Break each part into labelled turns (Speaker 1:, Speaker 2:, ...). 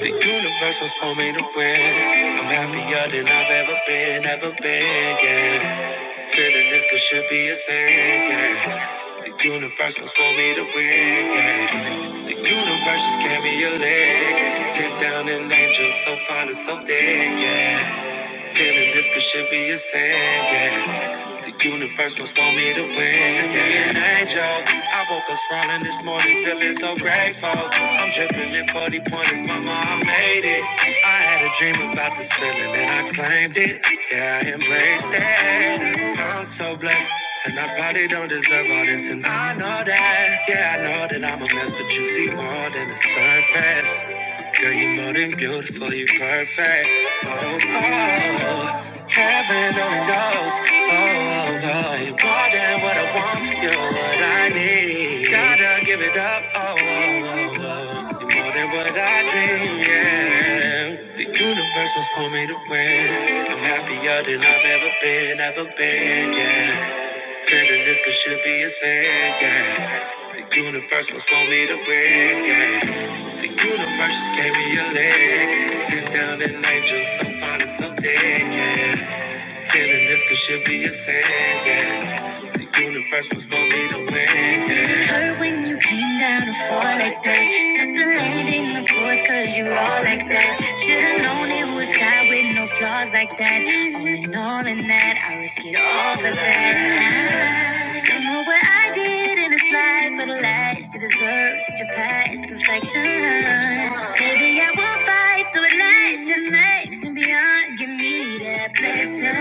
Speaker 1: The universe was for me to win. I'm happier than I've ever been, ever been, yeah. Feeling this could should be a sin, yeah. The universe was for me to win, yeah. The universe just gave me a leg. Sit down and angel so fine and so thick, yeah. Feeling this could should be a sin, yeah. The universe must want me to win, Send an angel. I woke up smiling this morning, feeling so grateful. I'm dripping in 40 pointers, mama, I made it. I had a dream about this feeling and I claimed it. Yeah, I embraced it. I'm so blessed. And I probably don't deserve all this, and I know that. Yeah, I know that I'm a mess, but you see more than the surface. Girl, you're more than beautiful, you're perfect. Oh, oh, oh. heaven only knows. Oh, oh, oh, you're more than what I want, you're what I need. Gotta give it up. Oh, oh, oh, oh. you're more than what I dream. Yeah, the universe was for me to win. I'm happier than I've ever been, ever been. Yeah. Feeling this could should be a sin, yeah. The universe must want me to win, yeah. The universe just gave me a leg. Sit down and angel, so fine and so dead, yeah. Feeling this could should be a sin, yeah. The universe was for me to win, yeah. Did it hurt when you came down to fall like that? Sucked the landing, of course, cause you all like that. Should've known it was God with no flaws like that. All in all in that, I risk it all for that. I don't know what I did fight in this life for the last to deserve such a past perfection. Maybe I will fight so it lasts and makes and beyond. Give me that blessing.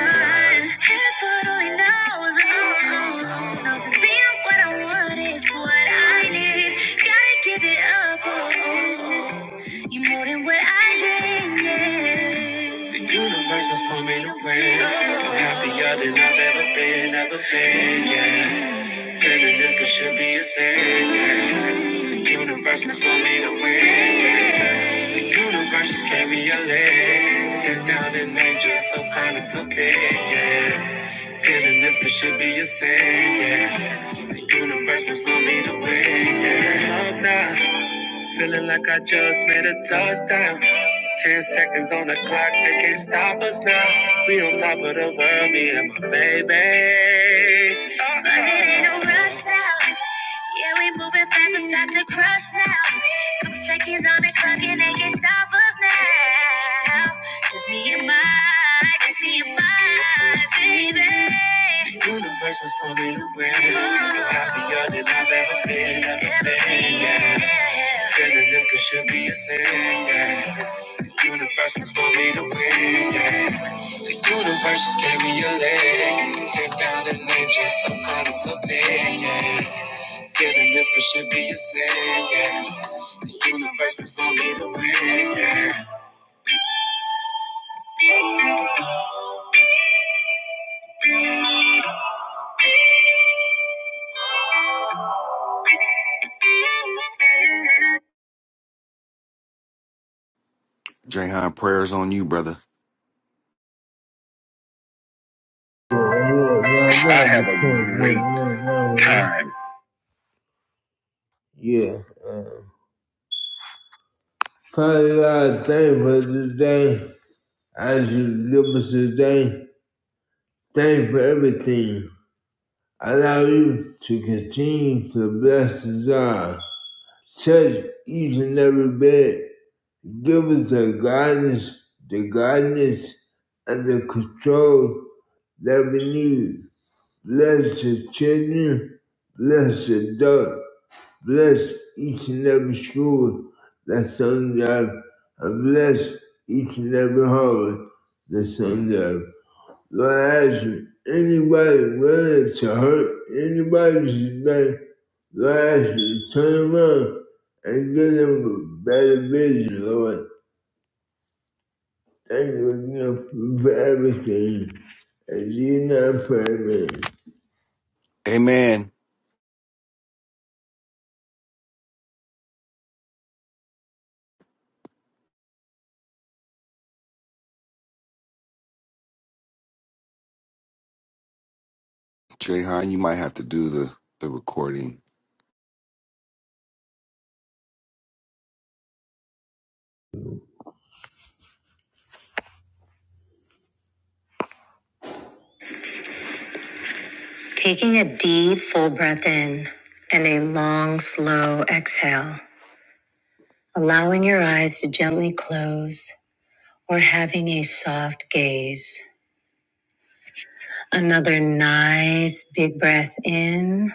Speaker 1: Heaven only knows, oh, oh, oh, knows it's beyond what I want is what I need. Gotta give it up, oh, oh, oh. you more than what I dreamed. Yeah. The universe was for me to win. I'm happier than I've ever been, ever been, yeah. Feeling this it should be a sin. yeah. The universe must want me to win. yeah. The universe just gave me a leg. Sit down and angel, so fine and so big, yeah. Feeling this it should be a sin, yeah. The universe must want me to win, yeah. Love now. Feeling like I just made a touchdown. Ten seconds on the clock, they can't stop us now. We on top of the world, me and my baby. Uh-oh. But it ain't no rush now. Yeah, we moving fast, it's past the crush now. Couple seconds on the clock, and they can't stop us now. Just me and my, just me and my universe was for me to win. Happier than I've ever been, ever been, yeah. Feeling this could should be a sin, yeah. The universe was for me to win, yeah. The universe just gave me a leg. Sit down and nature, some kind of something, yeah. Feeling this could should be a sin, yeah. The universe was for me to win, yeah.
Speaker 2: Jayhan, prayers on you, brother.
Speaker 1: I had a great time. Yeah. Father God, thank you for today. As you give us today, thank you for everything. Allow you to continue to bless us all. Touch each and every bit. Give us the guidance, the guidance, and the control that we need. Bless the children, bless the adults, Bless each and every school that sons up. And bless each and every home that sons up. Lord, I ask you, anybody willing to hurt anybody today, Lord, I ask you to turn around and give them a better vision, Lord. Thank you again for everything. And you not for everything.
Speaker 2: Amen. Jayhan, you might have to do the, the recording.
Speaker 1: Taking a deep, full breath in and a long, slow exhale. allowing your eyes to gently close or having a soft gaze. Another nice big breath in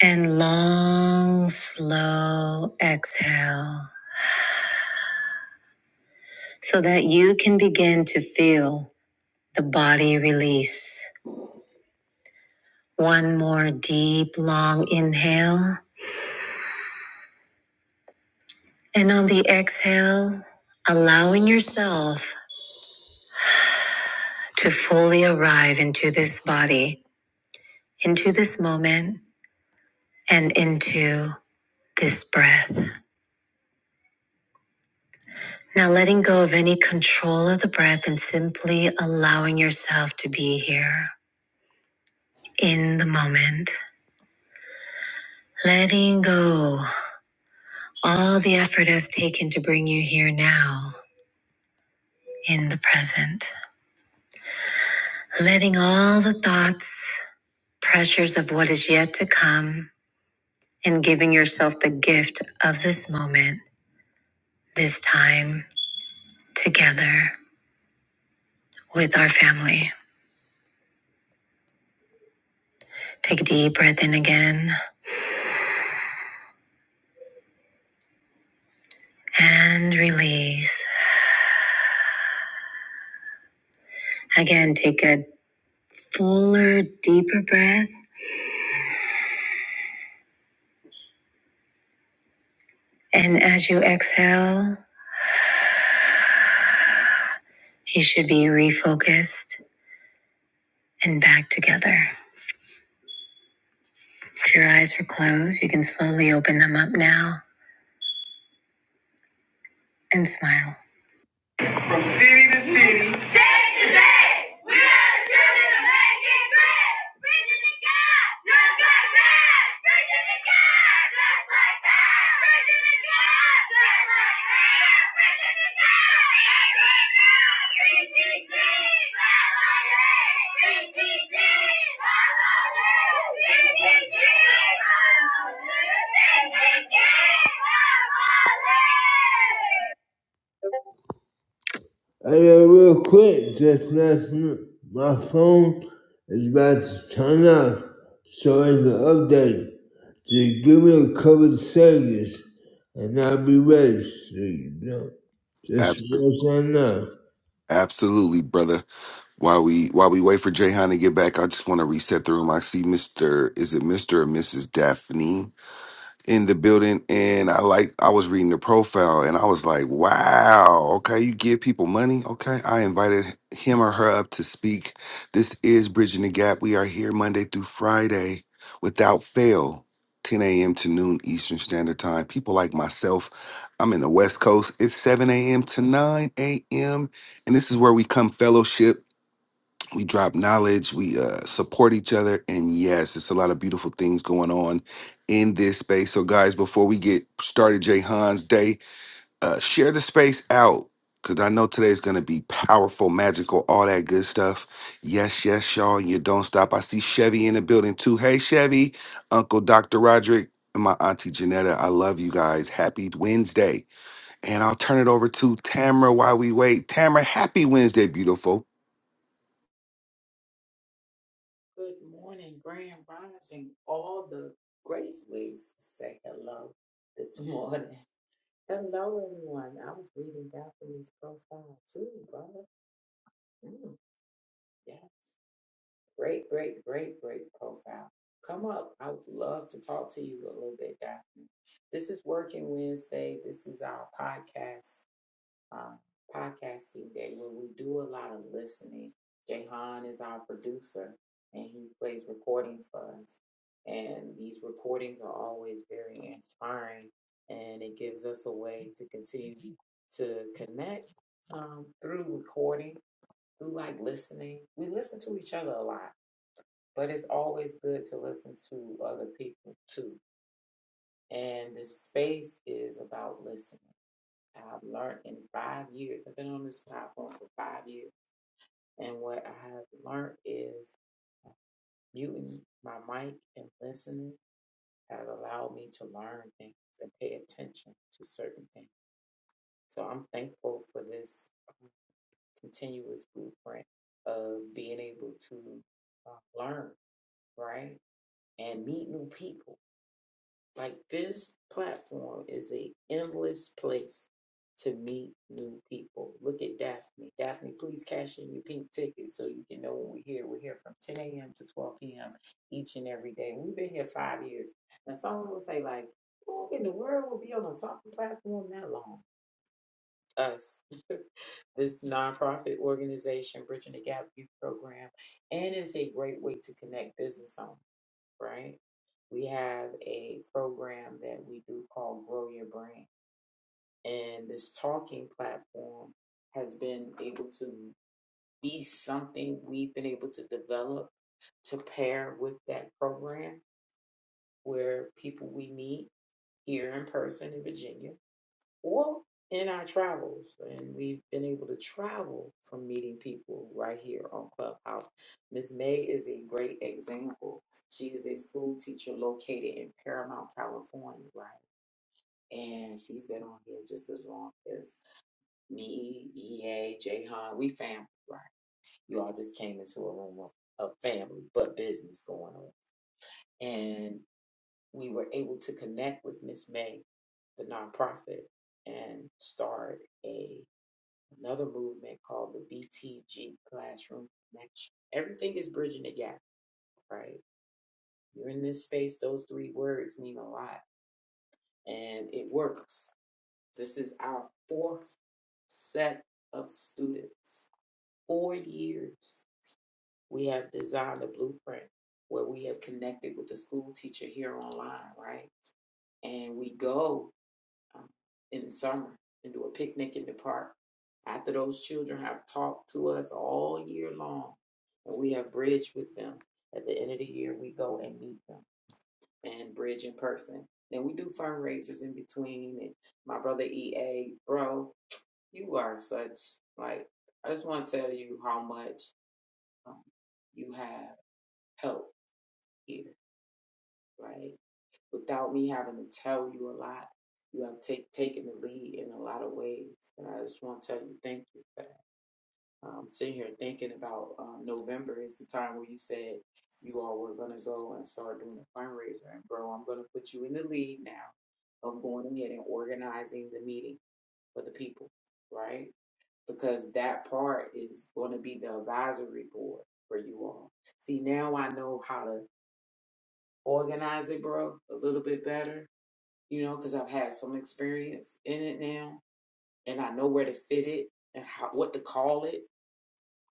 Speaker 1: and long, slow exhale so that you can begin to feel the body release. One more deep, long inhale. And on the exhale, allowing yourself to fully arrive into this body, into this moment, and into this breath. Now letting go of any control of the breath and simply allowing yourself to be here in the moment. Letting go all the effort has taken to bring you here now in the present. Letting all the thoughts, pressures of what is yet to come, and giving yourself the gift of this moment, this time together with our family. Take a deep breath in again and release. Again, take a fuller, deeper breath. And as you exhale, you should be refocused and back together. If your eyes were closed, you can slowly open them up now and smile. From city to city. State to state. We are the children of making great. Preaching to God just like that. Preaching to God just like that. Preaching to God just like that. Preaching to God. just like that. PTG. God, just like that Hey, uh, real quick, just listen. my phone is about to turn off, so it's an update. Just give me a couple of seconds, and I'll be ready. So you know, just
Speaker 2: Absolutely.
Speaker 1: what on know.
Speaker 2: Absolutely, brother. While we while we wait for Jayhan to get back, I just want to reset the room. I see Mr. Is it Mr. or Mrs. Daphne? in the building and I like I was reading the profile and I was like, wow, okay, you give people money. Okay. I invited him or her up to speak. This is Bridging the Gap. We are here Monday through Friday without fail, 10 a.m. to noon Eastern Standard Time. People like myself, I'm in the West Coast. It's 7 a.m. to 9 a.m. And this is where we come fellowship we drop knowledge we uh, support each other and yes it's a lot of beautiful things going on in this space so guys before we get started jay hans day uh, share the space out because i know today's going to be powerful magical all that good stuff yes yes y'all you don't stop i see chevy in the building too hey chevy uncle dr roderick and my auntie janetta i love you guys happy wednesday and i'll turn it over to tamara while we wait tamara happy wednesday beautiful
Speaker 3: Good morning, Grand Rising. All the great ways to say hello this morning. Hello, everyone. I was reading Daphne's profile too, brother. Mm, yes. Great, great, great, great profile. Come up. I would love to talk to you a little bit, Daphne. This is Working Wednesday. This is our podcast uh, podcasting day where we do a lot of listening. Jahan is our producer and he plays recordings for us. And these recordings are always very inspiring and it gives us a way to continue to connect um, through recording, through like listening. We listen to each other a lot, but it's always good to listen to other people too. And this space is about listening I've learned in five years. I've been on this platform for five years. And what I have learned is muting my mic and listening has allowed me to learn things and pay attention to certain things. So I'm thankful for this um, continuous blueprint of being able to uh, learn, right? And meet new people Like this platform is a endless place to meet new people. Look at Daphne. Daphne, please cash in your pink ticket so you can know when we're here. We're here from 10 a.m. to 12 p.m. each and every day. We've been here five years. Now someone will say like, who in the world will be on a talking platform that long? Us, this nonprofit organization, Bridging the Gap Youth Program, and it's a great way to connect business owners right? We have a program that we do called Grow Your Brain. And this talking platform has been able to be something we've been able to develop to pair with that program where people we meet here in person in Virginia or in our travels. And we've been able to travel from meeting people right here on Clubhouse. Miss May is a great example. She is a school teacher located in Paramount, California, right? And she's been on here just as long as me, EA, Jahan. We family, right? You all just came into a room of, of family, but business going on. And we were able to connect with Miss May, the nonprofit, and start a another movement called the BTG Classroom Connection. Everything is bridging the gap, right? You're in this space, those three words mean a lot and it works. This is our fourth set of students. Four years we have designed a blueprint where we have connected with a school teacher here online, right? And we go. um, in the summer and do a picnic in the park. After those children have talked to us all year long, and we have bridged with them. At the end of the year, we go and meet them and bridge in person. Then we do fundraisers in between. And my brother EA, bro, you are such like I just want to tell you how much um, you have helped here, right? without me having to tell you a lot. You have take, taken the lead in a lot of ways. And I just want to tell you thank you for that. Um, sitting here thinking about um, November is the time where you said you all were going to go and start doing a fundraiser. And, bro, I'm going to put you in the lead now of going ahead and organizing the meeting for the people, right? Because that part is going to be the advisory board for you all. See, now I know how to organize it, bro, a little bit better you know, because I've had some experience in it now and I know where to fit it and how, what to call it.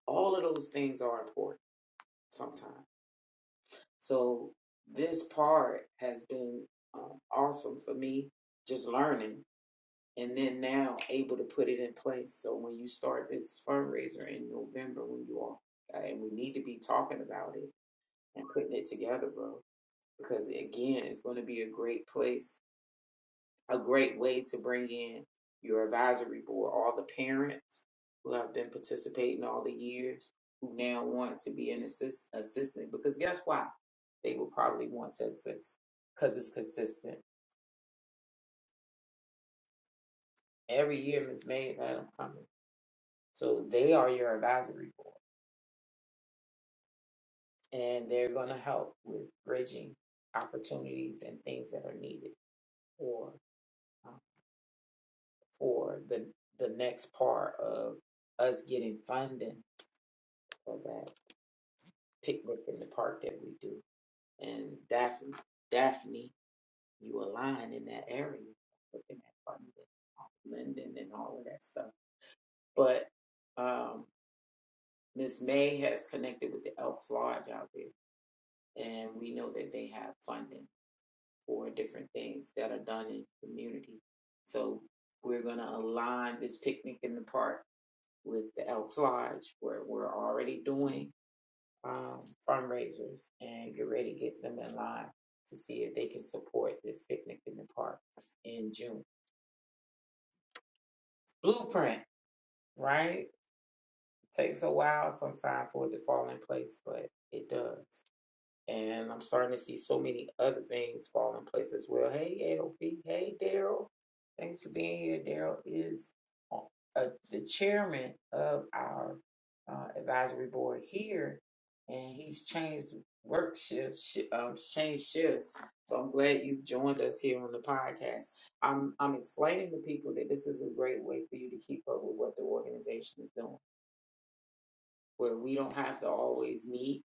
Speaker 3: All of those things are important sometimes. So this part has been um, awesome for me, just learning and then now able to put it in place. So when you start this fundraiser in November, when you all, and we need to be talking about it and putting it together, bro, because again, it's going to be a great place a great way to bring in your advisory board, all the parents who have been participating all the years who now want to be an assist, assistant because guess what, They will probably want to assist because it's consistent. Every year, Ms. Mays had them coming. So they are your advisory board and they're going to help with bridging opportunities and things that are needed for, uh, for the, the next part of us getting funding for that. picnic in the park that we do. And Daphne, Daphne, you align in that area, looking at London, Linden, and all of that stuff. But um, Miss May has connected with the Elks Lodge out there, and we know that they have funding for different things that are done in the community. So we're going to align this picnic in the park with the Elks Lodge, where we're already doing um, fundraisers and get ready to get them in line to see if they can support this picnic in the park in June. Blueprint, right? Takes a while sometimes for it to fall in place, but it does. And I'm starting to see so many other things fall in place as well. Hey, LP. Hey, Daryl. Thanks for being here. Daryl is uh, the chairman of our uh, advisory board here, and he's changed work shifts, shi um, changed shifts. So I'm glad you joined us here on the podcast. I'm I'm explaining to people that this is a great way for you to keep up with what the organization is doing, where we don't have to always meet.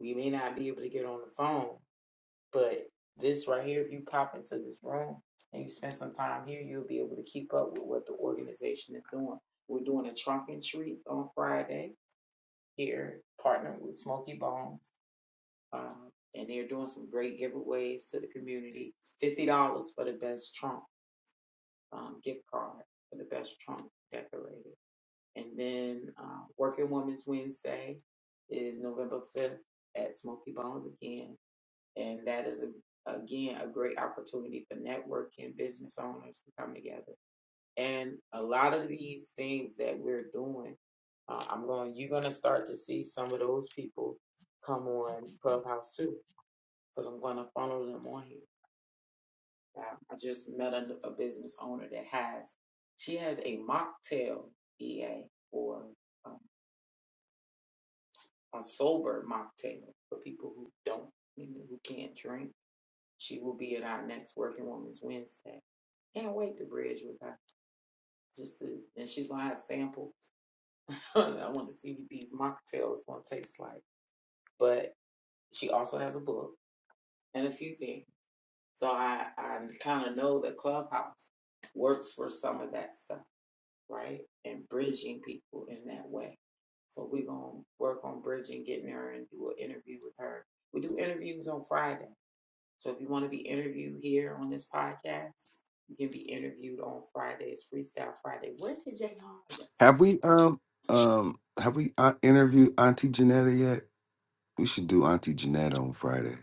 Speaker 3: We may not be able to get on the phone, but this right here, if you pop into this room and you spend some time here, you'll be able to keep up with what the organization is doing. We're doing a trunk and treat on Friday here, partnered with Smoky Bones. Um, and they're doing some great giveaways to the community. $50 for the best trunk um, gift card for the best trunk decorated. And then uh, Working Women's Wednesday is November 5th at Smoky Bones again and that is, a, again, a great opportunity for networking, business owners to come together. And a lot of these things that we're doing, uh, I'm going, you're going to start to see some of those people come on Clubhouse too, because I'm going to follow them on here. Uh, I just met a, a business owner that has, she has a mocktail EA or um, a sober mocktail for people who don't, you know, who can't drink. She will be at our next Working Women's Wednesday Can't wait to bridge with her. Just to, and she's gonna have a sample. I want to see what these mocktails gonna taste like. But she also has a book and a few things. So I I kind of know that Clubhouse works for some of that stuff, right? And bridging people in that way. So we're gonna work on bridging, getting her and do an interview with her. We do interviews on Friday. So if you want to be interviewed here on this podcast, you can be interviewed on Fridays, Freestyle Friday. Where did Jay Hahn go?
Speaker 2: Have we um um have we uh, interviewed Auntie Janetta yet? We should do Auntie Janetta on Friday.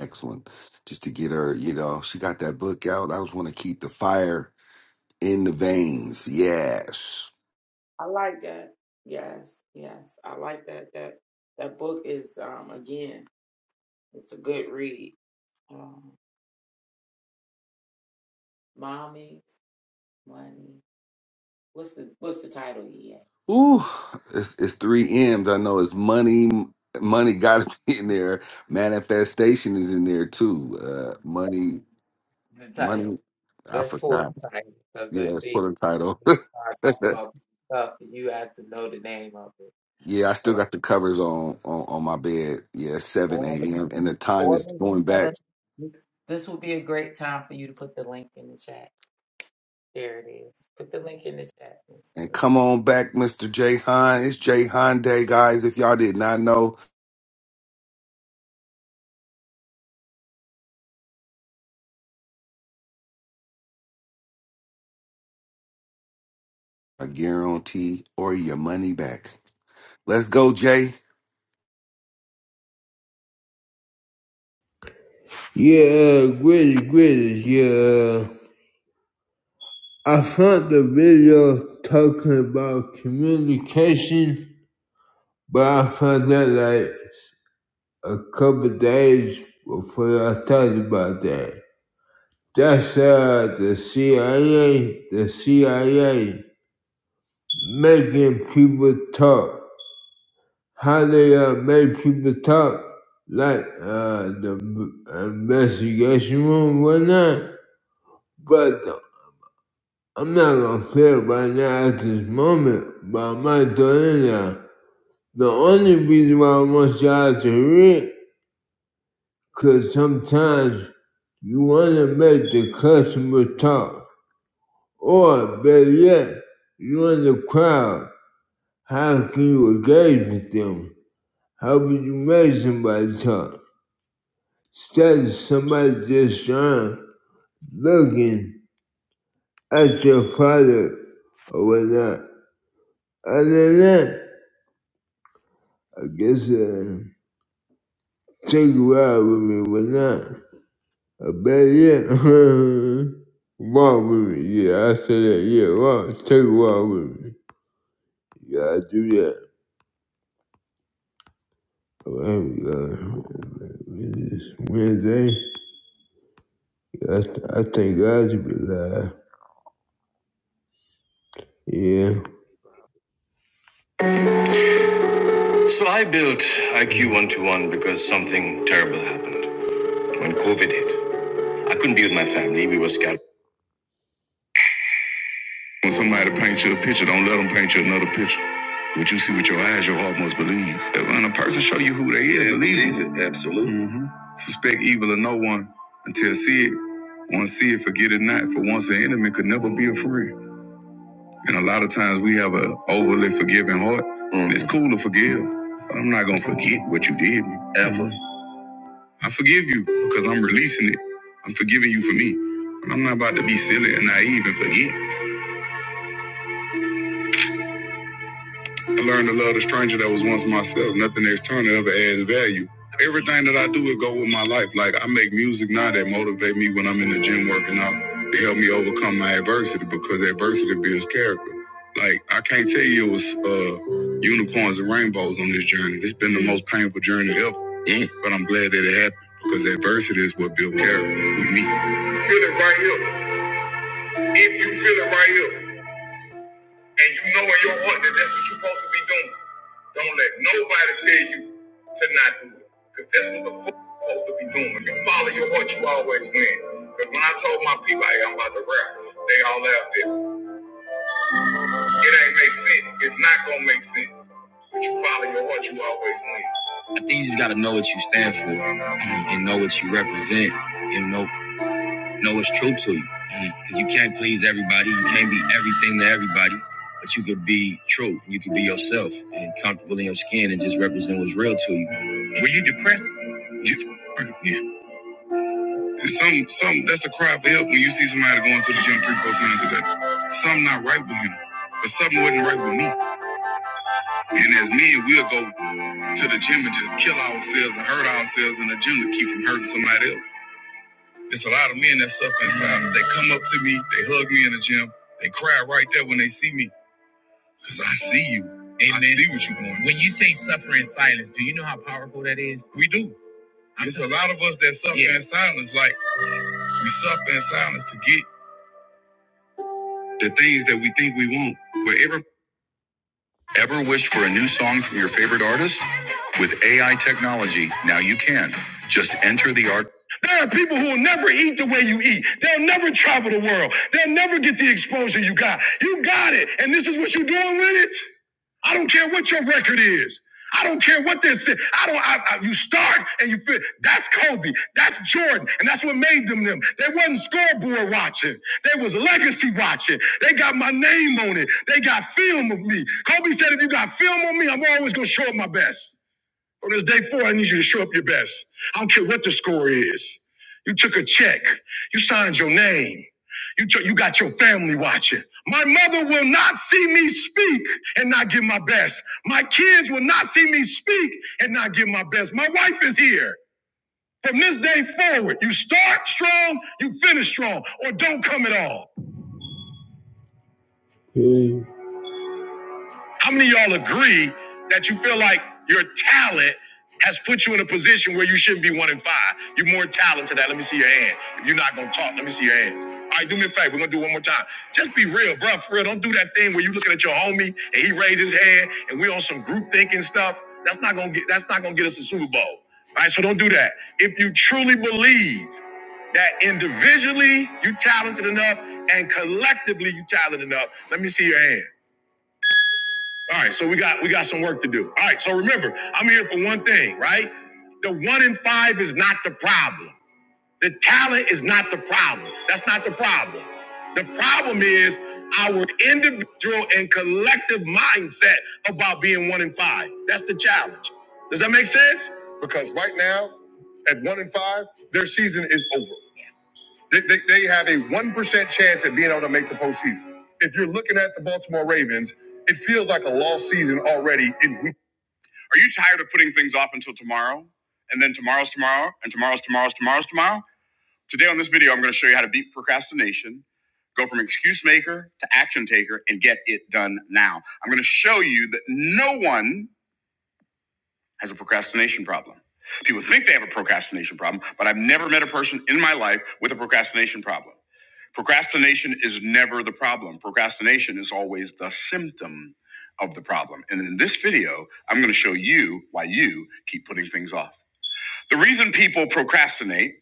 Speaker 2: Next one, Just to get her, you know, she got that book out. I just want to keep the fire in the veins. Yes.
Speaker 3: I like that. Yes, yes, I like that. That that book is um again, it's a good read. Um, Mommy's Money. What's the what's the title? Yeah,
Speaker 2: Ooh, it's it's three M's. I know it's money. Money got to be in there. Manifestation is in there too. Uh, money,
Speaker 3: The title.
Speaker 2: money. I
Speaker 3: Let's pull
Speaker 2: forgot.
Speaker 3: the title because
Speaker 2: Yeah,
Speaker 3: let's
Speaker 2: it's
Speaker 3: see.
Speaker 2: full of
Speaker 3: When
Speaker 2: title.
Speaker 3: we start talking about stuff, and you have to know the name of it.
Speaker 2: yeah, I still got the covers on, on on my bed. Yeah, seven
Speaker 3: all the
Speaker 2: a.m. and the time
Speaker 3: all
Speaker 2: is
Speaker 3: the
Speaker 2: going
Speaker 3: better.
Speaker 2: back.
Speaker 3: This this will be a great time for you to put the link in the chat. There it is. Put the link in the chat, Miss
Speaker 2: And
Speaker 3: Janelle.
Speaker 2: come on back, Mister J Hahn. It's J Hahn Day, guys. If y'all did not know, I guarantee or your money back. Let's go, Jay.
Speaker 1: Yeah, great, great. Yeah, I found the video talking about communication, but I found that like a couple of days before I thought about that. That's uh, the CIA, the CIA making people talk. How they uh, make people talk, like uh, the v- investigation room, whatnot. But I'm not gonna play it right now at this moment, but I might throw it in there. The only reason why I want y'all to hear it, cause sometimes you wanna make the customer talk. Or better yet, you in the crowd. How can you engage with them? How would you make somebody talk? Instead of somebody just trying, looking at your product or whatnot. Other than that, I guess uh, take a ride with me, whatnot. Or better yet, walk with me. Yeah, I said that. Yeah, walk. Take a walk with me. Yeah, I do that. Well, uh, it's Wednesday, I, I thank God to be alive. Yeah. So I built IQ 121 because something terrible happened when COVID hit. I couldn't be with my family. We were scattered. When somebody paints you a picture, don't picture. With your eyes, your heart must believe. That When a person show you who they is, Yeah, believe it. Absolutely. Suspect evil of no one until see it. Once see it, forget it not. For once an enemy could never be a friend. And a lot of times we have a overly forgiving heart. Mhm. It's cool to forgive, but I'm not gonna forget what you did me, ever. Mm-hmm. I forgive you because I'm releasing it. I'm forgiving you for me, and I'm not about to be silly and naive and forget. I learned to love the stranger that was once myself. Nothing external ever adds value. Everything that I do will go with my life. Like I make music now that motivate me when I'm in the gym working out. It help me overcome my adversity because adversity builds character. Like I can't tell you it was uh, unicorns and rainbows on this journey. It's been the most painful journey ever. Yeah. But I'm glad that it happened because adversity is what built character with me. Feel it right here. If you feel it right here. And you know in your heart that that's what you're supposed to be doing. Don't let nobody tell you to not do it. Because that's what the fuck you're supposed to be doing. If you follow your heart, you always win. Because when I told my people, hey, I'm about to rap, they all laughed at me. It ain't make sense. It's not going to make sense. But you follow your heart, you always win. I think you just got to know what you stand for and know what you represent. You know know what's true to you. Because you can't please everybody. You can't be everything to everybody. But you could be true. You could be yourself and comfortable in your skin and just represent what's real to you. Were you depressed? You f- Yeah. Some, some, that's a cry for help when you see somebody going to the gym three, four times a day. Something not right with him, but something wasn't right with me. And as men, we'll go to the gym and just kill ourselves and hurt ourselves in the gym to keep from hurting somebody else. It's a lot of men that suffer in silence. They come up to me, they hug me in the gym, they cry right there when they see me. Cause I see you. Amen. I see what you're doing. When you, we do. It's a lot of us that suffer Yeah. in silence. Like we suffer in silence to get the things that we think we want. But every. Ever wished for a new song from your favorite artist? With AI technology, now you can. Just enter the art. There are people who will never eat the way you eat. They'll never travel the world. They'll never get the exposure you got. You got it. And this is what you're doing with it? I don't care what your record is. I don't care what they say. I don't. I, I, you start and you feel that's Kobe, that's Jordan, and that's what made them them. They wasn't scoreboard watching. They was legacy watching. They got my name on it. They got film of me. Kobe said, if you got film on me, I'm always gonna show up my best. On this day four, I need you to show up your best. I don't care what the score is. You took a check. You signed your name. You, took, you got your family watching. My mother will not see me speak and not give my best. My kids will not see me speak and not give my best. My wife is here. From this day forward, you start strong, you finish strong, or don't come at all. Hey, How many of y'all agree that you feel like your talent has put you in a position where you shouldn't be one in five? You're more talented than that. Let me see your hand. If you're not gonna talk, let me see your hands. All right, do me a favor. We're gonna do it one more time. Just be real, bro. For real, don't do that thing where you looking at your homie and he raises his hand and we on some group thinking stuff. That's not gonna get. That's not gonna get us a Super Bowl. All right, so don't do that. If you truly believe that individually you talented enough and collectively you talented enough, let me see your hand. All right, so we got we got some work to do. All right, so remember, I'm here for one thing, right? The one in five is not the problem. The talent is not the problem. That's not the problem. The problem is our individual and collective mindset about being one in five. That's the challenge. Does that make sense? Because right now, at one in five, their season is over. They, they, they have a 1% chance at being able to make the postseason. If you're looking at the Baltimore Ravens, it feels like a lost season already in week. I'm tired of putting things off tomorrow, and then tomorrow's tomorrow, tomorrow's tomorrow's tomorrow. Go from here to here and get it done now. I'm going to use that N as a procrastination problem. People think they have a procrastination. In my procrast problem, procrastination is never the problem. Procrastination is always the symptom of the problem. And in this video, I'm going to show you why you keep putting things off. The reason people procrastinate,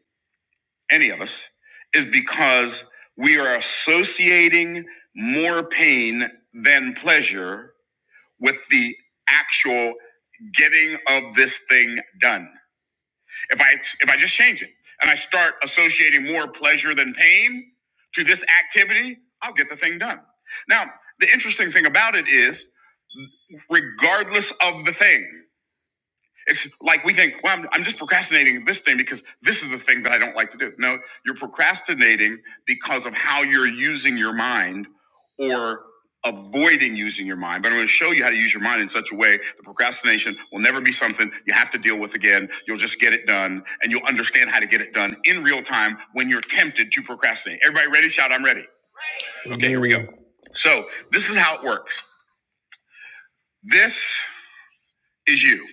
Speaker 1: any of us, is because we are associating more pain than pleasure with the actual getting of this thing done. If I if I just change it and I start more pleasure and pain to this activity, I'll get the thing done. Now, the interesting thing about it is, regardless of thing, it's like we think, well, I'm, I'm just procrastinating this thing because this, no, you're procrastinating because or avoiding using your mind. But I'm going to show you how to use your mind in such a way that procrastination will never be something you have to deal with again. You'll just get it done and you'll understand how to get it done in real time when you're tempted to procrastinate. Everybody ready? Shout, I'm ready. So this is how it works. This is you.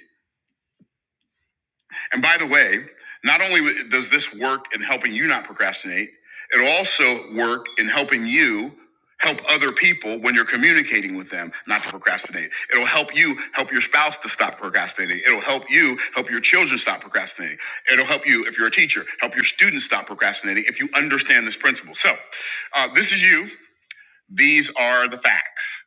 Speaker 1: And by the way, not only does this work in helping you not procrastinate, it'll also work in helping you help other people when you're communicating with them not to procrastinate. It'll help you help your spouse to stop procrastinating. It'll help you help your children stop procrastinating. It'll help you, if you're a teacher, help your students stop procrastinating if you understand this principle. So, uh, this is you. These are the facts.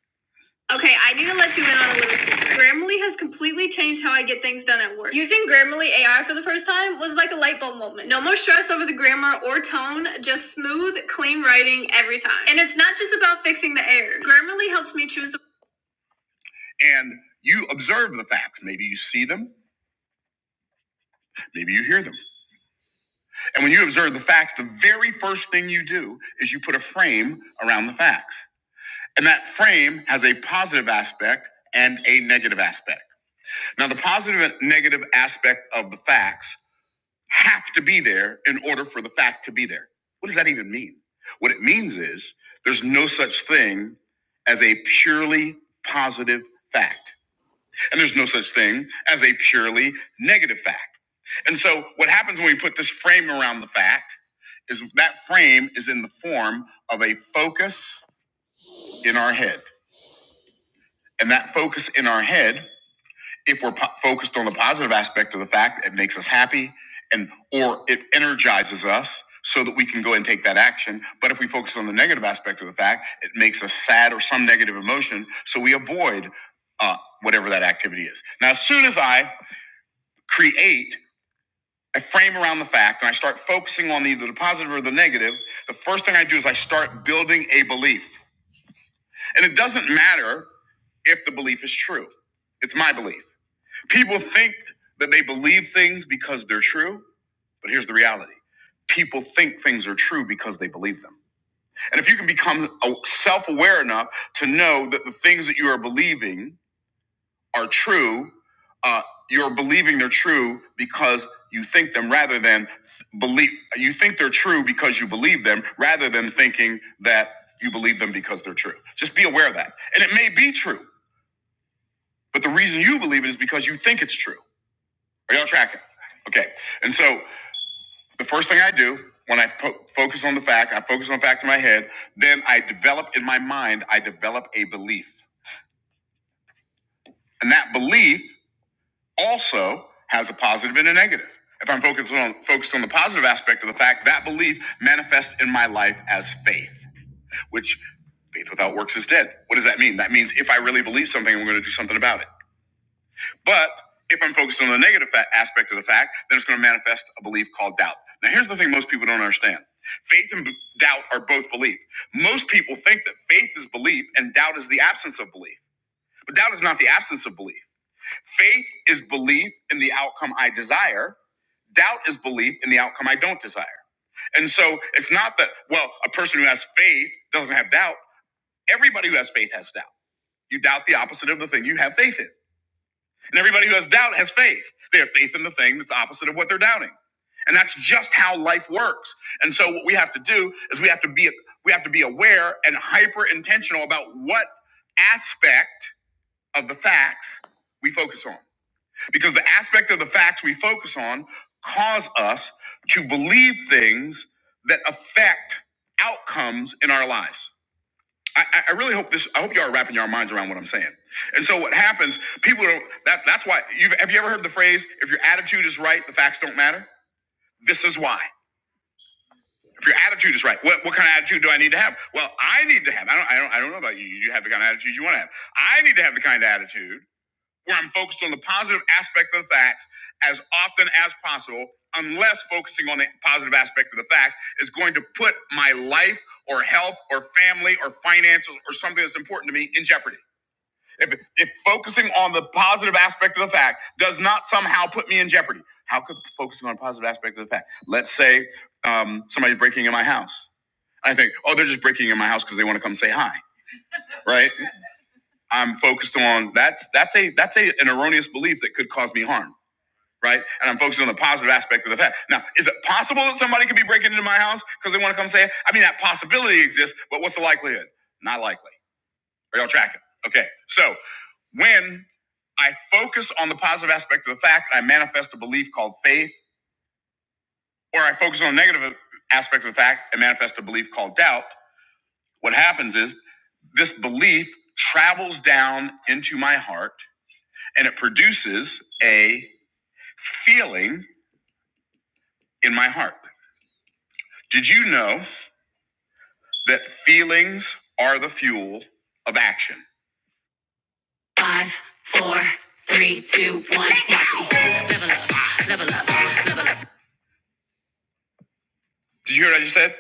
Speaker 1: Okay, I need to let you in on a little secret. Grammarly has completely changed how I get things done at work. Using Grammarly AI for the first time was like a light bulb moment. No more stress over the grammar or tone, just smooth, clean writing every time. And it's not just about fixing the errors. Grammarly helps me choose the and you observe the facts. Maybe you see them, maybe you hear them. And when you observe the facts, the very first thing you do is you put a frame around the facts. And that frame has a positive aspect and a negative aspect. Now, the positive and negative aspect of the facts have to be there in order for the fact to be there. What does that even mean? What it means is there's no such thing as a purely positive fact, and there's no such thing as a purely negative fact. And so, what happens when we put this frame around the fact is that frame is in the form of a focus in our head. And that focus in our head if we're po- focused on the positive aspect of the fact, it makes us happy and or it energizes us so that we can go and take that action. But if we focus on the negative aspect of the fact, it makes us sad or some negative emotion, so we avoid uh, whatever that activity is. Now, as soon as I create a frame around the fact and I start focusing on either the positive or the negative, the first thing I do is I start building a belief, and it doesn't matter if the belief is true. It's my belief. People think that they believe things because they're true, but here's the reality people think things are true because they believe them. And if you can become self aware enough to know that the things that you are believing are true, uh, you're believing they're true because you think them rather than believe, you think they're true because you believe them rather than thinking that you believe them because they're true. Just be aware of that. And it may be true, but the reason you believe it is because you think it's true. Are y'all tracking? Okay. And so the first thing I do when I po- focus on the fact, I focus on the fact in my head, then I develop in my mind, I develop a belief. And that belief also has a positive and a negative. If I'm focused on focused on the positive aspect of the fact, that belief manifests in my life as faith, which faith without works is dead. What does that mean? That means if I really believe something, I'm going to do something about it. But if I'm focused on the negative aspect of the fact, then it's going to manifest a belief called doubt. Now, here's the thing most people don't understand faith and b- doubt are both belief. Most people think that faith is belief and doubt is the absence of belief, but doubt is not the absence of belief. Faith is belief in the outcome I desire, doubt is belief in the outcome I don't desire. And so it's not that, well, a person who has faith doesn't have doubt. Everybody who has faith has doubt. You doubt the opposite of the thing you have faith in. And everybody who has doubt has faith. They have faith in the thing that's opposite of what they're doubting. And that's just how life works. And so what we have to do is we have to be we have to be aware and hyper intentional about what aspect of the facts we focus on. Because the aspect of the facts we focus on cause us to believe things that affect outcomes in our lives. I, I really hope this. I hope y'all are wrapping your minds around what I'm saying. And so what happens? People do That that's why. You've, have you ever heard the phrase? If your attitude is right, the facts don't matter. This is why. If your attitude is right, what, what kind of attitude do I need to have? Well, I need to have. I don't. I don't. I don't know about you. You have the kind of attitude you want to have. I need to have the kind of attitude where I'm focused on the positive aspect of the facts as often as possible. Unless focusing on the positive aspect of the fact is going to put my life or health or family or finances or something that's important to me in jeopardy. If, if focusing on the positive aspect of the fact does not somehow put me in jeopardy, how could focusing on a positive aspect of the fact? Let's say um, somebody's breaking in my house. I think, oh, they're just breaking in my house because they want to come say hi, right? I'm focused on that's that's a that's a an erroneous belief that could cause me harm, right? And I'm focusing on the positive aspect of the fact. Now, is it possible that somebody could be breaking into my house because they want to come say? hi? I mean, that possibility exists, but what's the likelihood? Not likely. Are y'all tracking? Okay. So when I focus on the positive aspect of the fact, I manifest a belief called faith, or I focus on the negative aspect of the fact and manifest a belief called doubt, what happens is this belief travels down into my heart and it produces a feeling in my heart. Did you know that feelings are the fuel of action? Did you hear what I just said?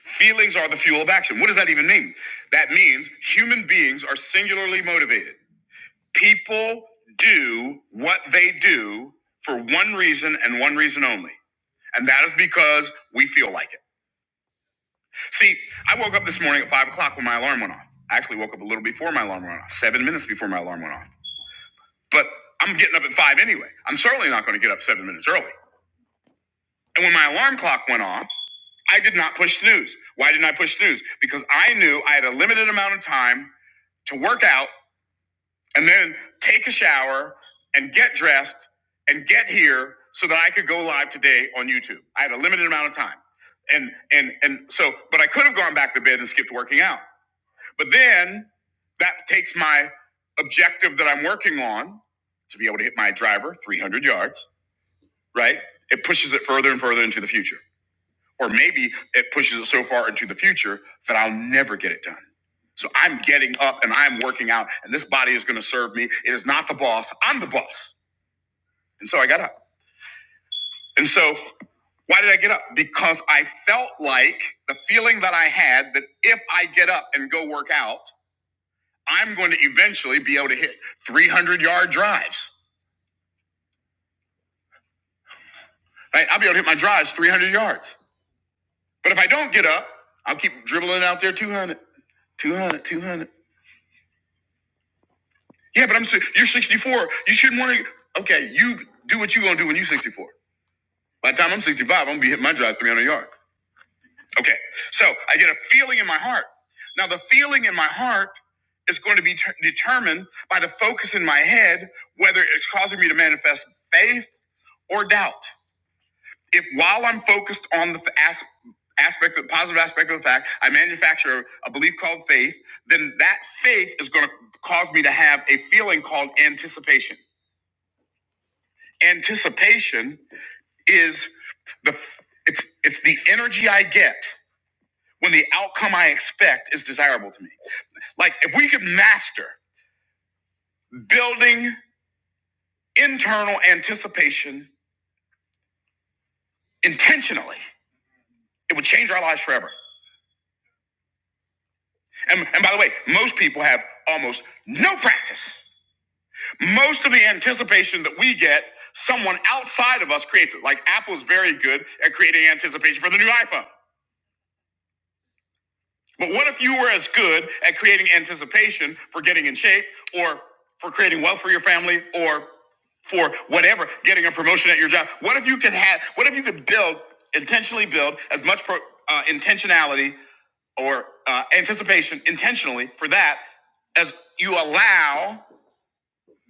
Speaker 1: Feelings are the fuel of action. What does that even mean? That means human beings are singularly motivated. People do what they do for one reason and one reason only. And that is because we feel like it. See, I woke up this morning at five o'clock when my alarm went off. I actually woke up a little before my alarm went off, seven minutes before my alarm went off. But I'm getting up at five anyway. I'm certainly not going to get up seven minutes early. And when my alarm clock went off, I did not push snooze. Why didn't I push snooze? Because I knew I had a limited amount of time to work out and then take a shower and get dressed and get here so that I could go live today on YouTube. I had a limited amount of time. And and and so but I could have gone back to bed and skipped working out. But then that takes my objective that I'm working on to be able to hit my driver 300 yards, right? It pushes it further and further into the future. Or maybe it pushes it so far into the future that I'll never get it done. So I'm getting up and I'm working out, and this body is going to serve me. It is not the boss, I'm the boss. And so I got up. And so why did I get up? Because I felt like the feeling that I had that if I get up and go work out, I'm going to eventually be able to hit 300 yard drives. Right? I'll be able to hit my drives 300 yards. But if I don't get up, I'll keep dribbling out there 200, 200, 200. Yeah, but I'm si- you're 64. You shouldn't want to. Okay, you do what you are gonna do when you're 64. By the time I'm 65, I'm gonna be hitting my drive 300 yards. Okay, so I get a feeling in my heart. Now the feeling in my heart is going to be ter- determined by the focus in my head whether it's causing me to manifest faith or doubt. If while I'm focused on the f- as- aspect, the positive aspect of the fact, I manufacture a belief called faith, then that faith is going to cause me to have a feeling called anticipation. Anticipation is the it's it's the energy I get when the outcome I expect is desirable to me. Like if we could master building internal anticipation intentionally, it would change our lives forever. And, and by the way, most people have almost no practice. Most of the anticipation that we get, someone outside of us creates it. Like Apple's very good at creating anticipation for the new iPhone. But what if you were as good at creating anticipation for getting in shape or for creating wealth for your family or for whatever, getting a promotion at your job? What if you could have, what if you could build, intentionally build as much pro, uh, intentionality or uh, anticipation intentionally for that as you allow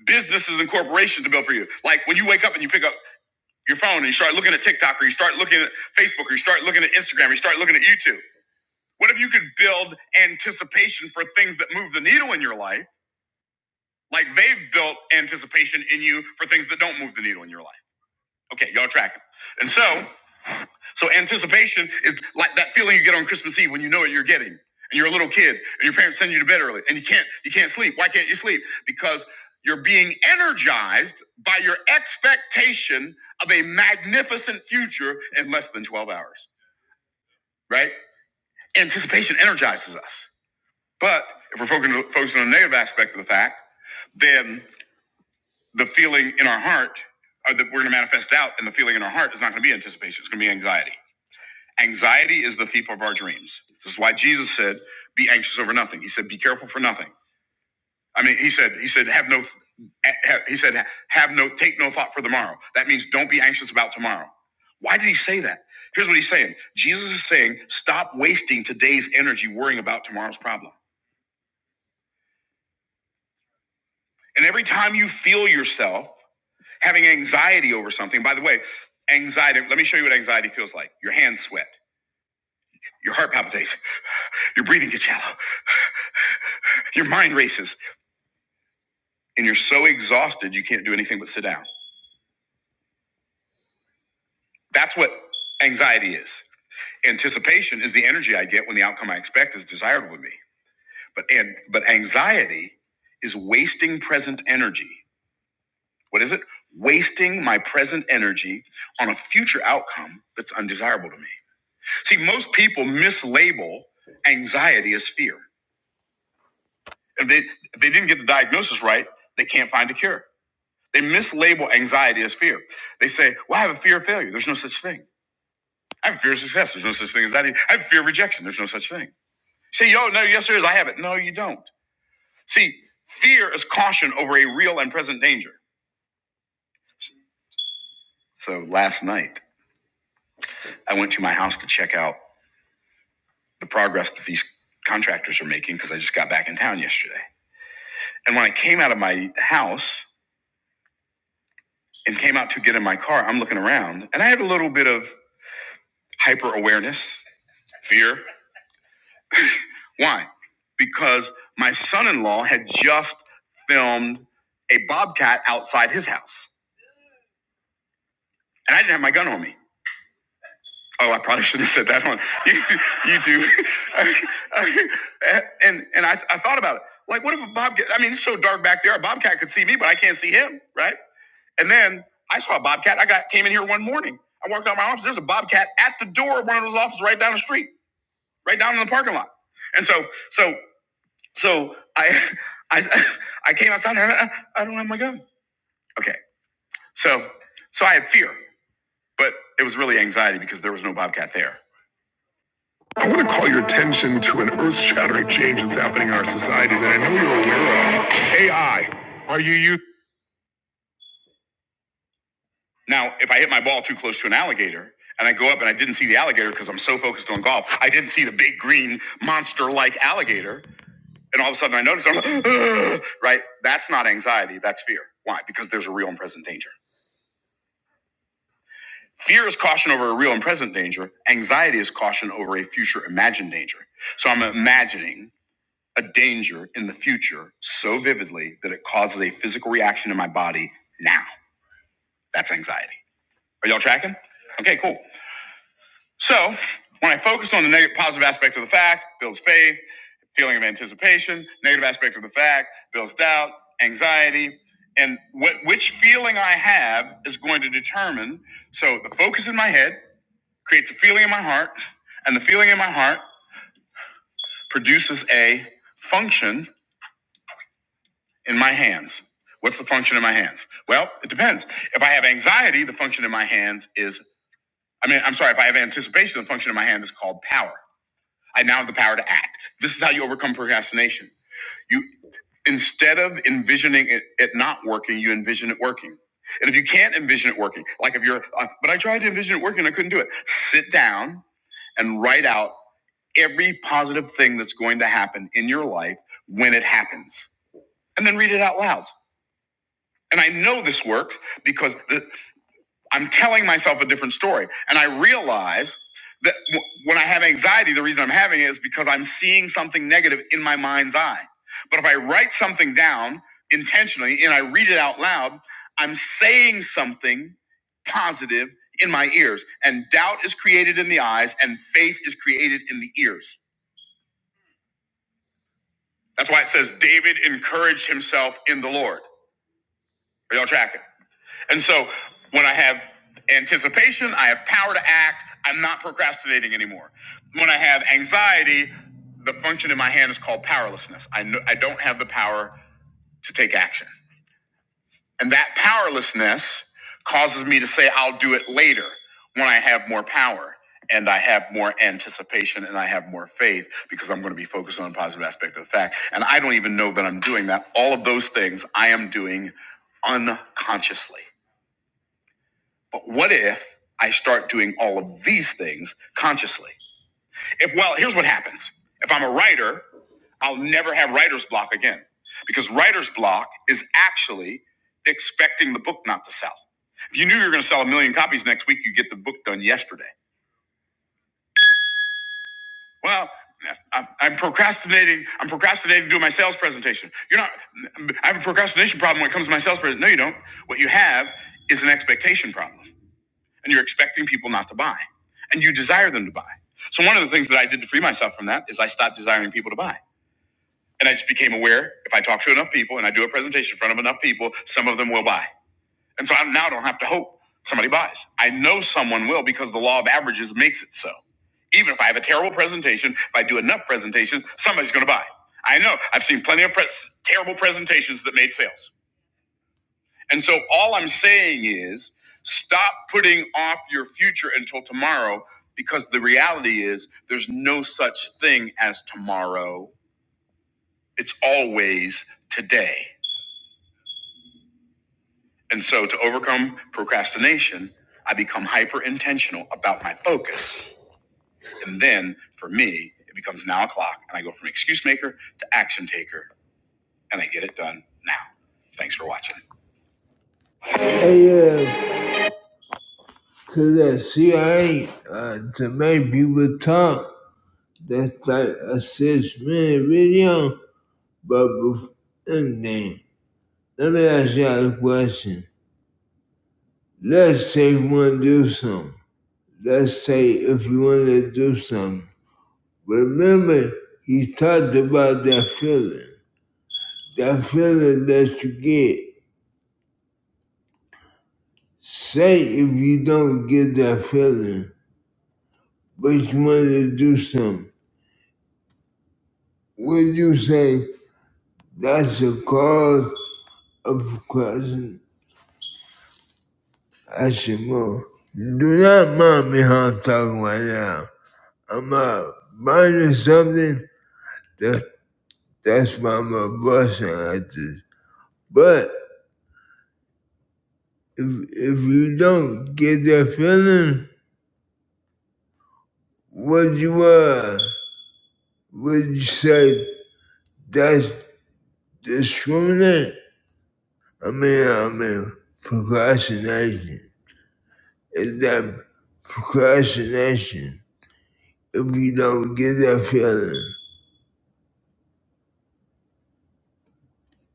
Speaker 1: businesses and corporations to build for you. Like when you wake up and you pick up your phone and you start looking at TikTok or you start looking at Facebook or you start looking at Instagram or you start looking at YouTube. What if you could build anticipation for things that move the needle in your life, like they've built anticipation in you for things that don't move the needle in your life? Okay, y'all tracking. And so, so anticipation is like that feeling you get on Christmas Eve when you know what you're getting, and you're a little kid, and your parents send you to bed early, and you can't you can't sleep. Why can't you sleep? Because you're being energized by your expectation of a magnificent future in less than 12 hours, right? Anticipation energizes us. But if we're focusing, on the negative aspect of the fact, then the feeling in our heart uh, that we're going to manifest doubt, and the feeling in our heart is not going to be anticipation. It's going to be anxiety. Anxiety is the thief of our dreams. This is why Jesus said, "Be anxious over nothing." He said, "Be careful for nothing." I mean, he said, he said, "Have no." He said, "Have no, take no thought for tomorrow." That means don't be anxious about tomorrow. Why did he say that? Here's what he's saying. Jesus is saying, stop wasting today's energy worrying about tomorrow's problem. And every time you feel yourself having anxiety over something. By the way, anxiety, let me show you what anxiety feels like. Your hands sweat, your heart palpitates, your breathing gets shallow, your mind races, and you're so exhausted you can't do anything but sit down. That's what anxiety is. Anticipation is the energy I get when the outcome I expect is desirable to me. But and but anxiety is wasting present energy. What is it? Wasting my present energy on a future outcome that's undesirable to me. See, most people mislabel anxiety as fear. If they, if they didn't get the diagnosis right, they can't find a cure. They mislabel anxiety as fear. They say, well, I have a fear of failure. There's no such thing. I have a fear of success. There's no such thing as that. I have a fear of rejection. There's no such thing. Say, yo, no, yes, there is. I have it. No, you don't. See, fear is caution over a real and present danger. So last night, I went to my house to check out the progress that these contractors are making because I just got back in town yesterday. And when I came out of my house, and came out to get in my car, I'm looking around and I had a little bit of hyper awareness, fear. Why? Because my son in law had just filmed a bobcat outside his house and I didn't have my gun on me. Oh, I probably shouldn't have said that on YouTube. and and I, I thought about it. Like, what if a bobcat? I mean, it's so dark back there. A bobcat could see me, but I can't see him, right? And then I saw a bobcat. I got came in here one morning. I walked out of my office. There's a bobcat at the door of one of those offices right down the street. right down in the parking lot. And so, so, so I, I, I came outside. And I, I don't have my gun. Okay. So, so I had fear, but it was really anxiety because there was no Bobcat there. I want to call your attention to an earth-shattering change that's happening in our society that I know you're aware of. AI. Are you you? Now, if I hit my ball too close to an alligator. And I go up and I didn't see the alligator because I'm so focused on golf. I didn't see the big green monster like alligator. and all of a sudden I notice I'm like, ugh, right. That's not anxiety. That's fear. Why? Because there's a real and present danger. Fear is caution over a real and present danger. Anxiety is caution over a future imagined danger. So I'm imagining a danger in the future so vividly that it causes a physical reaction in my body now. That's anxiety. Are y'all tracking? Okay, cool. So when I focus on the negative, positive aspect of the fact, builds faith, feeling of anticipation. Negative aspect of the fact builds doubt, anxiety, and wh- which feeling I have is going to determine. So the focus in my head creates a feeling in my heart, and the feeling in my heart produces a function in my hands. What's the function in my hands? Well, it depends. If I have anxiety, the function in my hands is, I mean, I'm sorry, if I have anticipation, the function in my hand is called power. I now have the power to act. This is how you overcome procrastination. You instead of envisioning it, it not working, you envision it working. And if you can't envision it working, like if you're, uh, but I tried to envision it working, I couldn't do it. Sit down and write out every positive thing that's going to happen in your life when it happens, and then read it out loud. And I know this works because th- I'm telling myself a different story. And I realize that w- when I have anxiety, the reason I'm having it is because I'm seeing something negative in my mind's eye. But if I write something down intentionally and I read it out loud, I'm saying something positive in my ears. And doubt is created in the eyes, and faith is created in the ears. That's why it says David encouraged himself in the Lord. Are y'all tracking? And so when I have anticipation, I have power to act. I'm not procrastinating anymore. When I have anxiety, the function in my hand is called powerlessness. I, know, I don't have the power to take action. And that powerlessness causes me to say, I'll do it later when I have more power and I have more anticipation and I have more faith because I'm going to be focused on a positive aspect of the fact. And I don't even know that I'm doing that. All of those things I am doing unconsciously. But what if I start doing all of these things consciously? If well, here's what happens. If I'm a writer, I'll never have writer's block again. Because writer's block is actually expecting the book not to sell. If you knew you were going to sell a million copies next week, you'd get the book done yesterday. Well, I'm I'm procrastinating. I'm procrastinating doing my sales presentation. You're not, I have a procrastination problem when it comes to my sales presentation. No, you don't. What you have is an expectation problem. and you're expecting people not to buy and you desire them to buy. So one of the things that I did to free myself from that is I stopped desiring people to buy. And I just became aware if I talk to enough people and I do a presentation in front of enough people, some of them will buy. And so I now don't have to hope somebody buys. I know someone will because the law of averages makes it so. Even if I have a terrible presentation, if I do enough presentations, somebody's going to buy. I know. I've seen plenty of pres- terrible presentations that made sales. And so all I'm saying is stop putting off your future until tomorrow because the reality is there's no such thing as tomorrow. It's always today. And so to overcome procrastination, I become hyper intentional about my focus. And then for me, it becomes now o'clock and I go from excuse maker to action taker and I get it done now. Thanks for watching. Hey, uh, to that CIA, uh, to make people talk. That's that assists me video, but before again, let me ask y'all a question. Let's say you want to do something. Let's say if you want to do something. Remember, he talked about that feeling. That feeling that you get. Say if you don't get that feeling, but you want to do something. Would you say that's the cause of depression? Ashimo, do not mind me how I'm talking right now. I'm uh, buying something that that's why I'm a busting at this. But if if you don't get that feeling, what you are? would you say that's discriminate? I mean I mean procrastination. Is that procrastination? If you don't get that feeling.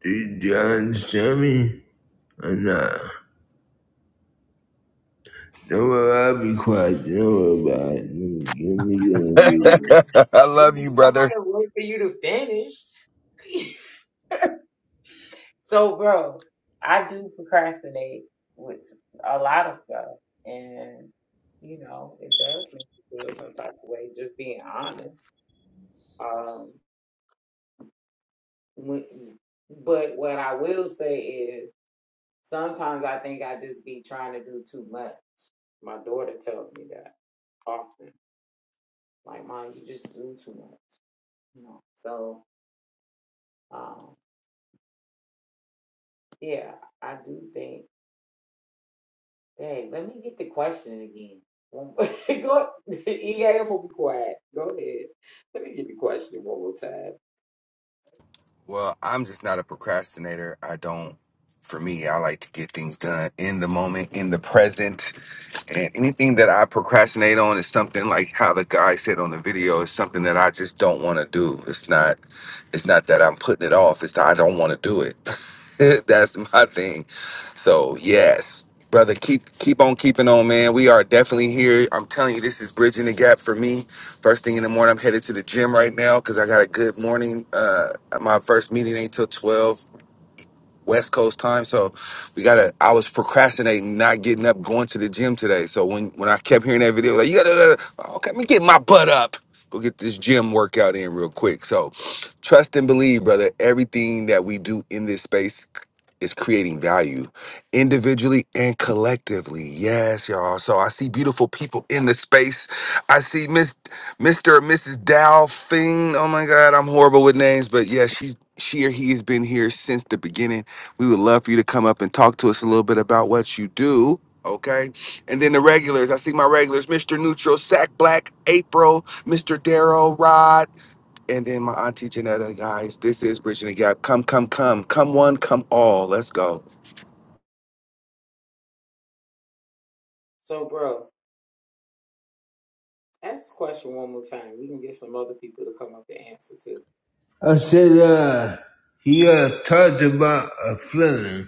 Speaker 1: Do you, do you understand me? Uh, Nah. Don't worry, I'll be quiet. Don't worry about it. Let me, let me get on
Speaker 3: I
Speaker 2: I
Speaker 3: I'm
Speaker 2: love
Speaker 3: just
Speaker 2: you, brother.
Speaker 3: trying to wait for you to finish. so, bro, I do procrastinate with a lot of stuff, and you know, it does make you feel some type of way. Just being honest. Um, when- but what I will say is. Sometimes I think I just be trying to do too much. My daughter tells me that often. Like, mom, you just do too much. You know. So, um, yeah, I do think. Hey, let me get the question again. Go, EA, I'm gonna be quiet. Go ahead. Let me get the question one more time.
Speaker 2: Well, I'm just not a procrastinator. I don't. For me, I like to get things done in the moment, in the present. And anything that I procrastinate on is something like how the guy said on the video is something that I just don't want to do. It's not. It's not that I'm putting it off. It's that I don't want to do it. That's my thing. So yes, brother, keep keep on keeping on, man. We are definitely here. I'm telling you, this is bridging the gap for me. First thing in the morning, I'm headed to the gym right now because I got a good morning. Uh, my first meeting ain't till 12 West Coast time. So we gotta. I was procrastinating, not getting up, going to the gym today. So when when I kept hearing that video, like you gotta, okay, let me get my butt up. Go get this gym workout in real quick. So trust and believe, brother. Everything that we do in this space is creating value individually and collectively. Yes, y'all. So I see beautiful people in the space. I see Miss Mr. and Mrs. Dow Thing. Oh my God, I'm horrible with names, but yeah, she's she or he has been here since the beginning we would love for you to come up and talk to us a little bit about what you do. Okay. And then the regulars. I see my regulars, Mr. Neutral, Sack Black, April, Mr. Darrow, Rod, and then my auntie Janetta, guys. This is Bridging the Gap. Come, come, come. Come one, come all. Let's go.
Speaker 3: So, bro, ask the question one more time. We can get some other people to come up and answer too.
Speaker 1: I said, uh, he uh, talked about a feeling.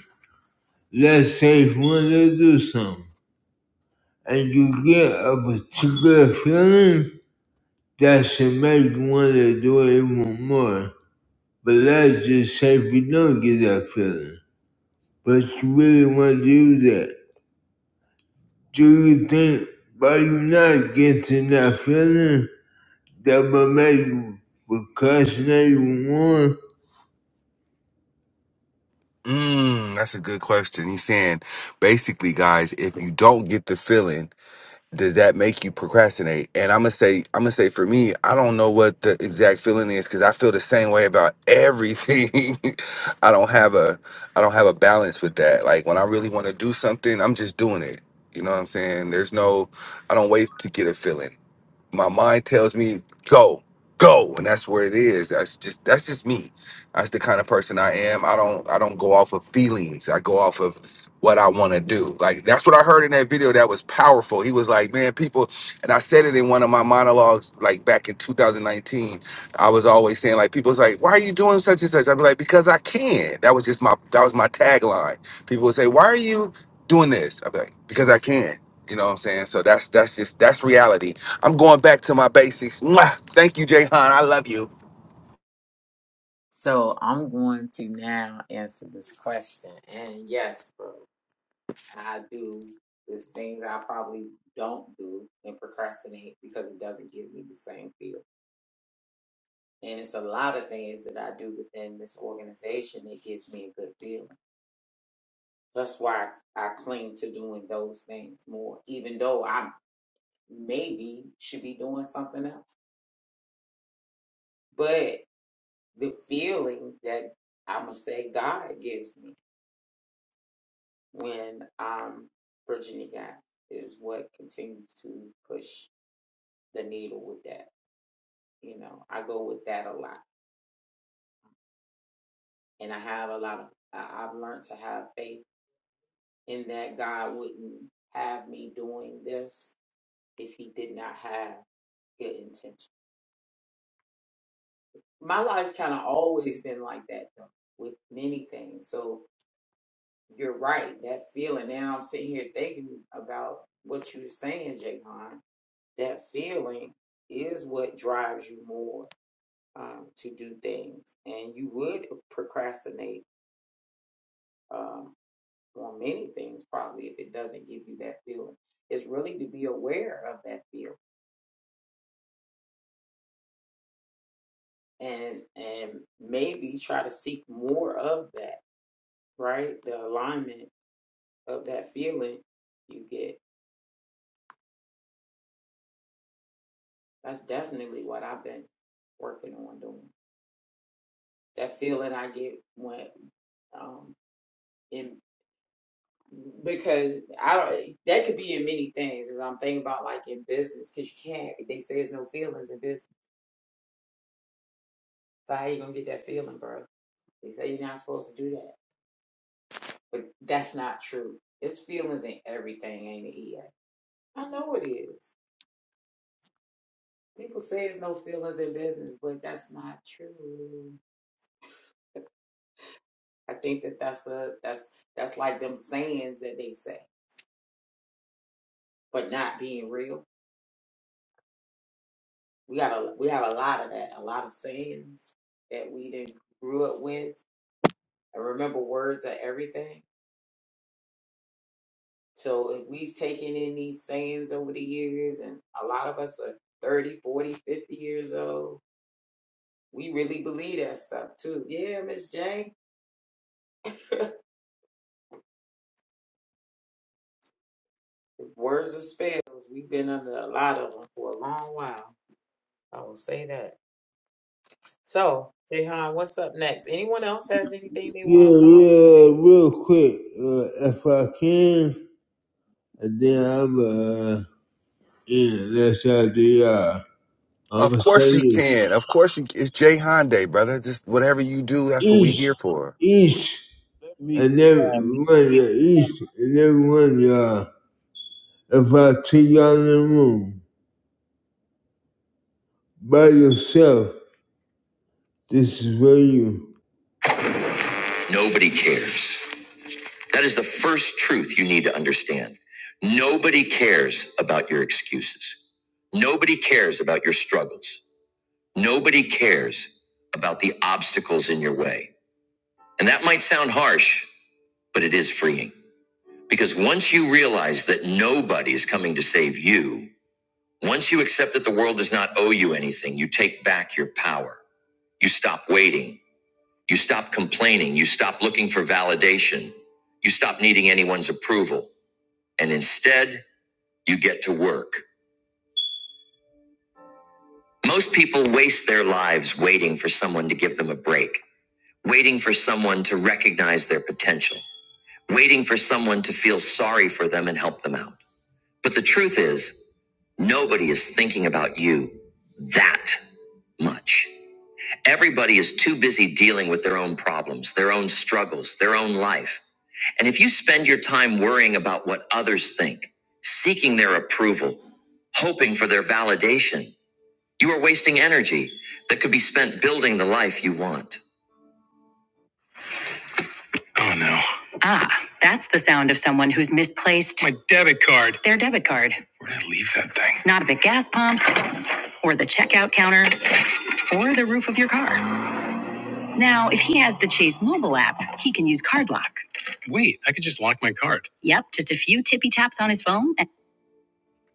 Speaker 1: Let's say if you want to do something and you get a particular feeling, that should make you want to do it even more. But let's just say if you don't get that feeling, but you really want to do that, do you think by you not getting that feeling, That my mate was cussing one.
Speaker 2: Mm, that's a good question. He's saying basically, guys, if you don't get the feeling, does that make you procrastinate? And I'm gonna say, I'm gonna say for me, I don't know what the exact feeling is because I feel the same way about everything. I don't have a, I don't have a balance with that. Like when I really want to do something, I'm just doing it. You know what I'm saying? There's no, I don't wait to get a feeling my mind tells me go go and that's where it is that's just that's just me that's the kind of person i am i don't i don't go off of feelings i go off of what i want to do like that's what i heard in that video that was powerful he was like man people and i said it in one of my monologues like back in 2019 i was always saying like people's like why are you doing such and such i'd be like because i can that was just my that was my tagline people would say why are you doing this i'd be like because i can you know what i'm saying so that's that's just that's reality I'm going back to my basics. Mwah! Thank you, Jayhan. I,
Speaker 3: So I'm going to now answer this question. And yes, bro. and I do is things I probably don't do and procrastinate because it doesn't give me the same feel. And it's a lot of things that I do within this organization that gives me a good feeling. That's why I, I cling to doing those things more, even though I maybe should be doing something else. But the feeling that I'm going to say God gives me when I'm Virginia guy is what continues to push the needle with that. you know i go with that a lot and i have a lot of I- have learned to have faith in that god wouldn't have me doing this if he did not have good intention my life kind of always been like that though with many things so you're right that feeling now i'm sitting here thinking about what you're saying Jahan. that feeling is what drives you more um, to do things and you would procrastinate um, well, many things probably if it doesn't give you that feeling. It's really to be aware of that feeling and and maybe try to seek more of that, right? The alignment of that feeling you get. That's definitely what I've been working on doing. That feeling I get when um in because I don't that could be in many things as I'm thinking about like in business because you can't they say there's no feelings in business. So how you gonna get that feeling, bro? They say you're not supposed to do that. But that's not true. It's feelings in everything, ain't it, EA? I know it is. People say there's no feelings in business, but that's not true. I think that that's a that's that's like them sayings that they say, but not being real. We got a we have a lot of that, a lot of sayings that we didn't grew up with. I remember words are everything. So if we've taken in these sayings over the years, and a lot of us are 30, 40, 50 years old, We really believe that stuff too. Yeah, Miss Jane. If words are spells, we've been under a lot of them for a long while. I will say that. So, Jehan, what's up next? Anyone else has anything they
Speaker 1: Yeah,
Speaker 3: want to come up and
Speaker 1: yeah,
Speaker 3: share?
Speaker 1: real quick, uh, if I can, and then I'm, uh, yeah, that's how I do y'all. I'm
Speaker 2: of
Speaker 1: gonna say
Speaker 2: course you
Speaker 1: this.
Speaker 2: can. Of course you. It's Jayhan Day, brother. Just whatever you do, that's what we
Speaker 1: Each,
Speaker 2: here for.
Speaker 1: each,
Speaker 4: me
Speaker 1: and every
Speaker 4: um,
Speaker 1: one of y'all, each and every one of y'all, if I take y'all in the room by yourself, this is for you. Nobody cares. That is the first truth you need to understand. Nobody cares about your excuses. Nobody cares about your struggles. Nobody cares about the obstacles in your way. And that might sound harsh, but it is freeing. Because once you realize that nobody is coming to save you, once you accept that the world does not owe you anything, you take back your power. You stop waiting. You stop complaining. You stop looking for validation. You stop needing anyone's approval. and instead, you get to work. Most people waste their lives waiting for someone to give them a break, waiting for someone to recognize their potential, waiting for someone to feel sorry for them and help them out. But the truth is, nobody is thinking about you that much. Everybody is too busy dealing with their own problems, their own struggles, their own life. And if you spend your time worrying about what others think, seeking their approval, hoping for their validation, you are wasting energy that could be spent building the life you want. Oh no. Ah, that's the sound of someone who's misplaced my debit card. Their debit card. Where did I leave that thing? Not at the gas pump, or the checkout counter, or the roof of your car. Now, if he has the Chase mobile app, he can use Card Lock. Wait, I could just lock my card. Yep, just a few tippy taps on his phone. And-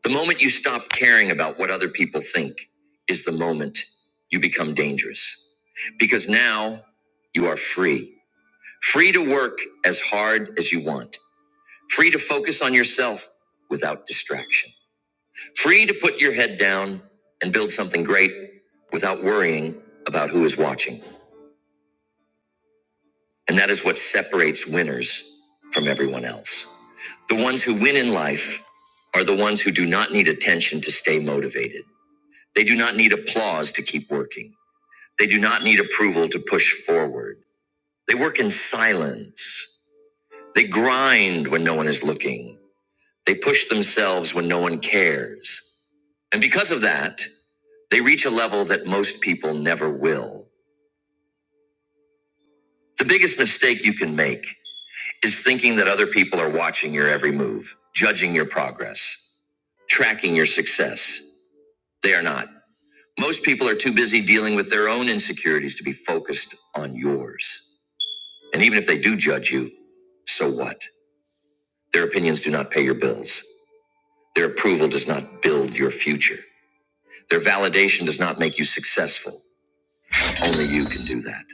Speaker 1: the moment you stop caring about what other people think is the moment you become dangerous. Because now you are free. Free to work as hard as you want. Free to focus on yourself without distraction. Free to put your head down and build something great without worrying about who is watching. And that is what separates winners from everyone else. The ones who win in life are the ones who do not need attention to stay motivated. They do not need applause to keep working. They do not need approval to push forward. They work in silence. They grind when no one is looking. They push themselves when no one cares. And because of that, they reach a level that most people never will. The biggest mistake you can make is thinking that other people are watching your every move, judging your progress, tracking your success. They are not. Most people are too busy dealing with their own insecurities to be focused on yours. And even if they do judge you, so what? Their opinions do not pay your bills. Their approval does not build your future. Their validation does not make you successful. Only you can do that.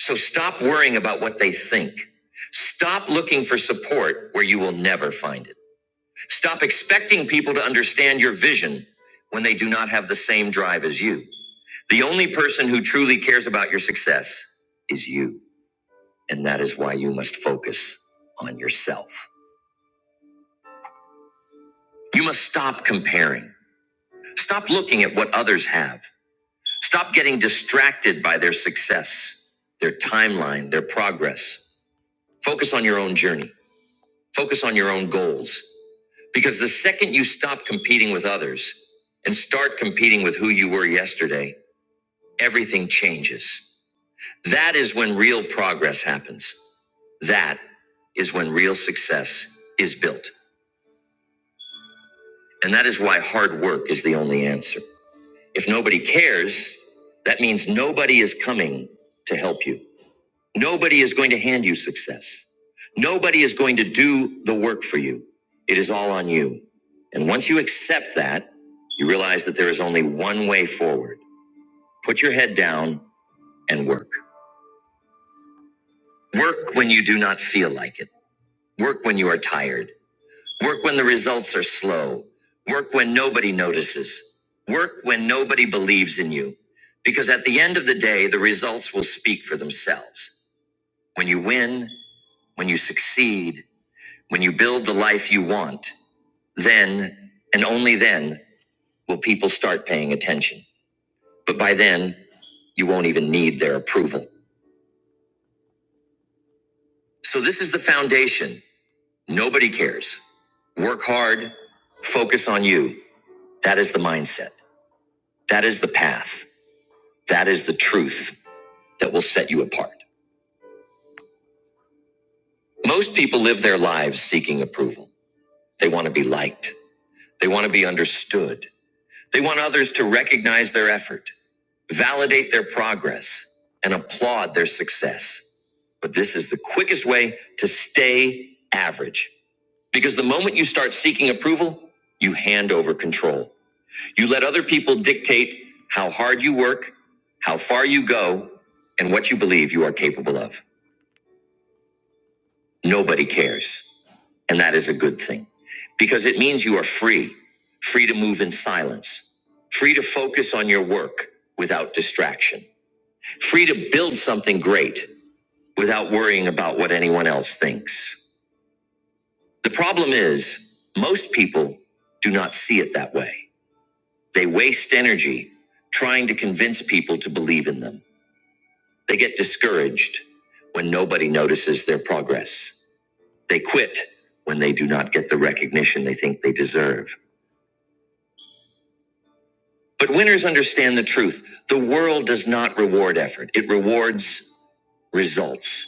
Speaker 1: So stop worrying about what they think. Stop looking for support where you will never find it. Stop expecting people to understand your vision when they do not have the same drive as you. The only person who truly cares about your success is you. And that is why you must focus on yourself. You must stop comparing. Stop looking at what others have. Stop getting distracted by their success, their timeline, their progress. Focus on your own journey. Focus on your own goals. Because the second you stop competing with others and start competing with who you were yesterday, everything changes. That is when real progress happens. That is when real success is built. And that is why hard work is the only answer. If nobody cares, that means nobody is coming to help you. Nobody is going to hand you success. Nobody is going to do the work for you. It is all on you. And once you accept that, you realize that there is only one way forward. Put your head down and work. Work when you do not feel like it. Work when you are tired. Work when the results are slow. Work when nobody notices. Work when nobody believes in you. Because at the end of the day, the results will speak for themselves. When you win, when you succeed, when you build the life you want, then and only then will people start paying attention. But by then, you won't even need their approval. So this is the foundation. Nobody cares. Work hard, focus on you. That is the mindset. That is the path. That is the truth that will set you apart. Most people live their lives seeking approval. They want to be liked. They want to be understood. They want others to recognize their effort, validate their progress, and applaud their success. But this is the quickest way to stay average. Because the moment you start seeking approval, you hand over control. You let other people dictate how hard you work, how far you go, and what you believe you are capable of. Nobody cares. And that is a good thing because it means you are free, free to move in silence, free to focus on your work without distraction, free to build something great without worrying about what anyone else thinks. The problem is, most people do not see it that way. They waste energy trying to convince people to believe in them. They get discouraged when nobody notices their progress. They quit when they do not get the recognition they think they deserve. But winners understand the truth. The world does not reward effort, it rewards results.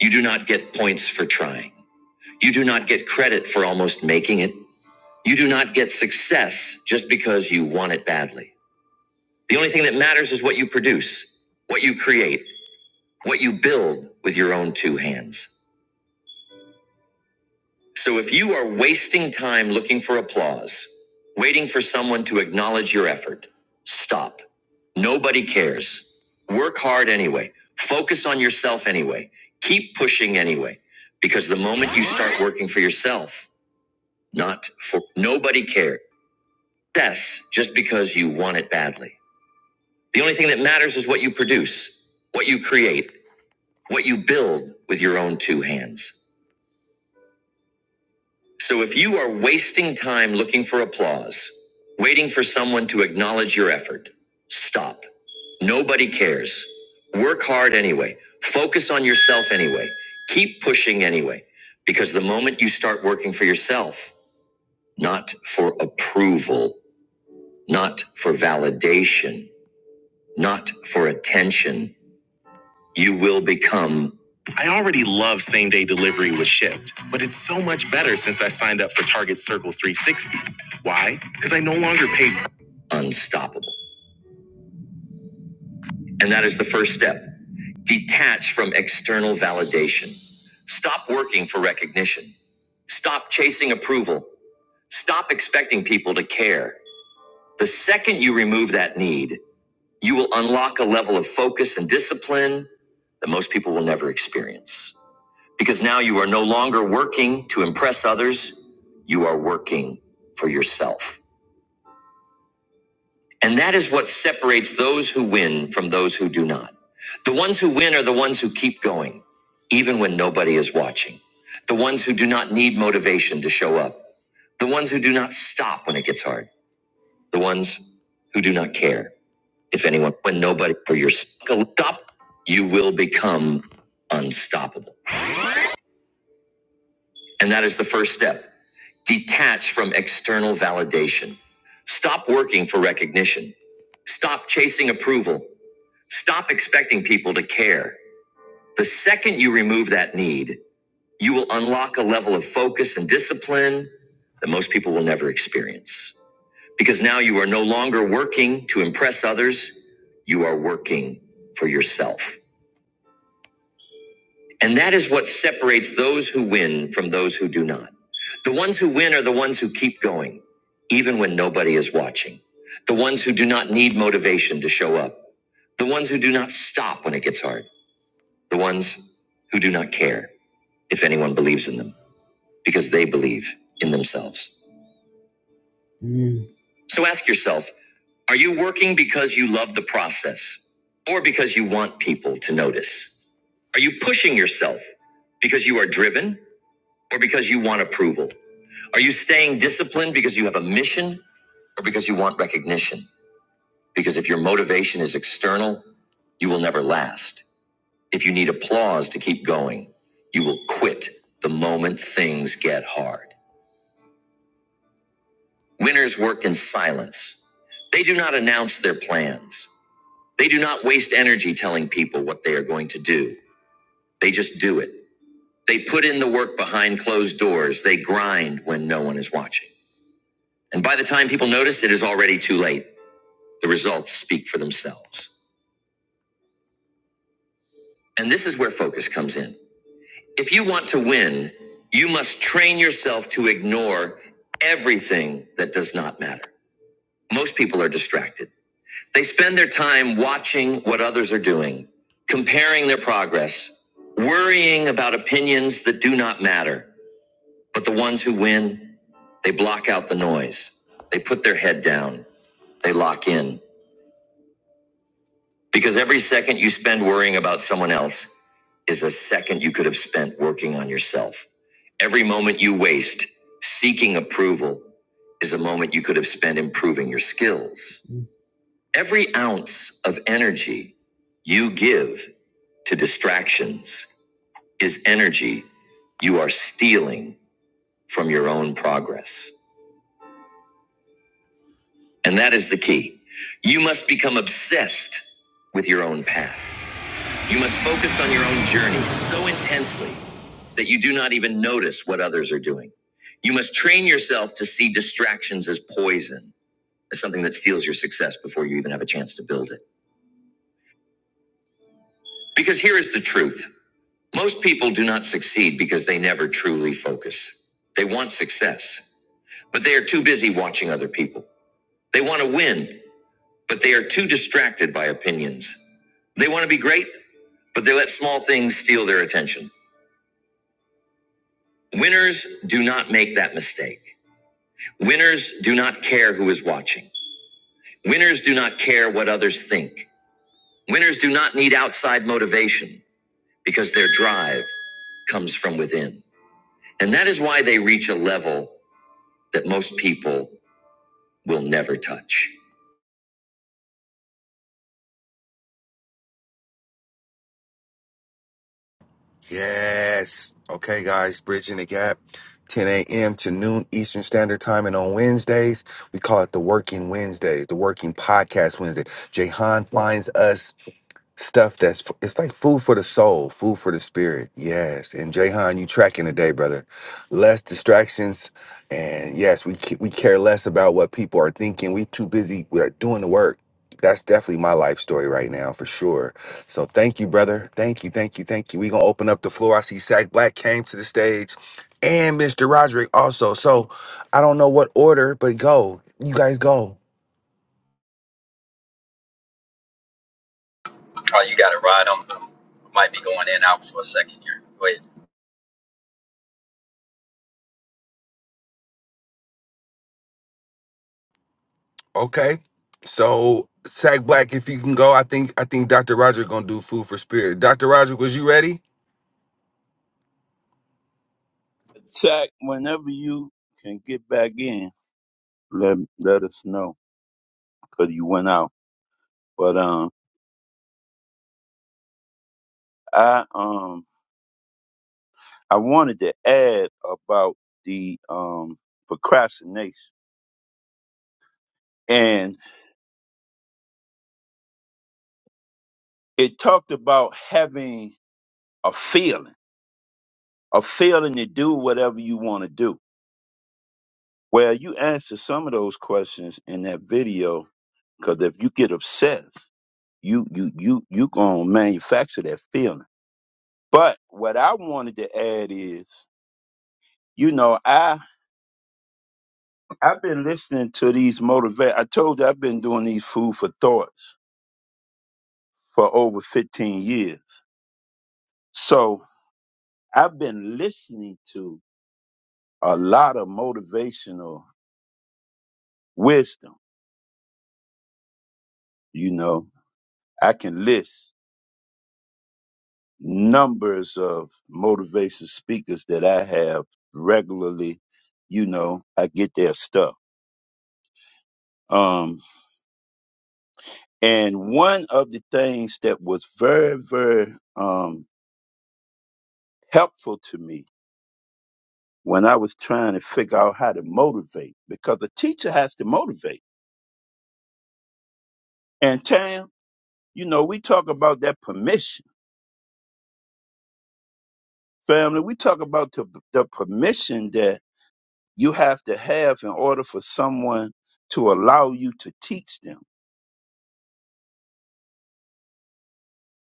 Speaker 1: You do not get points for trying. You do not get credit for almost making it. You do not get success just because you want it badly. The only thing that matters is what you produce, what you create, what you build with your own two hands. So if you are wasting time looking for applause, waiting for someone to acknowledge your effort, stop. Nobody cares. Work hard anyway. Focus on yourself anyway. Keep pushing anyway. Because the moment you start working for yourself, not for nobody cares. Yes, just because you want it badly. The only thing that matters is what you produce, what you create, what you build with your own two hands. So if you are wasting time looking for applause, waiting for someone to acknowledge your effort, stop. Nobody cares. Work hard anyway. Focus on yourself anyway. Keep pushing anyway. Because the moment you start working for yourself, not for approval, not for validation, not for attention, you will become. I already love same day delivery with Shipped, but it's so much better since I signed up for Target Circle 360. Why? Because I no longer pay. Unstoppable. And that is the first step. Detach from external validation. Stop working for recognition. Stop chasing approval. Stop expecting people to care. The second you remove that need, you will unlock a level of focus and discipline that most people will never experience. Because now you are no longer working to impress others, you are working for yourself. And that is what separates those who win from those who do not. The ones who win are the ones who keep going, even when nobody is watching. The ones who do not need motivation to show up. The ones who do not stop when it gets hard. The ones who do not care if anyone, when nobody, for your stop, you will become unstoppable. And that is the first step. Detach from external validation. Stop working for recognition. Stop chasing approval. Stop expecting people to care. The second you remove that need, you will unlock a level of focus and discipline that most people will never experience. Because now you are no longer working to impress others, you are working for yourself. And that is what separates those who win from those who do not. The ones who win are the ones who keep going, even when nobody is watching. The ones who do not need motivation to show up. The ones who do not stop when it gets hard. The ones who do not care if anyone believes in them because they believe in themselves. Mm. So ask yourself are you working because you love the process or because you want people to notice? Are you pushing yourself because you are driven? or because you want approval? Are you staying disciplined because you have a mission or because you want recognition? Because if your motivation is external, you will never last. If you need applause to keep going, you will quit the moment things get hard. Winners work in silence. They do not announce their plans. They do not waste energy telling people what they are going to do. They just do it. They put in the work behind closed doors. They grind when no one is watching. And by the time people notice, it is already too late. The results speak for themselves. And this is where focus comes in. If you want to win, you must train yourself to ignore everything that does not matter. Most people are distracted. They spend their time watching what others are doing, comparing their progress, worrying about opinions that do not matter. But the ones who win, they block out the noise. They put their head down. They lock in. Because every second you spend worrying about someone else is a second you could have spent working on yourself. Every moment you waste seeking approval is a moment you could have spent improving your skills. Every ounce of energy you give to distractions is energy you are stealing from your own progress. And that is the key. You must become obsessed with your own path. You must focus on your own journey so intensely that you do not even notice what others are doing. You must train yourself to see distractions as poison, as something that steals your success before you even have a chance to build it. Because here is the truth most people do not succeed because they never truly focus. They want success, but they are too busy watching other people. They want to win, but they are too distracted by opinions. They want to be great, but they let small things steal their attention. Winners do not make that mistake. Winners do not care who is watching. Winners do not care what others think. Winners do not need outside motivation because their drive comes from within. And that is why they reach a level that most people will never touch.
Speaker 2: Yes. Okay, guys. Bridging the gap. 10 a.m. to noon Eastern Standard Time, and on Wednesdays we call it the Working Wednesdays, the Working Podcast Wednesday. Jayhan finds us stuff that's f- it's like food for the soul, food for the spirit. Yes, and Jayhan, you tracking today, brother. Less distractions, and yes, we ca- we care less about what people are thinking. We too busy with our- doing the work. That's definitely my life story right now, for sure. So thank you, brother. Thank you, thank you, thank you. We gonna open up the floor. I see Sack Black came to the stage, and Mr. Roderick also. So I don't know what order, but go. You guys go.
Speaker 5: Oh, you got it right. I'm I might be going in and out for a second here. Go ahead.
Speaker 2: Okay. So Sack Black, if you can go, I think I think Dr. Roger gonna do food for spirit. Dr. Roger, was you ready?
Speaker 4: attack whenever you can get back in. Let let us know because you went out. But um, I um, I wanted to add about the um procrastination, and it talked about having a feeling, a feeling to do whatever you want to do. Well, you answered some of those questions in that video because if you get obsessed, you you you you gonna manufacture that feeling But what I wanted to add is, you know, I I've been listening to these motivate. I told you I've been doing these food for thoughts for over 15 years. So I've been listening to a lot of motivational wisdom. You know, I can list numbers of motivational speakers that I have regularly. You know, I get their stuff. Um. And one of the things that was very, very um, helpful to me when I was trying to figure out how to motivate, because the teacher has to motivate. And Tam, you know, we talk about that permission. Family, we talk about the, the permission that you have to have in order for someone to allow you to teach them.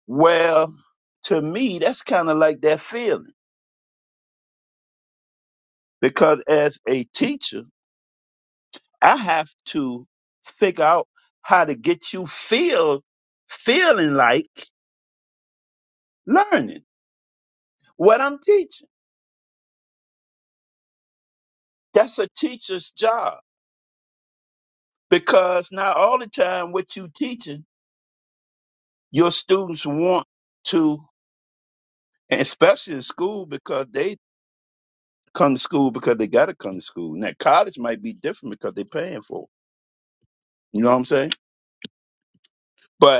Speaker 4: Well, to me, that's kind of like that feeling, because as a teacher, I have to figure out how to get you feel feeling like learning what I'm teaching. That's a teacher's job because not all the time what you teaching your students want to, and especially in school because they come to school because they got to come to school. Now college might be different because they're paying for. It, you know what I'm saying? But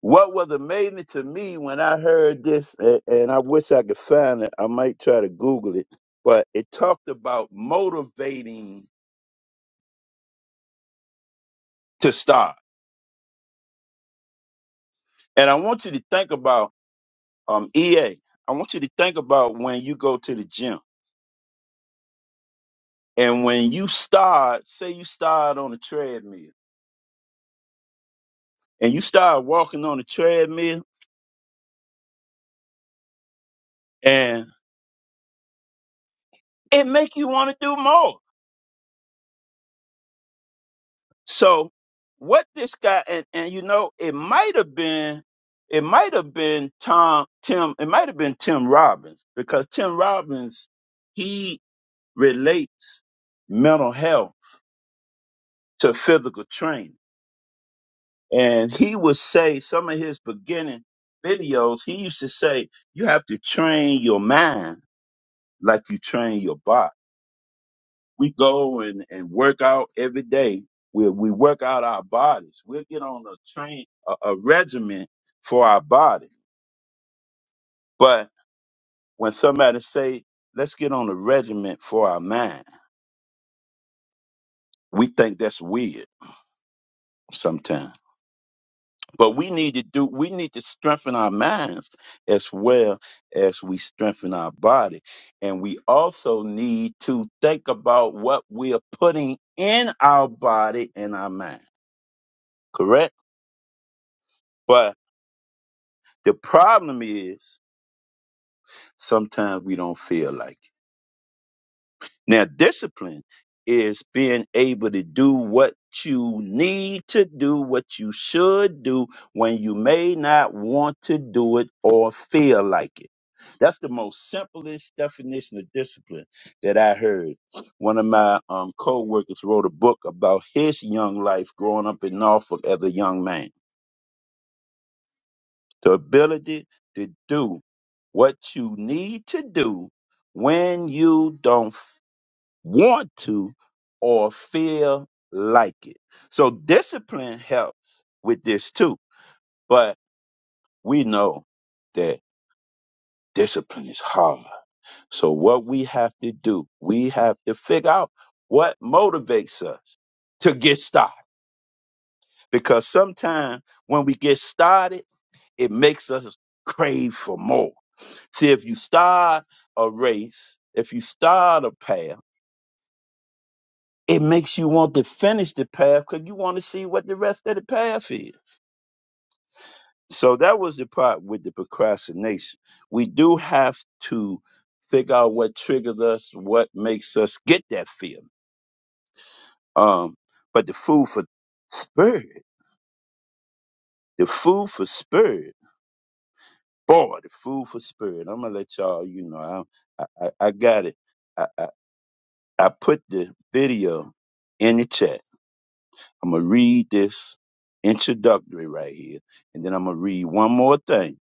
Speaker 4: What was amazing to me when I heard this, a- and I wish I could find it, I might try to Google it, but it talked about motivating to start. And I want you to think about um, EA. I want you to think about when you go to the gym and when you start, say you start on a treadmill and you start walking on the treadmill and it make you want to do more So what this guy and and you know it might have been it might have been Tom Tim it might have been Tim Robbins because Tim Robbins he relates mental health to physical training and he would say some of his beginning videos he used to say you have to train your mind like you train your body we go and, and work out every day. We, we work out our bodies. We'll get on a train, a, a regimen for our body. But when somebody say, let's get on a regiment for our mind, we think that's weird sometimes. But we need to do, we need to strengthen our minds as well as we strengthen our body. And we also need to think about what we are putting in our body and our mind. Correct? but. The problem is sometimes we don't feel like it. Now, discipline is being able to do what you need to do, what you should do when you may not want to do it or feel like it. That's the most simplest definition of discipline that I heard. One of my um, co-workers wrote a book about his young life growing up in Norfolk as a young man the ability to do what you need to do when you don't f- want to or feel like it. So discipline helps with this too, but we know that discipline is hard. So what we have to do, we have to figure out what motivates us to get started because sometimes when we get started, It makes us crave for more. See, if you start a race, if you start a path, it makes you want to finish the path because you want to see what the rest of the path is. So that was the part with the procrastination. We do have to figure out what triggers us, what makes us get that feeling. Um, but the food for spirit, the food for spirit, boy, the food for spirit. I'm gonna let y'all, you know, I I, I I got it. I, I I put the video in the chat. I'm going to read this introductory right here, and then I'm going to read one more thing,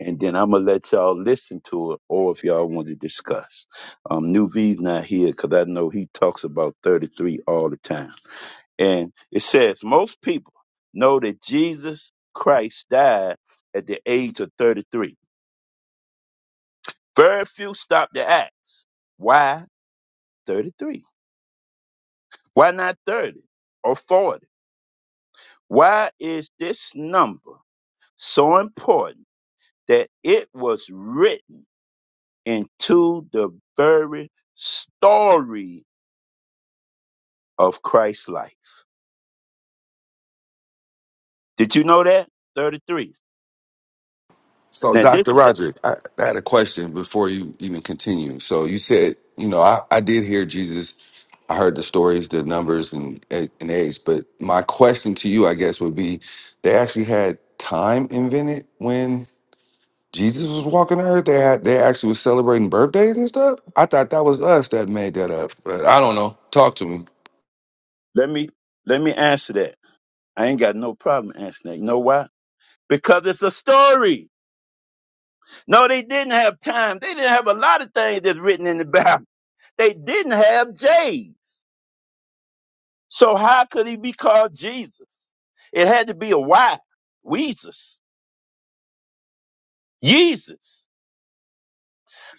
Speaker 4: and then I'm going to let y'all listen to it or if y'all want to discuss. Um, New V's not here because I know he talks about 33 all the time. And it says, Most people know that Jesus Christ died at the age of 33. Very few stop to ask, Why 33? Why not 30 or 40? Why is this number so important that it was written into the very story of Christ's life? Did you know that? 33.
Speaker 2: So,
Speaker 4: Now this
Speaker 2: Dr.
Speaker 4: is that.
Speaker 2: Roderick, I, I had a question before you even continue. So, you said, you know, I, I did hear Jesus. I heard the stories, the numbers, and and age. But my question to you, I guess, would be: They actually had time invented when Jesus was walking the earth. They had they actually was celebrating birthdays and stuff. I thought that was us that made that up. But I don't know. Talk to me.
Speaker 4: Let me let me answer that. I ain't got no problem answering that. You know why? Because it's a story. No, they didn't have time. They didn't have a lot of things that's written in the Bible. They didn't have J's. So how could he be called Jesus? It had to be a Y. Weezus. Jesus.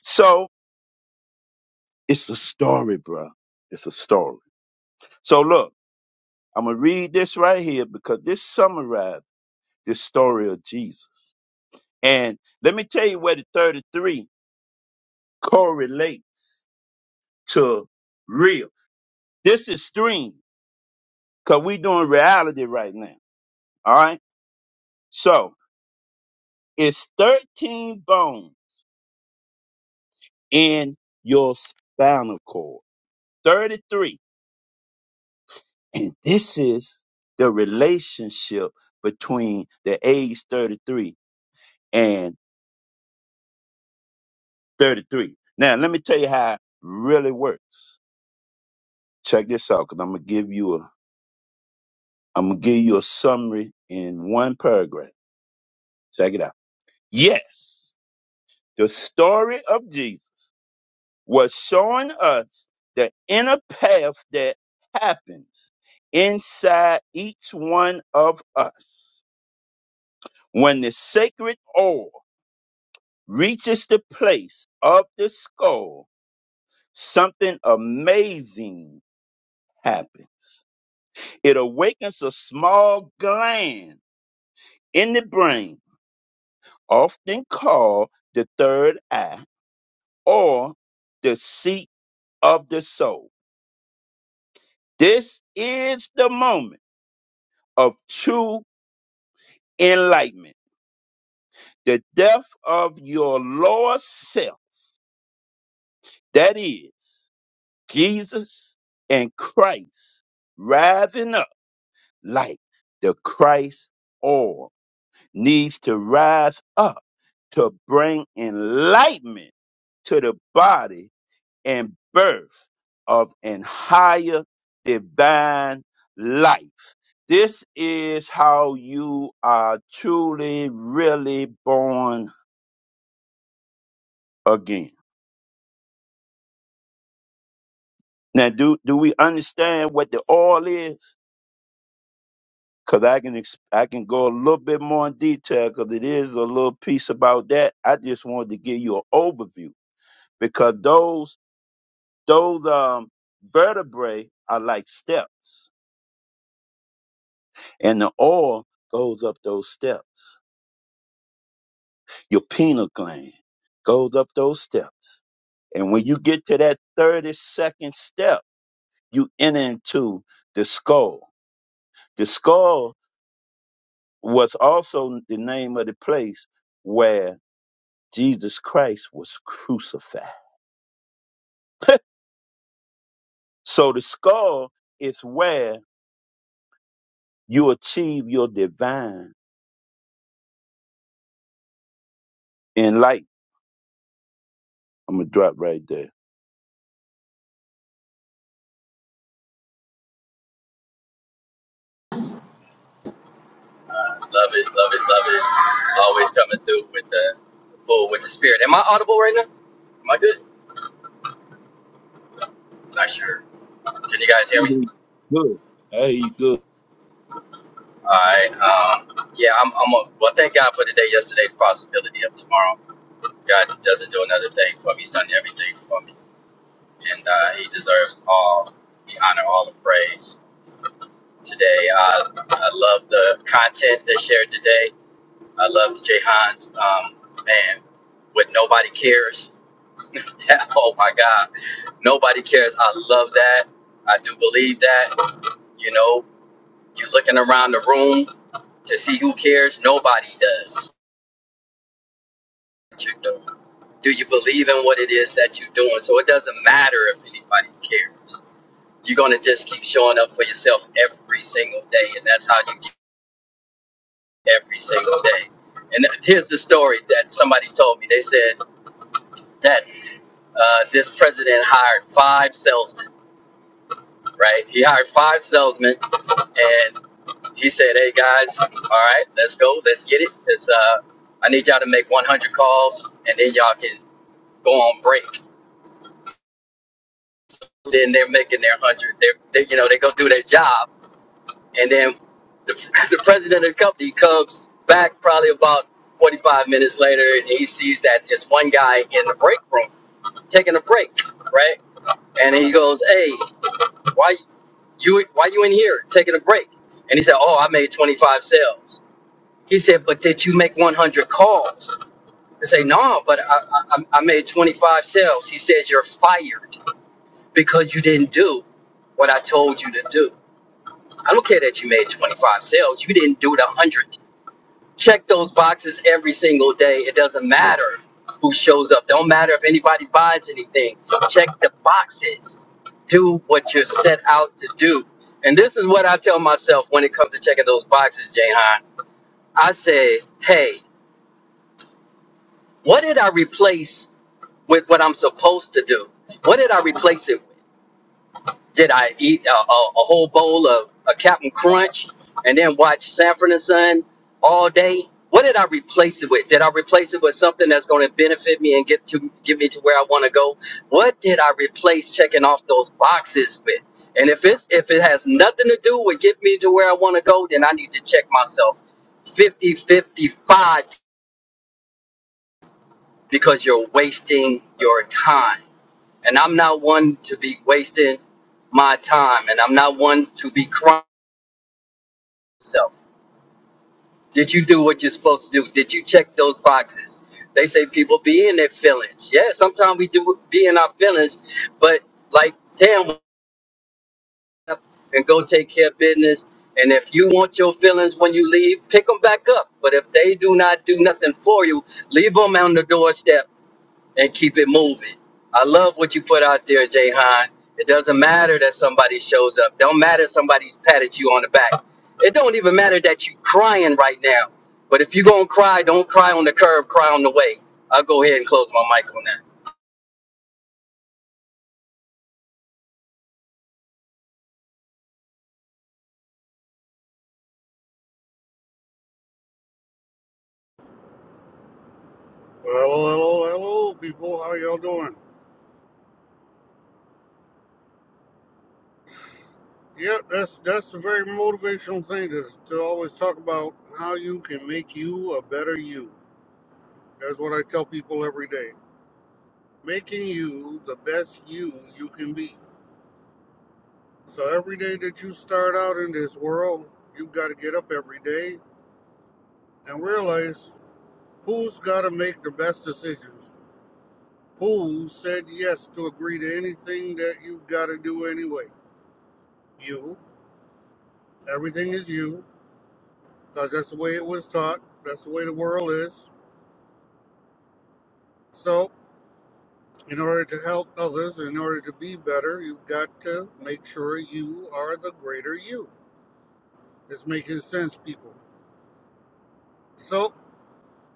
Speaker 4: So it's a story, bro. It's a story. So look, I'm gonna read this right here because this summarizes the story of Jesus. And let me tell you where the 33 correlates to real. This is stream because we doing reality right now. All right. So it's 13 bones in your spinal cord. 33. And this is the relationship between the age 33 and 33. Now, let me tell you how it really works. Check this out, because I'm gonna give you a I'm gonna give you a summary in one paragraph. Check it out. Yes, the story of Jesus was showing us the inner path that happens inside each one of us when the sacred oil reaches the place of the skull, something amazing happens. It awakens a small gland in the brain, often called the third eye or the seat of the soul. This is the moment of true enlightenment, the death of your lower self, that is, Jesus and Christ, rising up like the Christ oil needs to rise up to bring enlightenment to the body and birth of an higher divine life. This is how you are truly, really born again. Now, do, do we understand what the oil is? Cause I can ex- I can go a little bit more in detail because it is a little piece about that. I just wanted to give you an overview because those those um vertebrae are like steps, and the oil goes up those steps. Your pineal gland goes up those steps, and when you get to that thirty second step, you enter into the skull. The skull was also the name of the place Jesus Christ was crucified. So the skull is where you achieve your divine enlightenment. I'm gonna drop right there.
Speaker 5: Love it, love it, love it. Always coming through with the full with the spirit. Am I audible right now? Am I good? Not sure. Can you guys hear me?
Speaker 4: Mhm. Good. Hey, you good.
Speaker 5: All right. Um, yeah, I'm. I'm. A, well, thank God for today, yesterday, the possibility of tomorrow. God doesn't do another thing for me. He's done everything for me, and uh, He deserves all the honor, all the praise. Today, uh, I love the content they shared today. I love Jahan's um, man with nobody cares. oh my God, nobody cares. I love that. I do believe that. You know, you're looking around the room to see who cares. Nobody does. What you're doing. Do you believe in what it is that you're doing? So it doesn't matter if anybody cares. You're gonna just keep showing up for yourself every single day, and that's how you get every single day. And here's the story that somebody told me. They said, that. uh, this president hired five salesmen, right? He hired five salesmen, and he said, "Hey guys, all right, let's go, let's get it. It's uh, I need y'all to make 100 calls, and then y'all can go on break." Then they're making their hundred. They're, they, you know, they go do their job, and then the, the president of the company comes back probably about 45 minutes later, and he sees that it's one guy in the break room taking a break, right? And he goes, "Hey, why You why you in here taking a break? And he said, Oh, I made 25 sales. He said, But did you make 100 calls? I say, No, but I, I, I made 25 sales. He says, You're fired because you didn't do what I told you to do. I don't care that you made 25 sales. You didn't do the 100 check those boxes every single day. It doesn't matter who shows up. Don't matter if anybody buys anything. Check the boxes. Do what you're set out to do. And this is what I tell myself when it comes to checking those boxes, Jahan. I say, hey, what did I replace with what I'm supposed to do? What did I replace it Did I eat a, a, a whole bowl of a Captain Crunch and then watch Sanford and Son all day? What did I replace it with? Did I replace it with something that's going to benefit me and get to get me to where I want to go? What did I replace checking off those boxes with? And if it's if it has nothing to do with get me to where I want to go, then I need to check myself 50 55 because you're wasting your time. And I'm not one to be wasting my time, and I'm not one to be crying myself. Did you do what you're supposed to do? Did you check those boxes? They say people be in their feelings. Yeah, sometimes we do be in our feelings, but like Tam, went up and go take care of business. And if you want your feelings when you leave, pick them back up. But if they do not do nothing for you, leave them on the doorstep and keep it moving. I love what you put out there, Jay Han. It doesn't matter that somebody shows up. Don't matter if somebody's patted you on the back. It don't even matter that you crying right now. But if you gonna cry, don't cry on the curb, cry on the way. I'll go ahead and close my mic on
Speaker 6: Hello, hello, hello, people. How y'all doing? Yep, that's that's a very motivational thing to, to always talk about how you can make you a better you. That's what I tell people every day. Making you the best you you can be. So every day that you start out in this world, you've got to get up every day and realize who's got to make the best decisions. Who said yes to agree to anything that you've got to do anyway? You. Everything is you. because that's the way it was taught. That's the way the world is. So, in order to help others, in order to be better, you've got to make sure you are the greater you. It's making sense, people. So,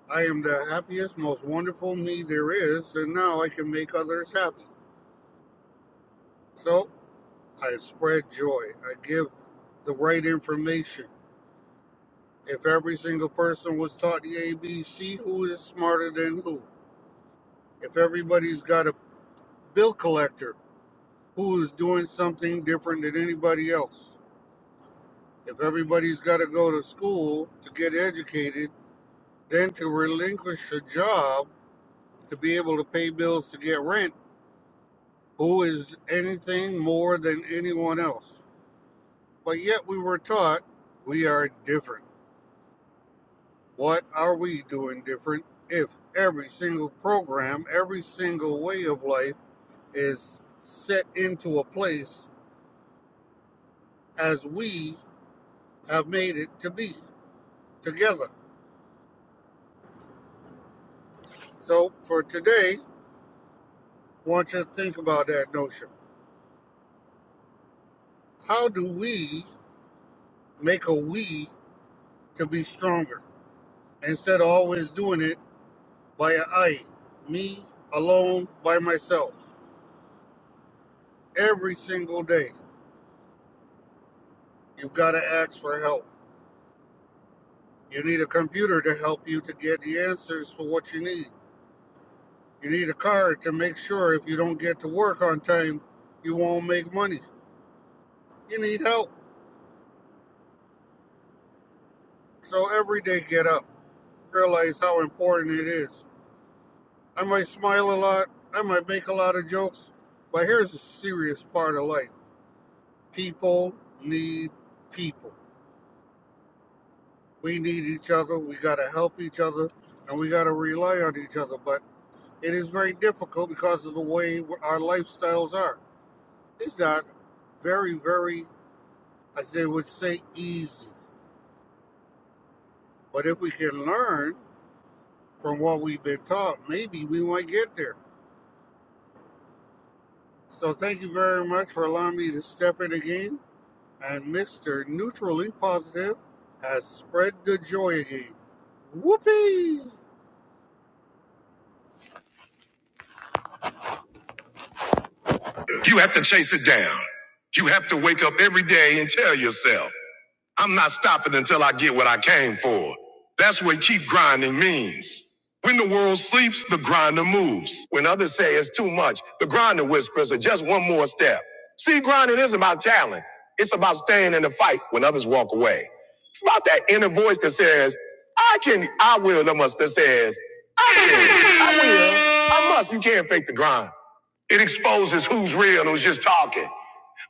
Speaker 6: I am the happiest, most wonderful me there is, and now I can make others happy. So, I spread joy. I give the right information. If every single person was taught the ABC, who is smarter than who? If everybody's got a bill collector who is doing something different than anybody else. If everybody's got to go to school to get educated, then to relinquish a job to be able to pay bills to get rent, who is anything more than anyone else? But yet we were taught we are different. What are we doing different if every single program, every single way of life is set into a place as we have made it to be together? So for today, I want you to think about that notion. How do we make a we to be stronger instead of always doing it by a I, me alone by myself? Every single day, you've got to ask for help. You need a computer to help you to get the answers for what you need. You need a car to make sure if you don't get to work on time, you won't make money. You need help. So every day, get up. Realize how important it is I might smile a lot. I might make a lot of jokes. But here's the serious part of life people need people. We need each other. We got to help each other and we got to rely on each other. But it is very difficult because of the way our lifestyles are. It's not very, very, as they would say, easy. But if we can learn from what we've been taught, maybe we might get there. So thank you very much for allowing me to step in again and Mr. Neutrally Positive has spread the joy again. Whoopee!
Speaker 1: I'm not stopping until I get what I came for. That's what keep grinding means. When the world sleeps, the grinder moves. When others say it's too much, the grinder whispers are just one more step. See, grinding isn't about talent. It's about staying in the fight when others walk away. It's about that inner voice that says, I can, I will, that must, that says, I must, you can't fake the grind. It exposes who's real and who's just talking.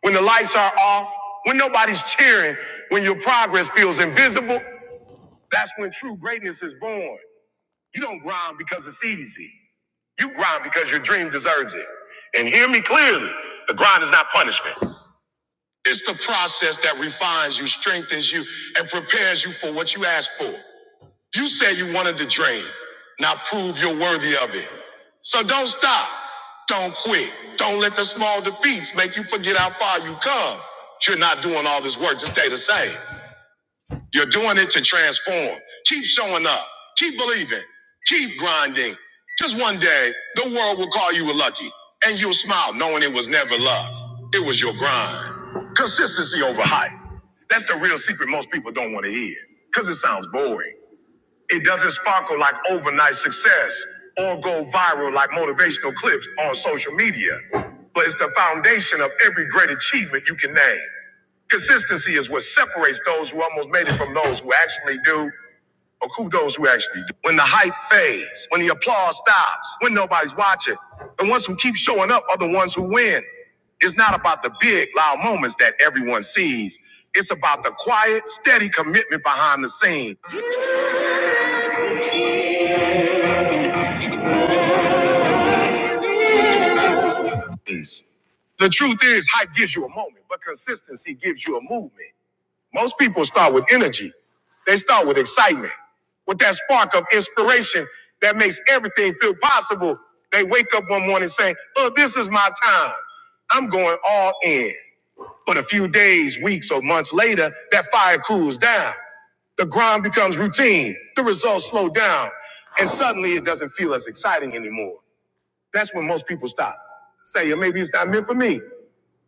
Speaker 1: When the lights are off, when nobody's cheering, when your progress feels invisible, That's when true greatness is born. You don't grind because it's easy. You grind because your dream deserves it. And hear me clearly. The grind is not punishment. It's the process that refines you, strengthens you, and prepares you for what you asked for. You said you wanted the dream. Now prove you're worthy of it. So don't stop. Don't quit. Don't let the small defeats make you forget how far you come. You're not doing all this work to stay the same. You're doing it to transform. Keep showing up. Keep believing. Keep grinding. Just one day, the world will call you a lucky and you'll smile knowing it was never luck. It was your grind. Consistency over hype. That's the real secret most people don't want to hear because it sounds boring. It doesn't sparkle like overnight success or go viral like motivational clips on social media, but it's the foundation of every great achievement you can name. Consistency is what separates those who almost made it from those who actually do, or who those who actually do. When the hype fades, when the applause stops, when nobody's watching, the ones who keep showing up are the ones who win. It's not about the big, loud moments that everyone sees. It's about the quiet, steady commitment behind the scenes. The truth is, hype gives you a moment, but consistency gives you a movement. Most people start with energy. They start with excitement. With that spark of inspiration that makes everything feel possible, they wake up one morning saying, Oh, this is my time. I'm going all in. But a few days, weeks, or months later, that fire cools down. The grind becomes routine. The results slow down. And suddenly it doesn't feel as exciting anymore. That's when most people stop. Say, "Yeah, maybe it's not meant for me.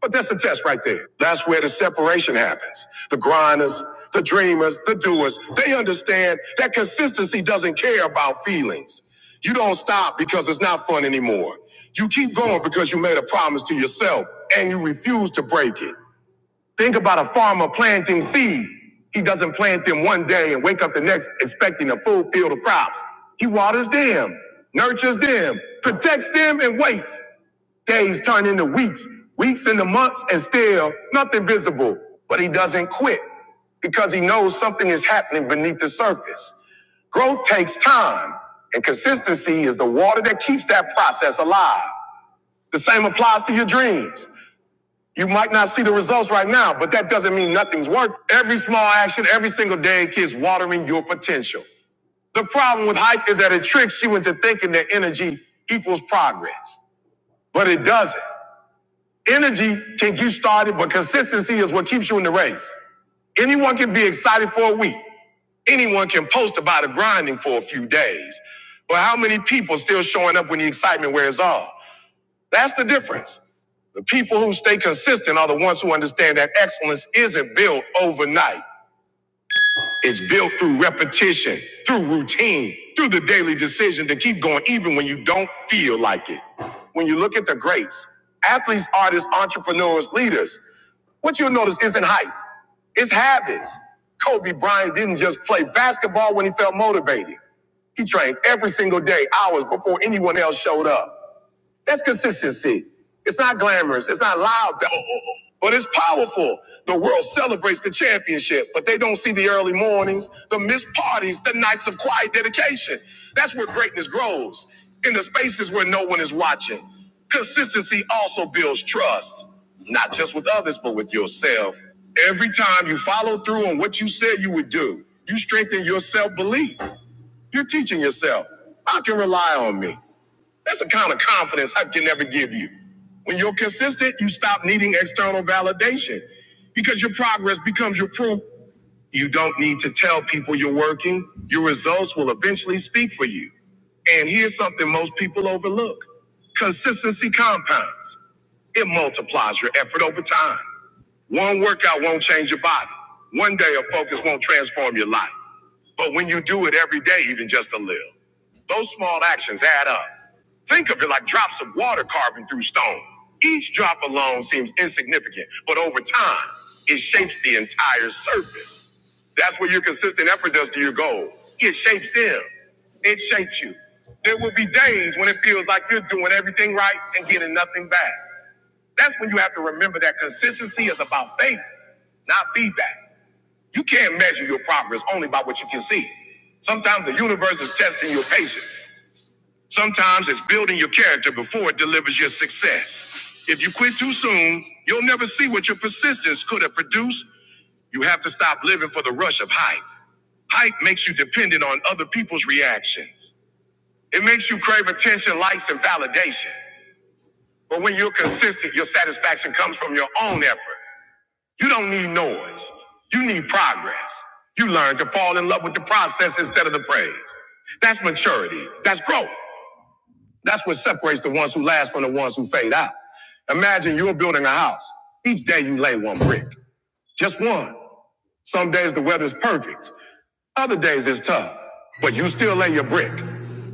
Speaker 1: But that's a test right there. That's where the separation happens. The grinders, the dreamers, the doers, they understand that consistency doesn't care about feelings. You don't stop because it's not fun anymore. You keep going because you made a promise to yourself and you refuse to break it. Think about a farmer planting seed. He doesn't plant them one day and wake up the next expecting a full field of crops. He waters them, nurtures them, protects them, and waits. Days turn into weeks, weeks into months, and still nothing visible. But he doesn't quit because he knows something is happening beneath the surface. Growth takes time, and consistency is the water that keeps that process alive. The same applies to your dreams. You might not see the results right now, but that doesn't mean nothing's worked. Every small action, every single day keeps watering your potential. The problem with hype is that it tricks you into thinking that energy equals progress, but it doesn't. Energy can get you started, but consistency is what keeps you in the race. Anyone can be excited for a week. Anyone can post about the grinding for a few days. But how many people still showing up when the excitement wears off? That's the difference. The people who stay consistent are the ones who understand that excellence isn't built overnight. It's built through repetition, through routine, through the daily decision to keep going even when you don't feel like it. When you look at the greats, athletes, artists, entrepreneurs, leaders, what you'll notice isn't hype, it's habits. Kobe Bryant didn't just play basketball when he felt motivated. He trained every single day, hours before anyone else showed up. That's consistency. It's not glamorous. It's not loud, Oh, oh, oh. but it's powerful. The world celebrates the championship, but they don't see the early mornings, the missed parties, the nights of quiet dedication. That's where greatness grows in the spaces where no one is watching. Consistency also builds trust, not just with others, but with yourself. Every time you follow through on what you said you would do, you strengthen your self belief. You're teaching yourself, I can rely on me. That's a kind of confidence I can never give you. When you're consistent, you stop needing external validation because your progress becomes your proof. You don't need to tell people you're working. Your results will eventually speak for you. And here's something most people overlook. Consistency compounds. It multiplies your effort over time. One workout won't change your body. One day of focus won't transform your life. But when you do it every day, even just a little, those small actions add up. Think of it like drops of water carving through stone. Each drop alone seems insignificant, but over time, it shapes the entire surface. That's what your consistent effort does to your goal. It shapes them. It shapes you. There will be days when it feels like you're doing everything right and getting nothing back. That's when you have to remember that consistency is about faith, not feedback. You can't measure your progress only by what you can see. Sometimes the universe is testing your patience. Sometimes it's building your character before it delivers your success. If you quit too soon, you'll never see what your persistence could have produced. You have to stop living for the rush of hype. Hype makes you dependent on other people's reactions. It makes you crave attention, likes, and validation. But when you're consistent, your satisfaction comes from your own effort. You don't need noise. You need progress. You learn to fall in love with the process instead of the praise. That's maturity. That's growth. That's what separates the ones who last from the ones who fade out. Imagine you're building a house. Each day you lay one brick. Just one. Some days the weather's perfect. Other days it's tough, but you still lay your brick.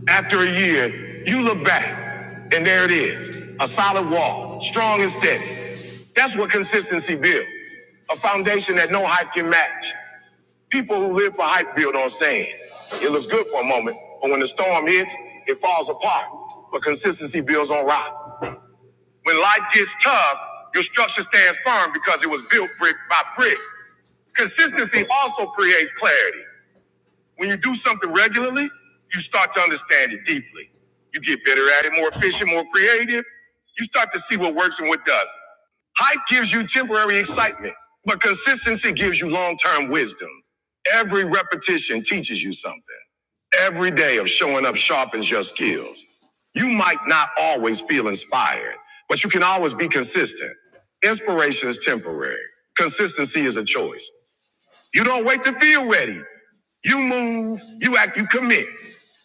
Speaker 1: After a year, you look back, and there it is a solid wall, strong and steady. That's what consistency builds a foundation that no hype can match. People who live for hype build on sand. It looks good for a moment, but when the storm hits, it falls apart. But consistency builds on rock. When life gets tough, your structure stands firm because it was built brick by brick. Consistency also creates clarity. When you do something regularly, you start to understand it deeply. You get better at it, more efficient, more creative. You start to see what works and what doesn't. Hype gives you temporary excitement, but consistency gives you long term wisdom. Every repetition teaches you something. Every day of showing up sharpens your skills. You might not always feel inspired, but you can always be consistent. Inspiration is temporary, consistency is a choice. You don't wait to feel ready. You move, you act, you commit.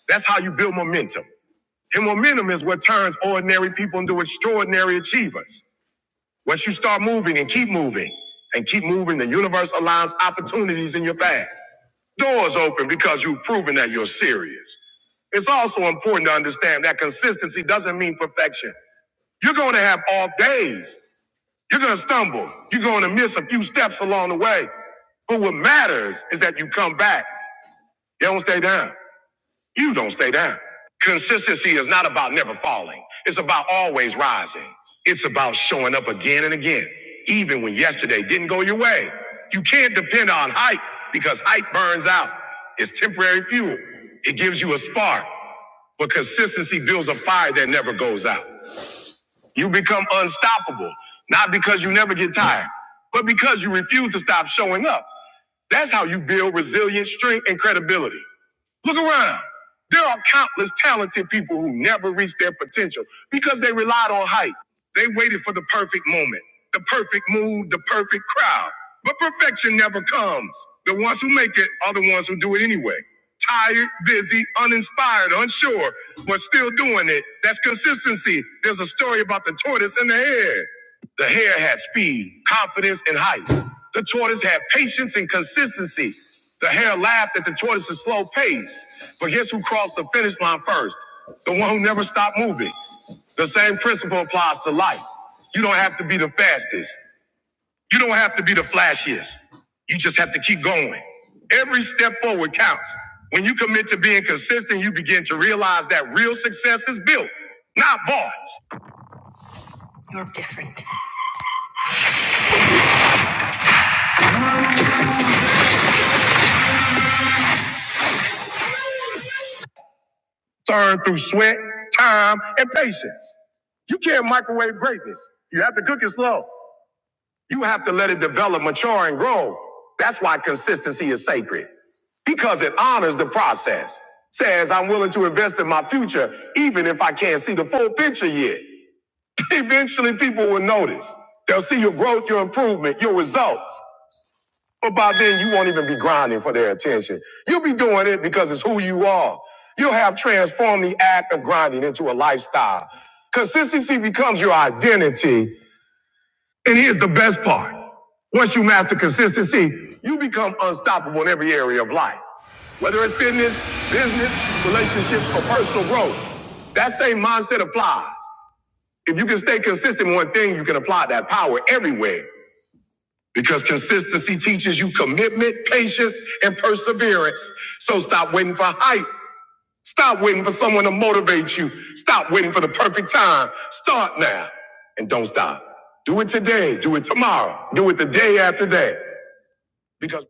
Speaker 1: That's how you build momentum. And momentum is what turns ordinary people into extraordinary achievers. Once you start moving and keep moving and keep moving, the universe aligns opportunities in your path. Doors open because you've proven that you're serious. It's also important to understand that consistency doesn't mean perfection. You're going to have off days. You're going to stumble. You're going to miss a few steps along the way. But what matters is that you come back. You don't stay down. You don't stay down. Consistency is not about never falling. It's about always rising. It's about showing up again and again, even when yesterday didn't go your way. You can't depend on hype because hype burns out. It's temporary fuel. It gives you a spark, but consistency builds a fire that never goes out. You become unstoppable, not because you never get tired, but because you refuse to stop showing up. That's how you build resilience, strength, and credibility. Look around. There are countless talented people who never reached their potential because they relied on hype. They waited for the perfect moment, the perfect mood, the perfect crowd. But perfection never comes. The ones who make it are the ones who do it anyway. Tired, busy, uninspired, unsure, but still doing it. That's consistency. There's a story about the tortoise and the hare. The hare had speed, confidence, and height. The tortoise had patience and consistency. The hare laughed at the tortoise's slow pace. But guess who crossed the finish line first? The one who never stopped moving. The same principle applies to life. You don't have to be the fastest. You don't have to be the flashiest. You just have to keep going. Every step forward counts. When you commit to being consistent, you begin to realize that real success is built, not bought. You're different. earned through sweat, time, and patience. You can't microwave greatness. You have to cook it slow. You have to let it develop, mature, and grow. That's why consistency is sacred because it honors the process. Says, I'm willing to invest in my future, even if I can't see the full picture yet. Eventually, people will notice. They'll see your growth, your improvement, your results. But by then, you won't even be grinding for their attention. You'll be doing it because it's who you are. You'll have transformed the act of grinding into a lifestyle. Consistency becomes your identity. And here's the best part once you master consistency, you become unstoppable in every area of life. Whether it's fitness, business, relationships, or personal growth, that same mindset applies. If you can stay consistent in one thing, you can apply that power everywhere. Because consistency teaches you commitment, patience, and perseverance. So stop waiting for hype. Stop waiting for someone to motivate you. Stop waiting for the perfect time. Start now and don't stop. Do it today. Do it tomorrow. Do it the day after that. Because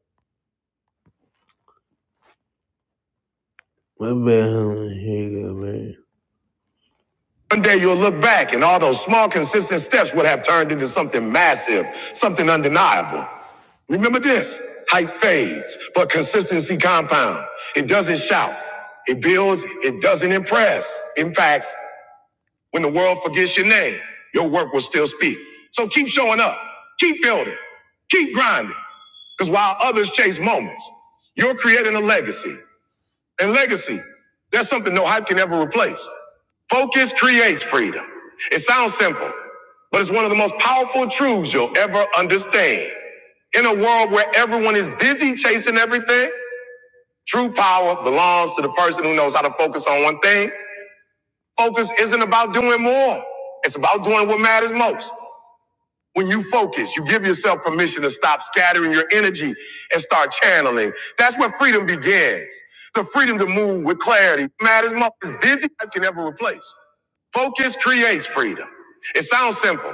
Speaker 1: my bad, honey. Here you go, man. One day you'll look back and all those small, consistent steps would have turned into something massive, something undeniable. Remember this hype fades, but consistency compounds. It doesn't shout, it builds, it doesn't impress. In fact, when the world forgets your name, your work will still speak. So keep showing up, keep building, keep grinding. Because while others chase moments, you're creating a legacy and legacy. That's something no hype can ever replace. Focus creates freedom. It sounds simple, but it's one of the most powerful truths you'll ever understand. In a world where everyone is busy chasing everything, true power belongs to the person who knows how to focus on one thing. Focus isn't about doing more. It's about doing what matters most. When you focus, you give yourself permission to stop scattering your energy and start channeling. That's where freedom begins. The freedom to move with clarity matters more as busy as I can ever replace. Focus creates freedom. It sounds simple,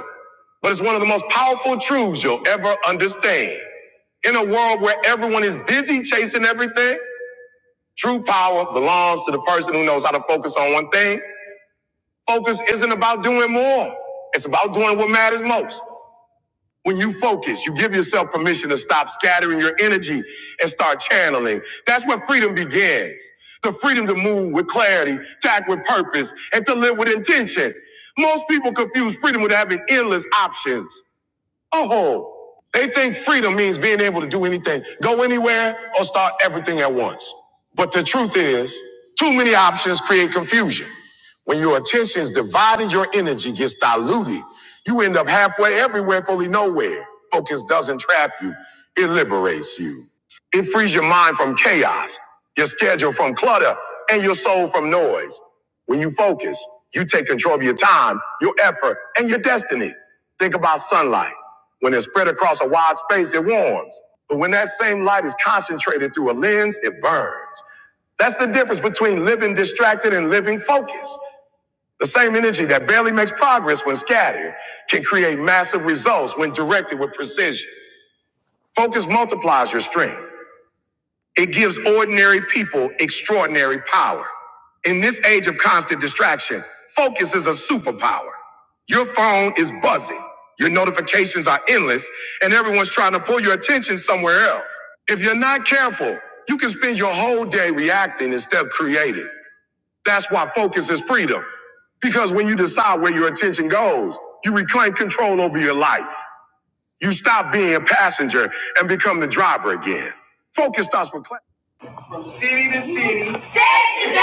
Speaker 1: but it's one of the most powerful truths you'll ever understand. In a world where everyone is busy chasing everything, true power belongs to the person who knows how to focus on one thing. Focus isn't about doing more. It's about doing what matters most. When you focus, you give yourself permission to stop scattering your energy and start channeling. That's where freedom begins. The freedom to move with clarity, to act with purpose, and to live with intention. Most people confuse freedom with having endless options. Oh, they think freedom means being able to do anything, go anywhere, or start everything at once. But the truth is, too many options create confusion. When your attention is divided, your energy gets diluted. You end up halfway everywhere, fully nowhere. Focus doesn't trap you, it liberates you. It frees your mind from chaos, your schedule from clutter, and your soul from noise. When you focus, you take control of your time, your effort, and your destiny. Think about sunlight. When it's spread across a wide space, it warms. But when that same light is concentrated through a lens, it burns. That's the difference between living distracted and living focused. The same energy that barely makes progress when scattered can create massive results when directed with precision. Focus multiplies your strength. It gives ordinary people extraordinary power. In this age of constant distraction, focus is a superpower. Your phone is buzzing, your notifications are endless, and everyone's trying to pull your attention somewhere else. If you're not careful, you can spend your whole day reacting instead of creating. That's why focus is freedom. Because when you decide where your attention goes, you reclaim control over your life. You stop being a passenger and become the driver again. Focus starts with clarity city to city, State to state,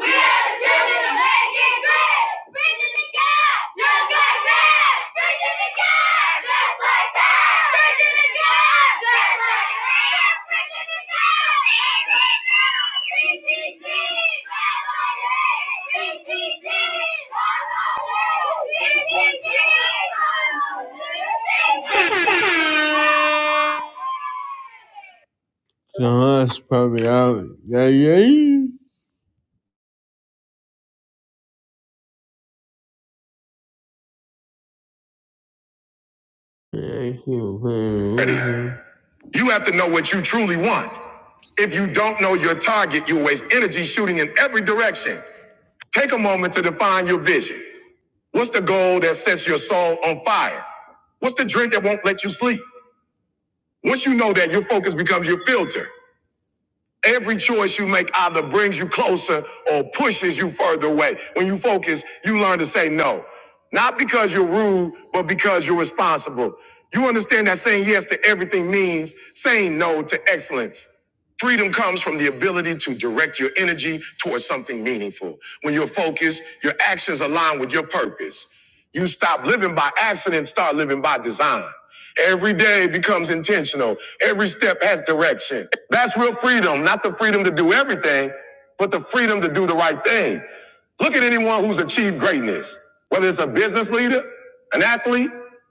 Speaker 1: we are the children of making great. Virginia the God, just like that. Virginia the God, just like that. Virginia the God, just like that. Virginia the God, PTG, PTG, PTG, PTG. The hunt's probably out. Yeah, yeah. Yeah, yeah. You have to know what you truly want. If you don't know your target, you waste energy shooting in every direction. Take a moment to define your vision. What's the goal that sets your soul on fire? What's the drink that won't let you sleep? Once you know that, your focus becomes your filter. Every choice you make either brings you closer or pushes you further away. When you focus, you learn to say no. Not because you're rude, but because you're responsible. You understand that saying yes to everything means saying no to excellence. Freedom comes from the ability to direct your energy towards something meaningful. When you're focused, your actions align with your purpose. You stop living by accident, start living by design. Every day becomes intentional. Every step has direction. That's real freedom, not the freedom to do everything, but the freedom to do the right thing. Look at anyone who's achieved greatness, whether it's a business leader, an athlete,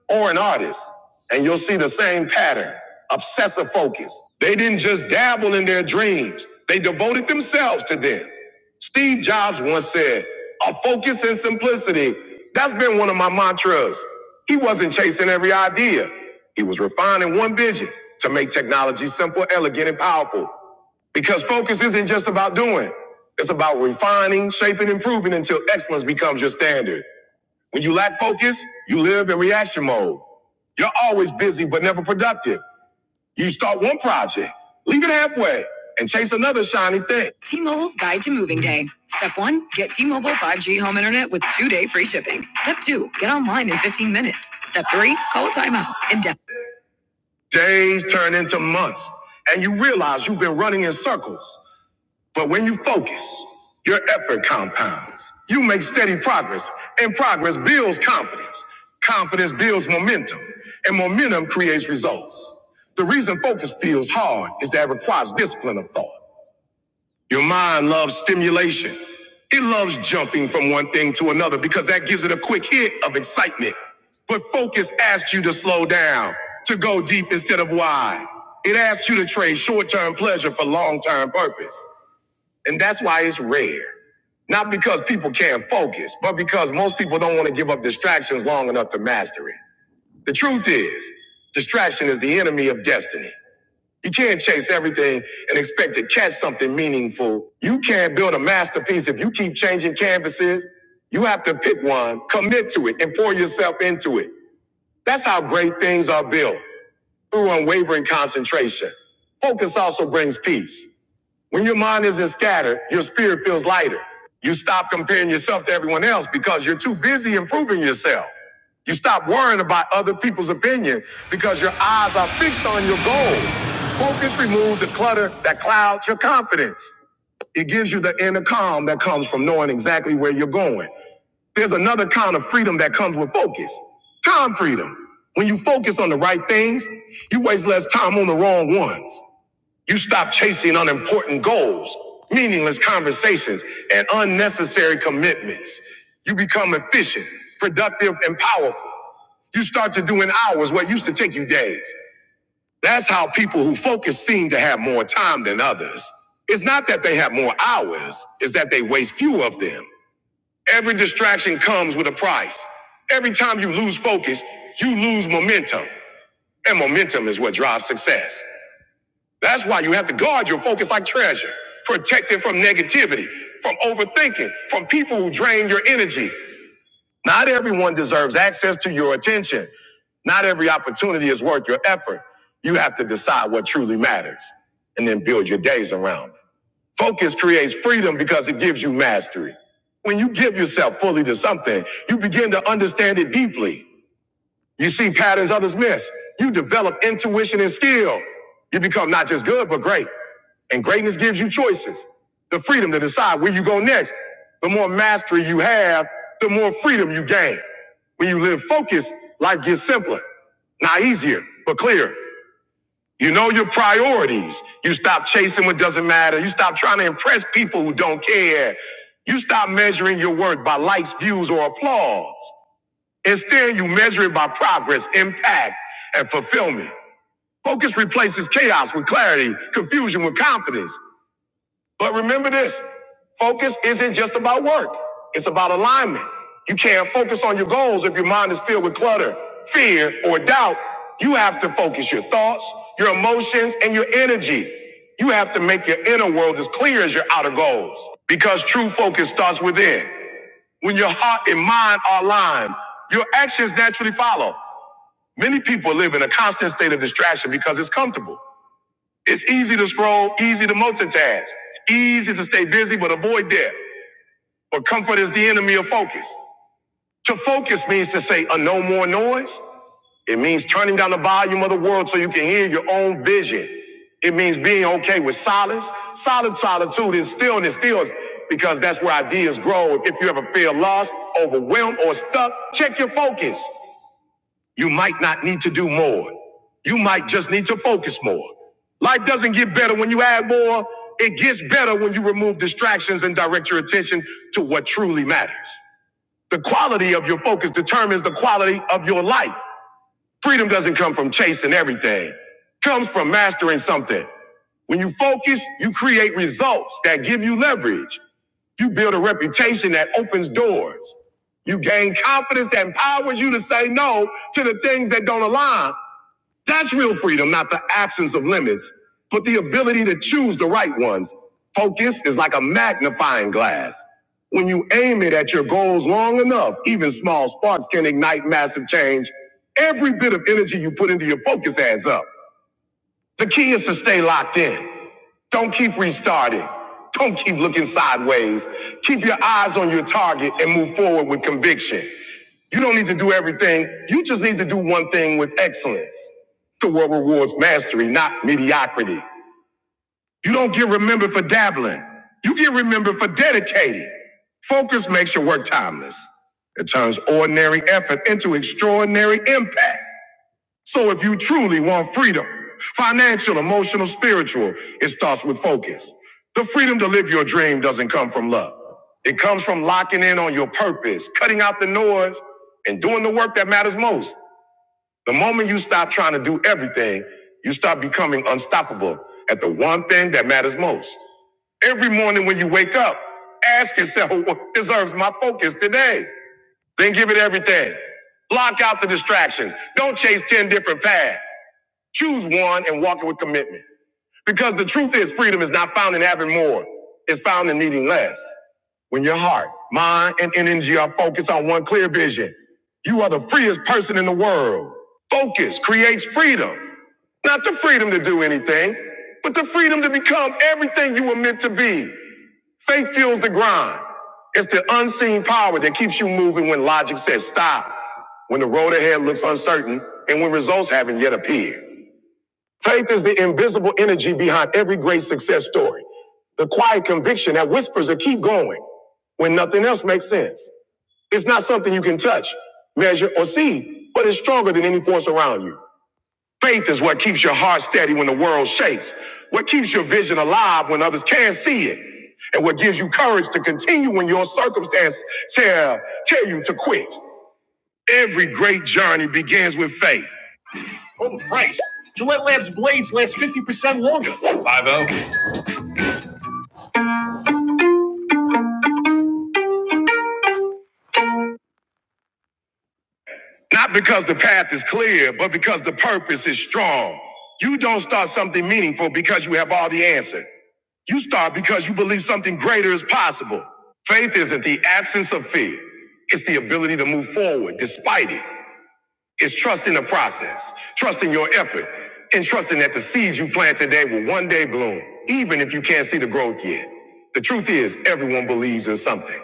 Speaker 1: or an artist, and you'll see the same pattern obsessive focus. They didn't just dabble in their dreams, they devoted themselves to them. Steve Jobs once said, A focus and simplicity. That's been one of my mantras. He wasn't chasing every idea, he was refining one vision to make technology simple, elegant, and powerful. Because focus isn't just about doing. It's about refining, shaping, improving until excellence becomes your standard. When you lack focus, you live in reaction mode. You're always busy but never productive. You start one project, leave it halfway, and chase another shiny thing. T-Mobile's Guide to Moving Day. Step one, get T-Mobile 5G home internet with two-day free shipping. Step two, get online in 15 minutes. Step three, call a timeout. And de- Days turn into months, and you realize you've been running in circles. But when you focus, your effort compounds. You make steady progress, and progress builds confidence. Confidence builds momentum, and momentum creates results. The reason focus feels hard is that it requires discipline of thought. Your mind loves stimulation. It loves jumping from one thing to another because that gives it a quick hit of excitement. But focus asks you to slow down, to go deep instead of wide. It asks you to trade short term pleasure for long term purpose. And that's why it's rare. Not because people can't focus, but because most people don't want to give up distractions long enough to master it. The truth is, distraction is the enemy of destiny. You can't chase everything and expect to catch something meaningful. You can't build a masterpiece if you keep changing canvases. You have to pick one, commit to it, and pour yourself into it. That's how great things are built through unwavering concentration. Focus also brings peace. When your mind isn't scattered, your spirit feels lighter. You stop comparing yourself to everyone else because you're too busy improving yourself. You stop worrying about other people's opinion because your eyes are fixed on your goal. Focus removes the clutter that clouds your confidence. It gives you the inner calm that comes from knowing exactly where you're going. There's another kind of freedom that comes with focus. Time freedom. When you focus on the right things, you waste less time on the wrong ones. You stop chasing unimportant goals, meaningless conversations, and unnecessary commitments. You become efficient, productive, and powerful. You start to do in hours what used to take you days. That's how people who focus seem to have more time than others. It's not that they have more hours, it's that they waste fewer of them. Every distraction comes with a price. Every time you lose focus, you lose momentum. And momentum is what drives success. That's why you have to guard your focus like treasure, protect it from negativity, from overthinking, from people who drain your energy. Not everyone deserves access to your attention. Not every opportunity is worth your effort. You have to decide what truly matters and then build your days around it. Focus creates freedom because it gives you mastery. When you give yourself fully to something, you begin to understand it deeply. You see patterns others miss. You develop intuition and skill. You become not just good, but great. And greatness gives you choices, the freedom to decide where you go next. The more mastery you have, the more freedom you gain. When you live focused, life gets simpler, not easier, but clearer. You know your priorities. You stop chasing what doesn't matter. You stop trying to impress people who don't care. You stop measuring your worth by likes, views, or applause. Instead, you measure it by progress, impact, and fulfillment. Focus replaces chaos with clarity, confusion with confidence. But remember this focus isn't just about work, it's about alignment. You can't focus on your goals if your mind is filled with clutter, fear, or doubt. You have to focus your thoughts, your emotions, and your energy. You have to make your inner world as clear as your outer goals because true focus starts within. When your heart and mind are aligned, your actions naturally follow. Many people live in a constant state of distraction because it's comfortable. It's easy to scroll, easy to multitask, easy to stay busy but avoid debt. But comfort is the enemy of focus. To focus means to say a no more noise. It means turning down the volume of the world so you can hear your own vision. It means being okay with silence, solid solitude, and stillness, stillness, because that's where ideas grow. If you ever feel lost, overwhelmed, or stuck, check your focus. You might not need to do more. You might just need to focus more. Life doesn't get better when you add more. It gets better when you remove distractions and direct your attention to what truly matters. The quality of your focus determines the quality of your life. Freedom doesn't come from chasing everything. It Comes from mastering something. When you focus, you create results that give you leverage. You build a reputation that opens doors. You gain confidence that empowers you to say no to the things that don't align that's real freedom, not the absence of limits, but the ability to choose the right ones. Focus is like a magnifying glass. When you aim it at your goals long enough, even small sparks can ignite massive change. Every bit of energy you put into your focus adds up. The key is to stay locked in. Don't keep restarting. Don't keep looking sideways. Keep your eyes on your target and move forward with conviction. You don't need to do everything. You just need to do one thing with excellence. The world rewards mastery, not mediocrity. You don't get remembered for dabbling. You get remembered for dedicating. Focus makes your work timeless. It turns ordinary effort into extraordinary impact. So if you truly want freedom, financial, emotional, spiritual, it starts with focus. The freedom to live your dream doesn't come from love. It comes from locking in on your purpose, cutting out the noise, and doing the work that matters most. The moment you stop trying to do everything, you start becoming unstoppable at the one thing that matters most. Every morning when you wake up, ask yourself what deserves my focus today. Then give it everything. Block out the distractions. Don't chase 10 different paths. Choose one and walk it with commitment. Because the truth is, freedom is not found in having more, it's found in needing less. When your heart, mind, and energy are focused on one clear vision, you are the freest person in the world. Focus creates freedom, not the freedom to do anything, but the freedom to become everything you were meant to be. Faith fuels the grind. It's the unseen power that keeps you moving when logic says stop, when the road ahead looks uncertain, and when results haven't yet appeared. Faith is the invisible energy behind every great success story, the quiet conviction that whispers to keep going when nothing else makes sense. It's not something you can touch, measure, or see, but it's stronger than any force around you. Faith is what keeps your heart steady when the world shakes, what keeps your vision alive when others can't see it, and what gives you courage to continue when your circumstance tell, tell you to quit. Every great journey begins with faith. Total price. Gillette Labs blades last 50% longer. Five zero. Not because the path is clear, but because the purpose is strong. You don't start something meaningful because you have all the answer. You start because you believe something greater is possible. Faith isn't the absence of fear. It's the ability to move forward despite it. It's trusting the process, trusting your effort, and trusting that the seeds you plant today will one day bloom, even if you can't see the growth yet. The truth is, everyone believes in something.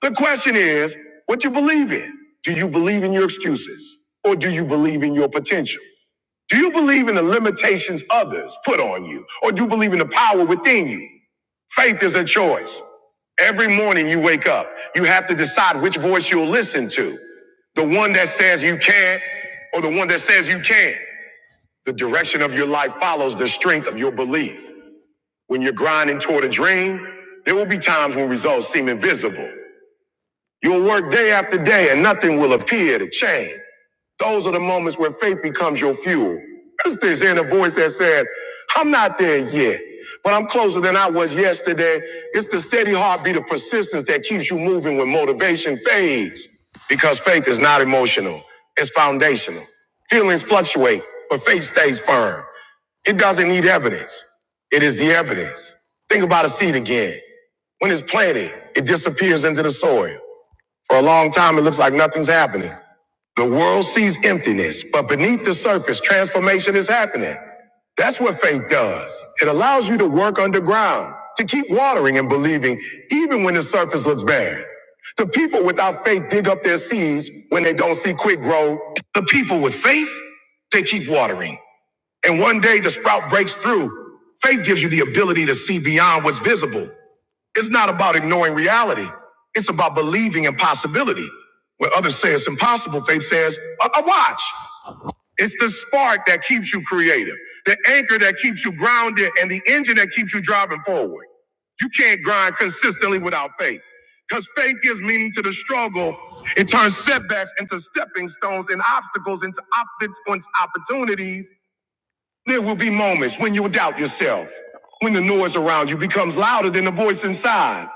Speaker 1: The question is what you believe in. Do you believe in your excuses or do you believe in your potential? Do you believe in the limitations others put on you or do you believe in the power within you? Faith is a choice. Every morning you wake up, you have to decide which voice you'll listen to. The one that says you can't or the one that says you can. The direction of your life follows the strength of your belief. When you're grinding toward a dream, there will be times when results seem invisible. You'll work day after day and nothing will appear to change. Those are the moments where faith becomes your fuel. Because there's inner voice that said, I'm not there yet, but I'm closer than I was yesterday. It's the steady heartbeat of persistence that keeps you moving when motivation fades. Because faith is not emotional, it's foundational. Feelings fluctuate, but faith stays firm. It doesn't need evidence. It is the evidence. Think about a seed again. When it's planted, it disappears into the soil. For a long time, it looks like nothing's happening. The world sees emptiness, but beneath the surface, transformation is happening. That's what faith does. It allows you to work underground, to keep watering and believing, even when the surface looks bad. The people without faith dig up their seeds when they don't see quick growth. The people with faith, they keep watering. And one day the sprout breaks through. Faith gives you the ability to see beyond what's visible. It's not about ignoring reality. It's about believing in possibility. When others say it's impossible, faith says, "I a watch. It's the spark that keeps you creative, the anchor that keeps you grounded, and the engine that keeps you driving forward. You can't grind consistently without faith because faith gives meaning to the struggle. It turns setbacks into stepping stones and obstacles into, opt- into opportunities there will be moments when you'll doubt yourself, when the noise around you becomes louder than the voice inside.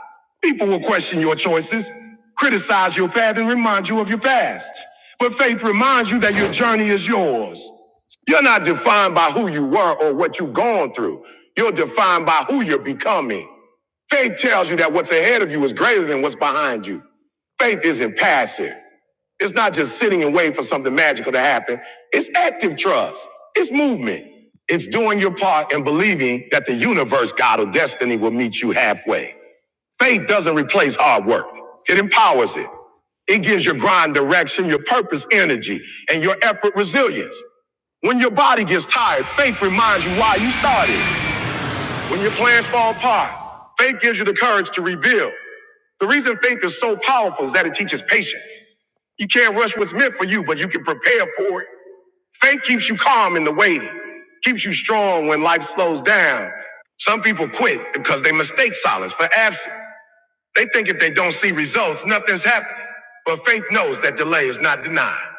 Speaker 1: People will question your choices, criticize your path, and remind you of your past. But faith reminds you that your journey is yours. You're not defined by who you were or what you've gone through. You're defined by who you're becoming. Faith tells you that what's ahead of you is greater than what's behind you. Faith isn't passive. It's not just sitting and waiting for something magical to happen. It's active trust. It's movement. It's doing your part and believing that the universe, God, or destiny will meet you halfway. Faith doesn't replace hard work. It empowers it. It gives your grind direction, your purpose energy, and your effort resilience. When your body gets tired, faith reminds you why you started. When your plans fall apart, faith gives you the courage to rebuild. The reason faith is so powerful is that it teaches patience. You can't rush what's meant for you, but you can prepare for it. Faith keeps you calm in the waiting, keeps you strong when life slows down. Some people quit because they mistake silence for absence. They think if they don't see results, nothing's happening. But faith knows that delay is not denied.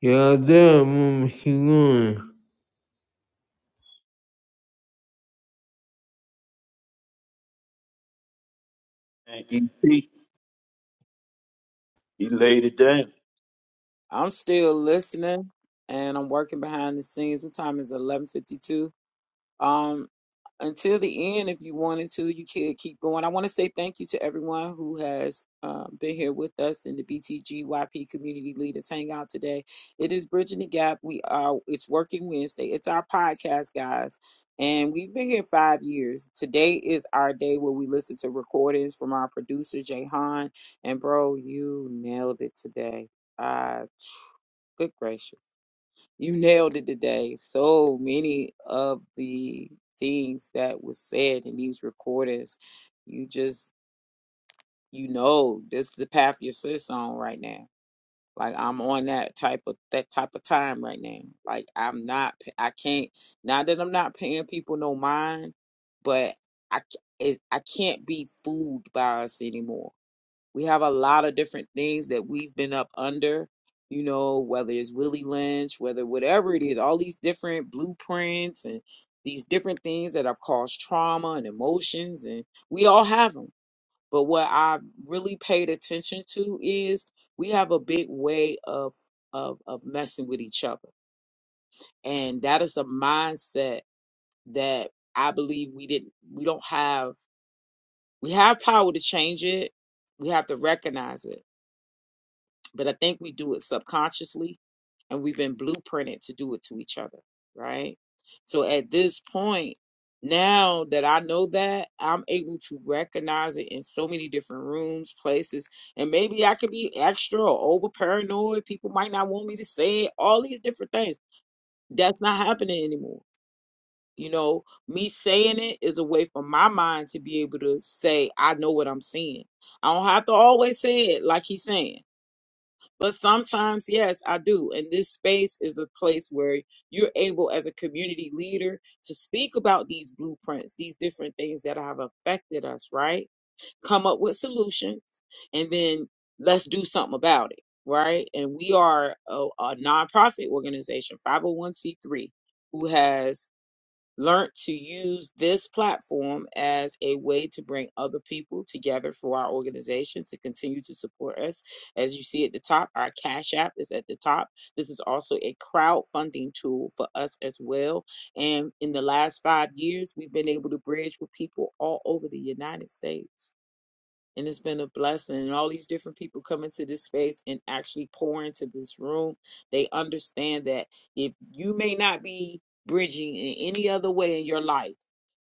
Speaker 1: Yeah, damn, Mama, keep going.
Speaker 4: And EP, he laid it down.
Speaker 3: I'm still listening, and I'm working behind the scenes. What time is it? 11:52. until the end if you wanted to you could keep going i want to say thank you to everyone who has um, been here with us in the btgyp community leaders hangout today it is bridging the gap we are it's working wednesday it's our podcast guys and we've been here five years today is our day where we listen to recordings from our producer jay han and bro you nailed it today uh good gracious you nailed it today. So many of the things that was said in these recordings, you just you know this is the path your sis on right now. Like I'm on that type of that type of time right now. Like I'm not I can't not that I'm not paying people no mind, but I c- it, I can't be fooled by us anymore we have a lot of different things that we've been up under, you know, whether it's Willie Lynch, whether whatever it is, all these different blueprints and these different things that have caused trauma and emotions, and we all have them. But what I really paid attention to is we have a big way of of of messing with each other, and that is a mindset that I believe we didn't we don't have we have power to change it. We have to recognize it But I think we do it subconsciously and we've been blueprinted to do it to each other, right? So at this point, now that I know that, I'm able to recognize it in so many different rooms, places, and maybe I could be extra or over paranoid. People might not want me to say it, all these different things. That's not happening anymore. You know, me saying it is a way for my mind to be able to say, I know what I'm seeing. I don't have to always say it like he's saying. But sometimes, yes, I do. And this space is a place where you're able, as a community leader, to speak about these blueprints, these different things that have affected us, right? Come up with solutions, and then let's do something about it, right? And we are a, a nonprofit organization, 501c3, who has learned to use this platform as a way to bring other people together for our organization to continue to support us. As you see at the top, our Cash App is at the top. This is also a crowdfunding tool for us as well. And in the last five years, we've been able to bridge with people all over the United States and it's been a blessing. And all these different people come into this space and actually pour into this room. They understand that if you may not be bridging in any other way in your life,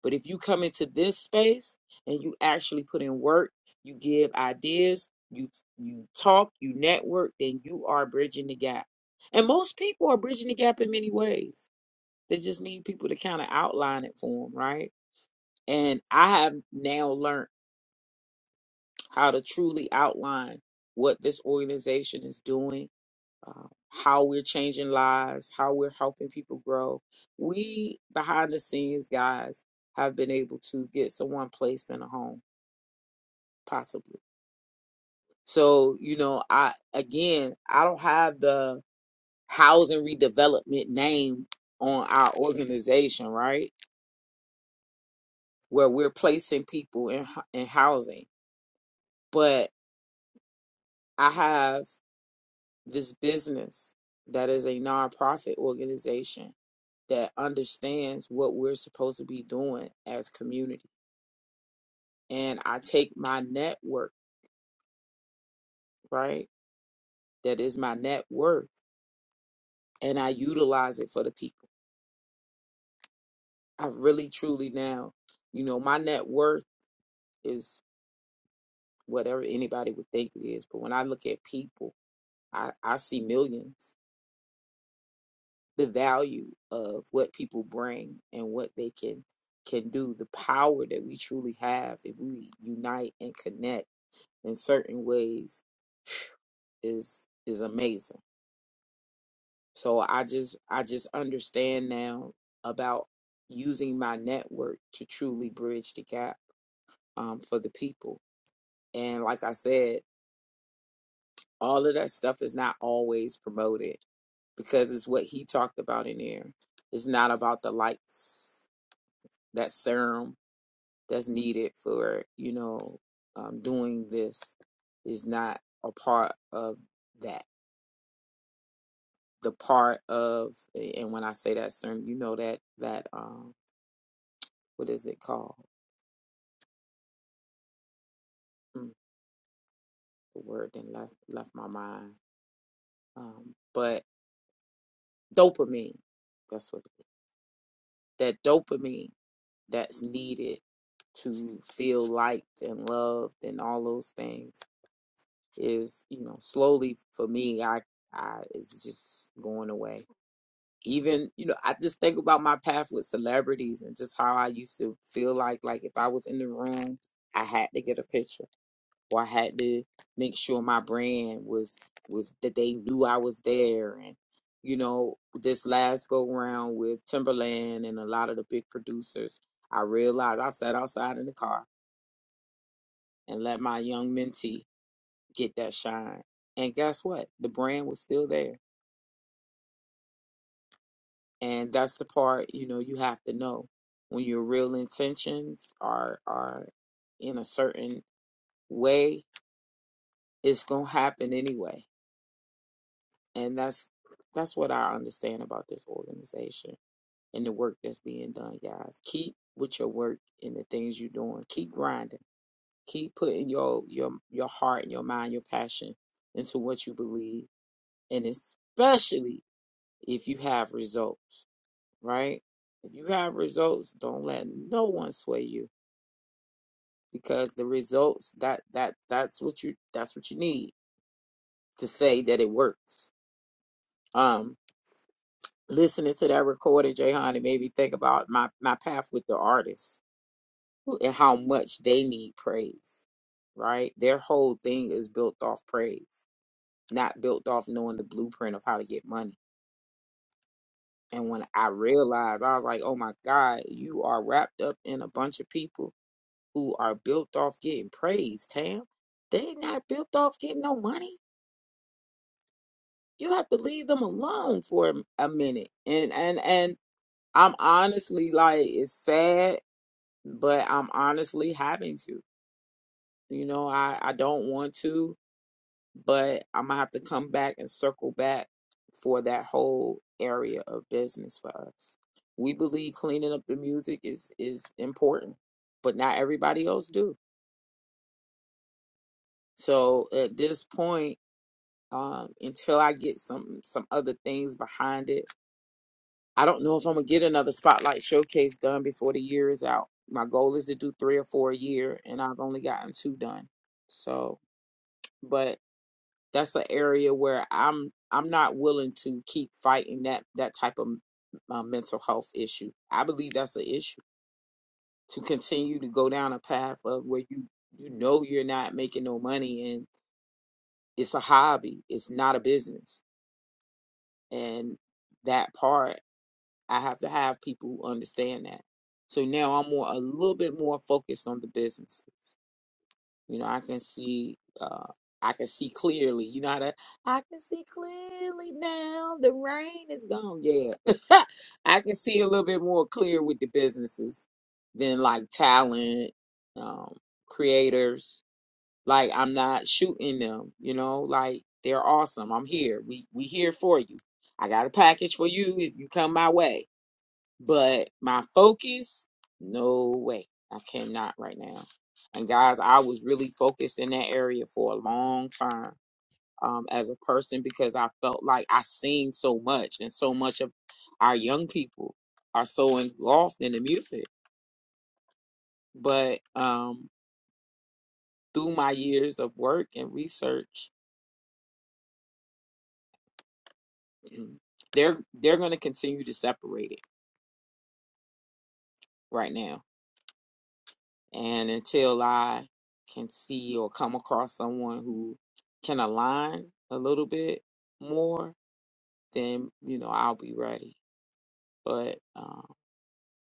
Speaker 3: but if you come into this space and you actually put in work, you give ideas, you you talk, you network, then you are bridging the gap. And most people are bridging the gap in many ways. They just need people to kind of outline it for them, right? And I have now learned how to truly outline what this organization is doing, uh, how we're changing lives, how we're helping people grow. We, behind the scenes guys, have been able to get someone placed in a home, possibly. So, you know, I, again, I don't have the housing redevelopment name on our organization, right? Where we're placing people in, hou- in housing. But I have. this business that is a nonprofit organization that understands what we're supposed to be doing as community. And I take my network, right? That is my net worth, and I utilize it for the people. I really truly now, you know, my net worth is whatever anybody would think it is. But when I look at people, I, I see millions the value of what people bring and what they can can do the power that we truly have if we unite and connect in certain ways is is amazing so i just i just understand now about using my network to truly bridge the gap um, for the people and like i said all of that stuff is not always promoted because it's what he talked about in there it's not about the lights that serum that's needed for you know um, doing this is not a part of that the part of and when i say that sermon you know that that um what is it called mm, the word then left left my mind um but dopamine that's what it is. that dopamine that's needed to feel liked and loved and all those things is you know slowly for me i i it's just going away even you know i just think about my path with celebrities and just how i used to feel like like if i was in the room i had to get a picture or i had to make sure my brand was was that they knew i was there and you know this last go round with timberland and a lot of the big producers i realized i sat outside in the car and let my young mentee get that shine and guess what the brand was still there And that's the part, you know, you have to know when your real intentions are are in a certain way, it's gonna happen anyway. And that's that's what I understand about this organization and the work that's being done, guys. Keep with your work and the things you're doing. Keep grinding. Keep putting your your your heart and your mind, your passion into what you believe, and especially if you have results. right? If you have results, don't let no one sway you because the results that that that's what you that's what you need to say that it works. Um, listening to that recording, Jayhan, it made me think about my my path with the artists who- and how much they need praise, right? Their whole thing is built off praise, not built off knowing the blueprint of how to get money. And when I realized, I was like, "Oh my God, you are wrapped up in a bunch of people who are built off getting praise, Tam. they not built off getting no money. You have to leave them alone for a a minute. And and and I'm honestly like it's sad, but I'm honestly having to. You know, I I don't want to, but I'm gonna have to come back and circle back for that whole area of business for us. We believe cleaning up the music is is important, but not everybody else do. So at this point um, until I get some some other things behind it. I don't know if I'm gonna get another spotlight showcase done before the year is out. My goal is to do three or four a year, and I've only gotten two done. So, but that's an area where I'm I'm not willing to keep fighting that that type of uh, mental health issue. I believe that's an issue to continue to go down a path of where you you know you're not making no money and it's a hobby, it's not a business, and that part. I have to have people who understand that. So now I'm more a little bit more focused on the business. You know, I can see uh I can see clearly. You know how to I can see clearly now. The rain is gone. Yeah. I can see a little bit more clear with the businesses than like talent, um, creators. Like I'm not shooting them, you know, like they're awesome. I'm here. We we here for you. I got a package for you if you come my way but my focus, no way. I cannot right now. And guys, I was really focused in that area for a long time um, as a person because I felt like I seen so much, and so much of our young people are so engulfed in the music. But um, through my years of work and research, mm, they're they're going to continue to separate it right now And until I can see or come across someone who can align a little bit more, then, you know, I'll be ready. But um,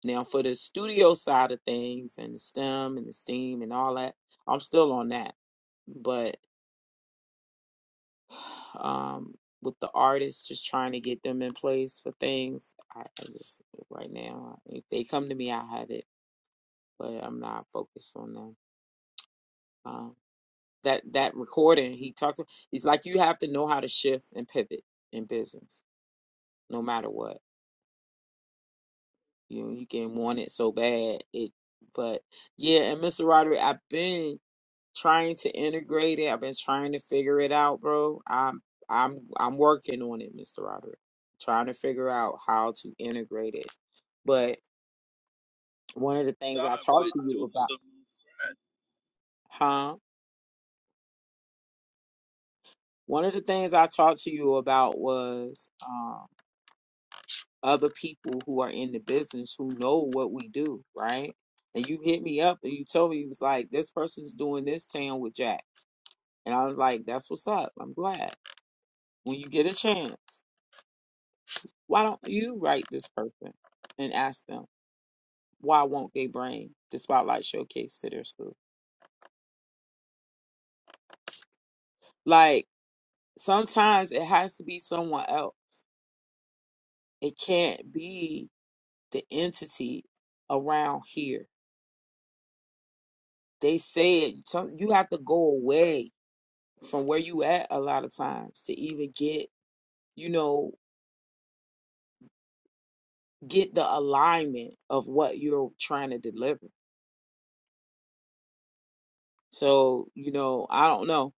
Speaker 3: now for the studio side of things and the STEM and the STEAM and all that, I'm still on that. But um, with the artists, just trying to get them in place for things, I, I just, right now, if they come to me, I have it, but I'm not focused on them. Um, that that recording he talked he's like you have to know how to shift and pivot in business no matter what you know, you can want it so bad it but yeah and mr roderick i've been trying to integrate it i've been trying to figure it out bro i'm i'm i'm working on it mr roderick trying to figure out how to integrate it but one of the things
Speaker 4: Start
Speaker 3: i talked
Speaker 4: with
Speaker 3: to you
Speaker 4: doing
Speaker 3: about
Speaker 4: something
Speaker 3: huh one of the things i talked to you about was um, other people who are in the business who know what we do, right? And you hit me up and you told me it was like this person's doing this town with Jack, and I was like, that's what's up. I'm glad when you get a chance. Why don't you write this person and ask them why won't they bring the spotlight showcase to their school? Like sometimes it has to be someone else. It can't be the entity around here. They said some- you have to go away from where you at a lot of times to even get you know get the alignment of what you're trying to deliver so you know i don't know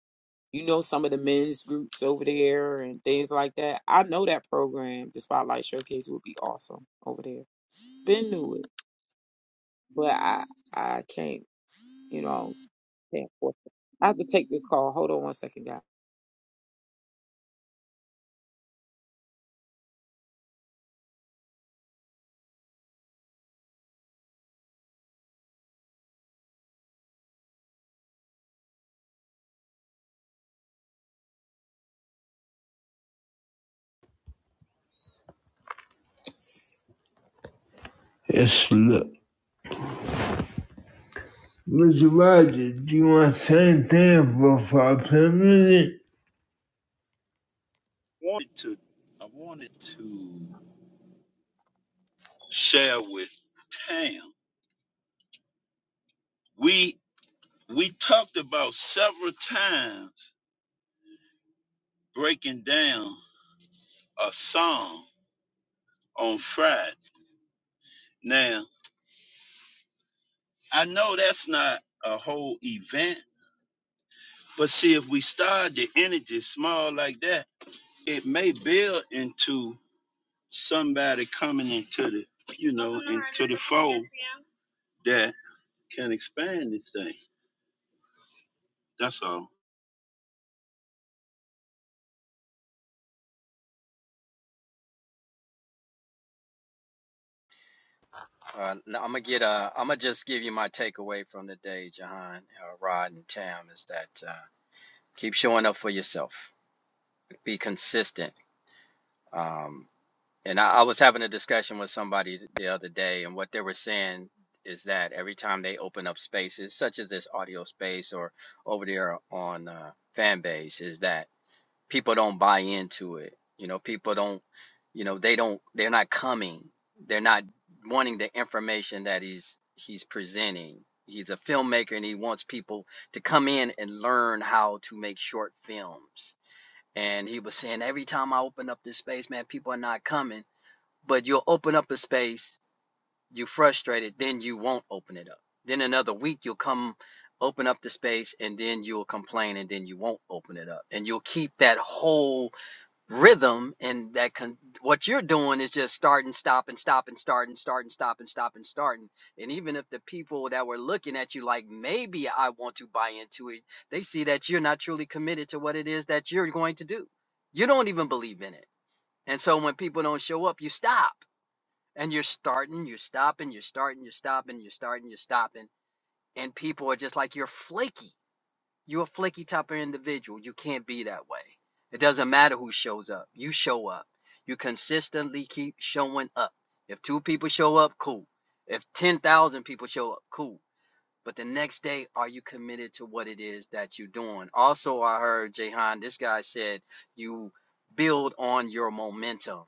Speaker 3: you know some of the men's groups over there and things like that i know that program the spotlight showcase would be awesome over there been knew it but i i can't you know can't force it. i have to take this call hold on one second guys
Speaker 1: Yes, look. Mr. Roger, do you want to same thing for five ten minutes?
Speaker 4: I wanted to I wanted to share with Tam. We we talked about several times breaking down a song on Friday. Now I know that's not a whole event, but see, if we start the energy small like that, it may build into somebody coming into the, you know, into the fold that can expand this thing. That's all.
Speaker 5: that. Keep showing up for yourself. Be consistent. Um, And I, I was having a discussion with somebody the other day, and what they were saying is that every time they open up spaces, such as this audio space or over there on uh, fan is that people don't buy into it. You know, people don't, you know, they don't, they're not coming. They're not wanting the information that he's he's presenting. He's a filmmaker and he wants people to come in and learn how to make short films. And he was saying every time I open up this space, man, people are not coming but you'll open up a space, you're frustrated, then you won't open it up. Then another week you'll come open up the space and then you'll complain and then you won't open it up. And you'll keep that whole rhythm and that con- what you're doing is just starting, stopping, stopping, starting, starting, stopping, stopping, starting. And even if the people that were looking at you like maybe I want to buy into it, they see that you're not truly committed to what it is that you're going to do. You don't even believe in it. And so when people don't show up, you stop and you're starting, you're stopping, you're starting, you're stopping, you're starting, you're stopping, and people are just like you're flaky. You're a flaky type of individual. You can't be that way. It doesn't matter who shows up. You show up. You consistently keep showing up. If two people show up, cool. If 10,000 people show up, cool. But the next day, are you committed to what it is that you're doing? Also, I heard Jahan, this guy said you build on your momentum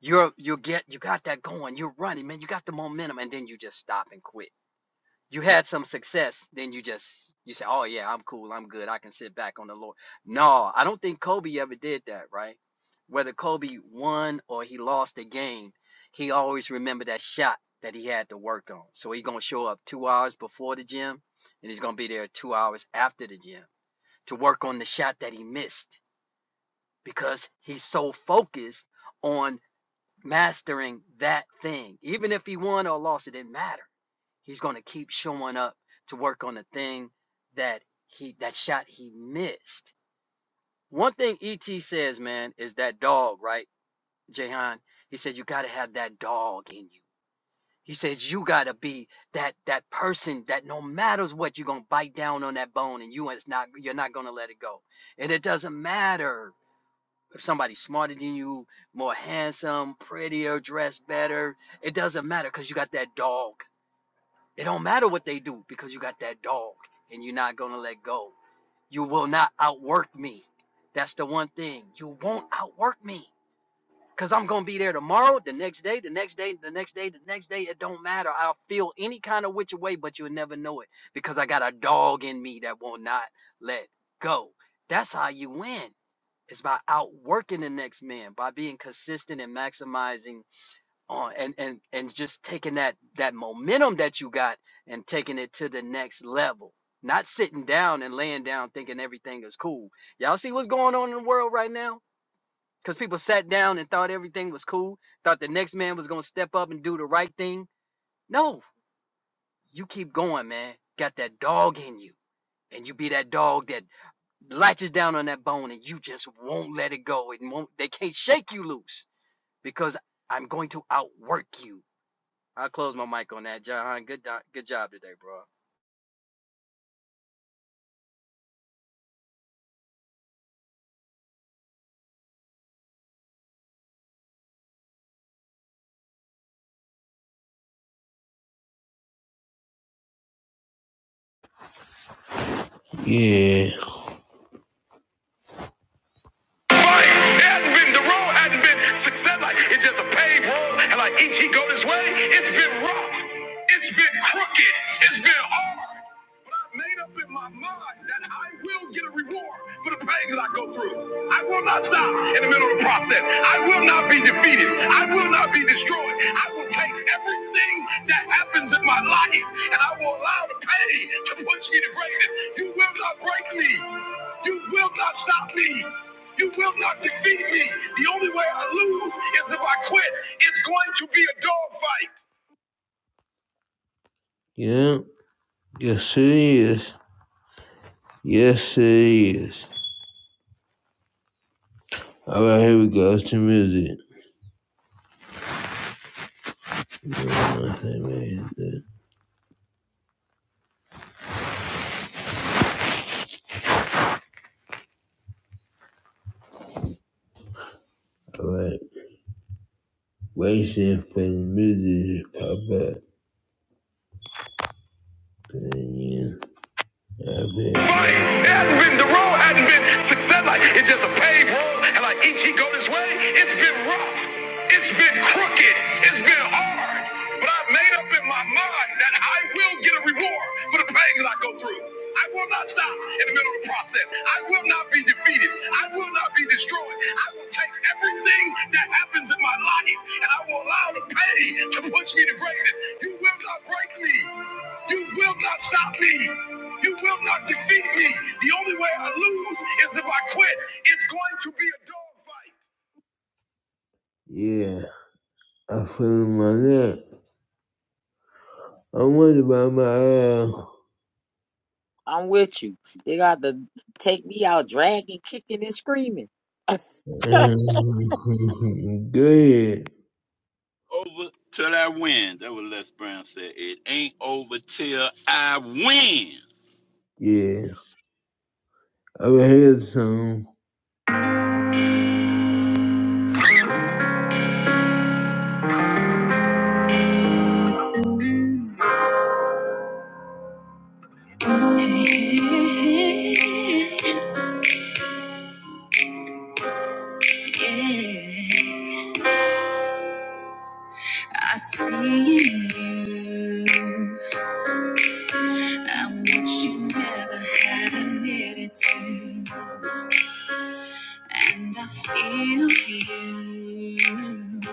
Speaker 5: you're you get you got that going. You're running, man. You got the momentum, and then you just stop and quit. You had some success, then you just you say, "Oh yeah, I'm cool. I'm good. I can sit back on the Lord." No, I don't think Kobe ever did that, right? Whether Kobe won or he lost a game, he always remembered that shot that he had to work on. So he's gonna show up two hours before the gym, and he's gonna be there two hours after the gym to work on the shot that he missed because he's so focused on mastering that thing. Even if he won or lost, it didn't matter. He's gonna keep showing up to work on the thing that he that shot he missed. One thing ET says, man, is that dog, right, Jahan? He said you gotta have that dog in you. He says you gotta be that that person that no matters what, you're gonna bite down on that bone and you it's not you're not gonna let it go. And it doesn't matter if somebody's smarter than you, more handsome, prettier, dressed better, it doesn't matter because you got that dog. It don't matter what they do because you got that dog and you're not going to let go. You will not outwork me. That's the one thing. You won't outwork me because I'm going to be there tomorrow, the next day, the next day, the next day, the next day. It don't matter. I'll feel any kind of which way, but you'll never know it because I got a dog in me that will not let go. That's how you win. It's by outworking the next man, by being consistent and maximizing on and and and just taking that that momentum that you got and taking it to the next level. Not sitting down and laying down thinking everything is cool. Y'all see what's going on in the world right now? Cuz people sat down and thought everything was cool, thought the next man was going to step up and do the right thing. No, you keep going, man. Got that dog in you. And you be that dog that latches down on that bone and you just won't let it go. It won't they can't shake you loose because I'm going to outwork you. I'll close my mic on that, John. Good good job today, bro.
Speaker 1: Yeah. Fight hadn't been the road hadn't been success like it's just a paved road and like each he go this way. It's been rough. It's been crooked. It's been hard. But I made up in my mind that I will get a reward for the pain that I go through. I will not stop in the middle of the process. I will not be defeated. I will not be destroyed. I will take everything that happens. burdens in my life, and I will allow the pain to push me to greatness. You will not break me. You will not stop me. You will not defeat me. The only way I lose is if I quit. It's going to be a dogfight. Yeah, yes it is. Yes it is. All right, here we go. It's the music. All right, wait till for the music to pop up. Yeah. Fine. It hadn't been the road hadn't been success. Like it's just a paved road, and like each he go this way, it's been rough, it's been crooked, it's been hard. But I made up in my mind that I will get a reward for the pain that I go through. I will not stop in the middle of the process. I will not be defeated. I will not be destroyed. I will take everything that happens in my life, and I will allow the pain to push me to greatness. You will not break me. You will not stop me. You will not defeat me. The only way I lose is if I quit. It's going to be a dogfight. Yeah, I'm feeling my neck. I'm worried about my
Speaker 3: I'm with you. They got to take me out dragging, kicking, and screaming.
Speaker 1: ass. Good.
Speaker 4: Over till I win. That was Les Brown said. It ain't over till I win.
Speaker 1: Yeah, I'm here soon. I see you. I'm what you never had admitted to. And I feel you.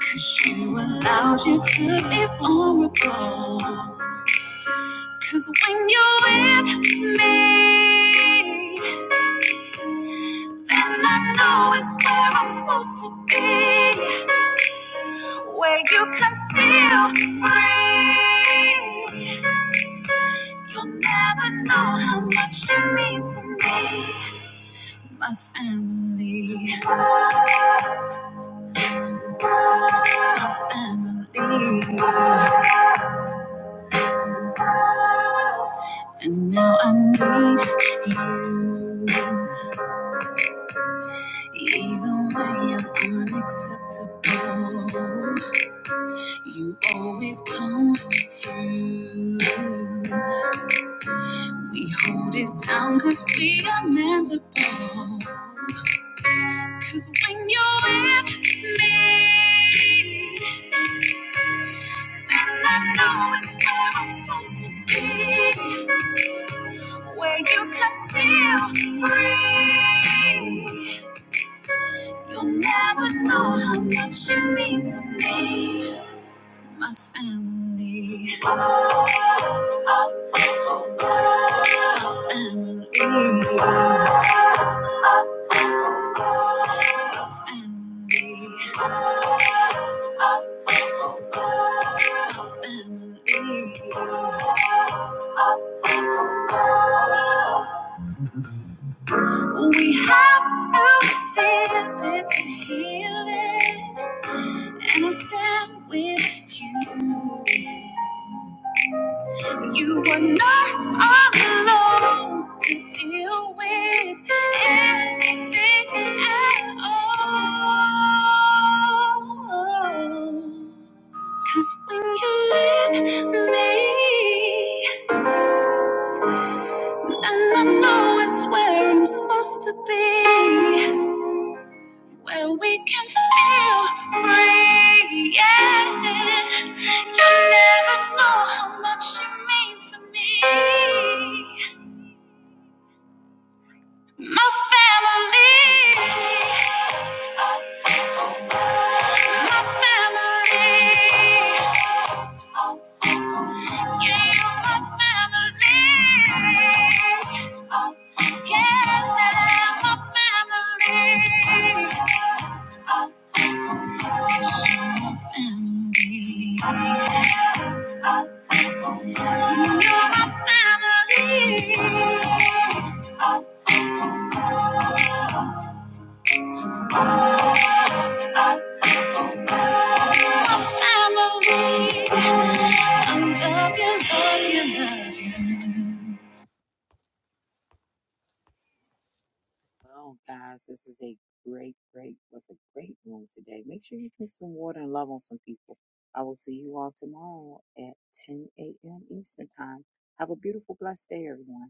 Speaker 1: Cause you allowed you to be vulnerable. Cause when you're with me, then I know it's where I'm supposed to be. Where you can feel free. You'll never know how much you mean to me. My family, my family. And now I need you. Even when you're unacceptable, you always come through. Hold it down, cause we are manageable. Cause we with me. And I know it's where I'm supposed to be. Where you can feel free. You'll never know how much you mean to me. my family, Oh, oh, oh, oh. my family, My family, Oh, oh, oh, oh. My family. We have to feel it to heal it, and I stand with you. You were not alone to deal with anything at all. Cause when you're with me, and I know it's where I'm supposed to be, where we can feel free. Yeah, you never know how much you mean to me. My family, my family, yeah, you're my family, yeah, my family, family, you're my family, my family. I love you, love you, love you.
Speaker 3: Well, guys, this is a great, great, was a great room today. Make sure you drink some water and love on some people. I will see you all tomorrow at 10 a.m. Eastern Time. Have a beautiful, blessed day, everyone.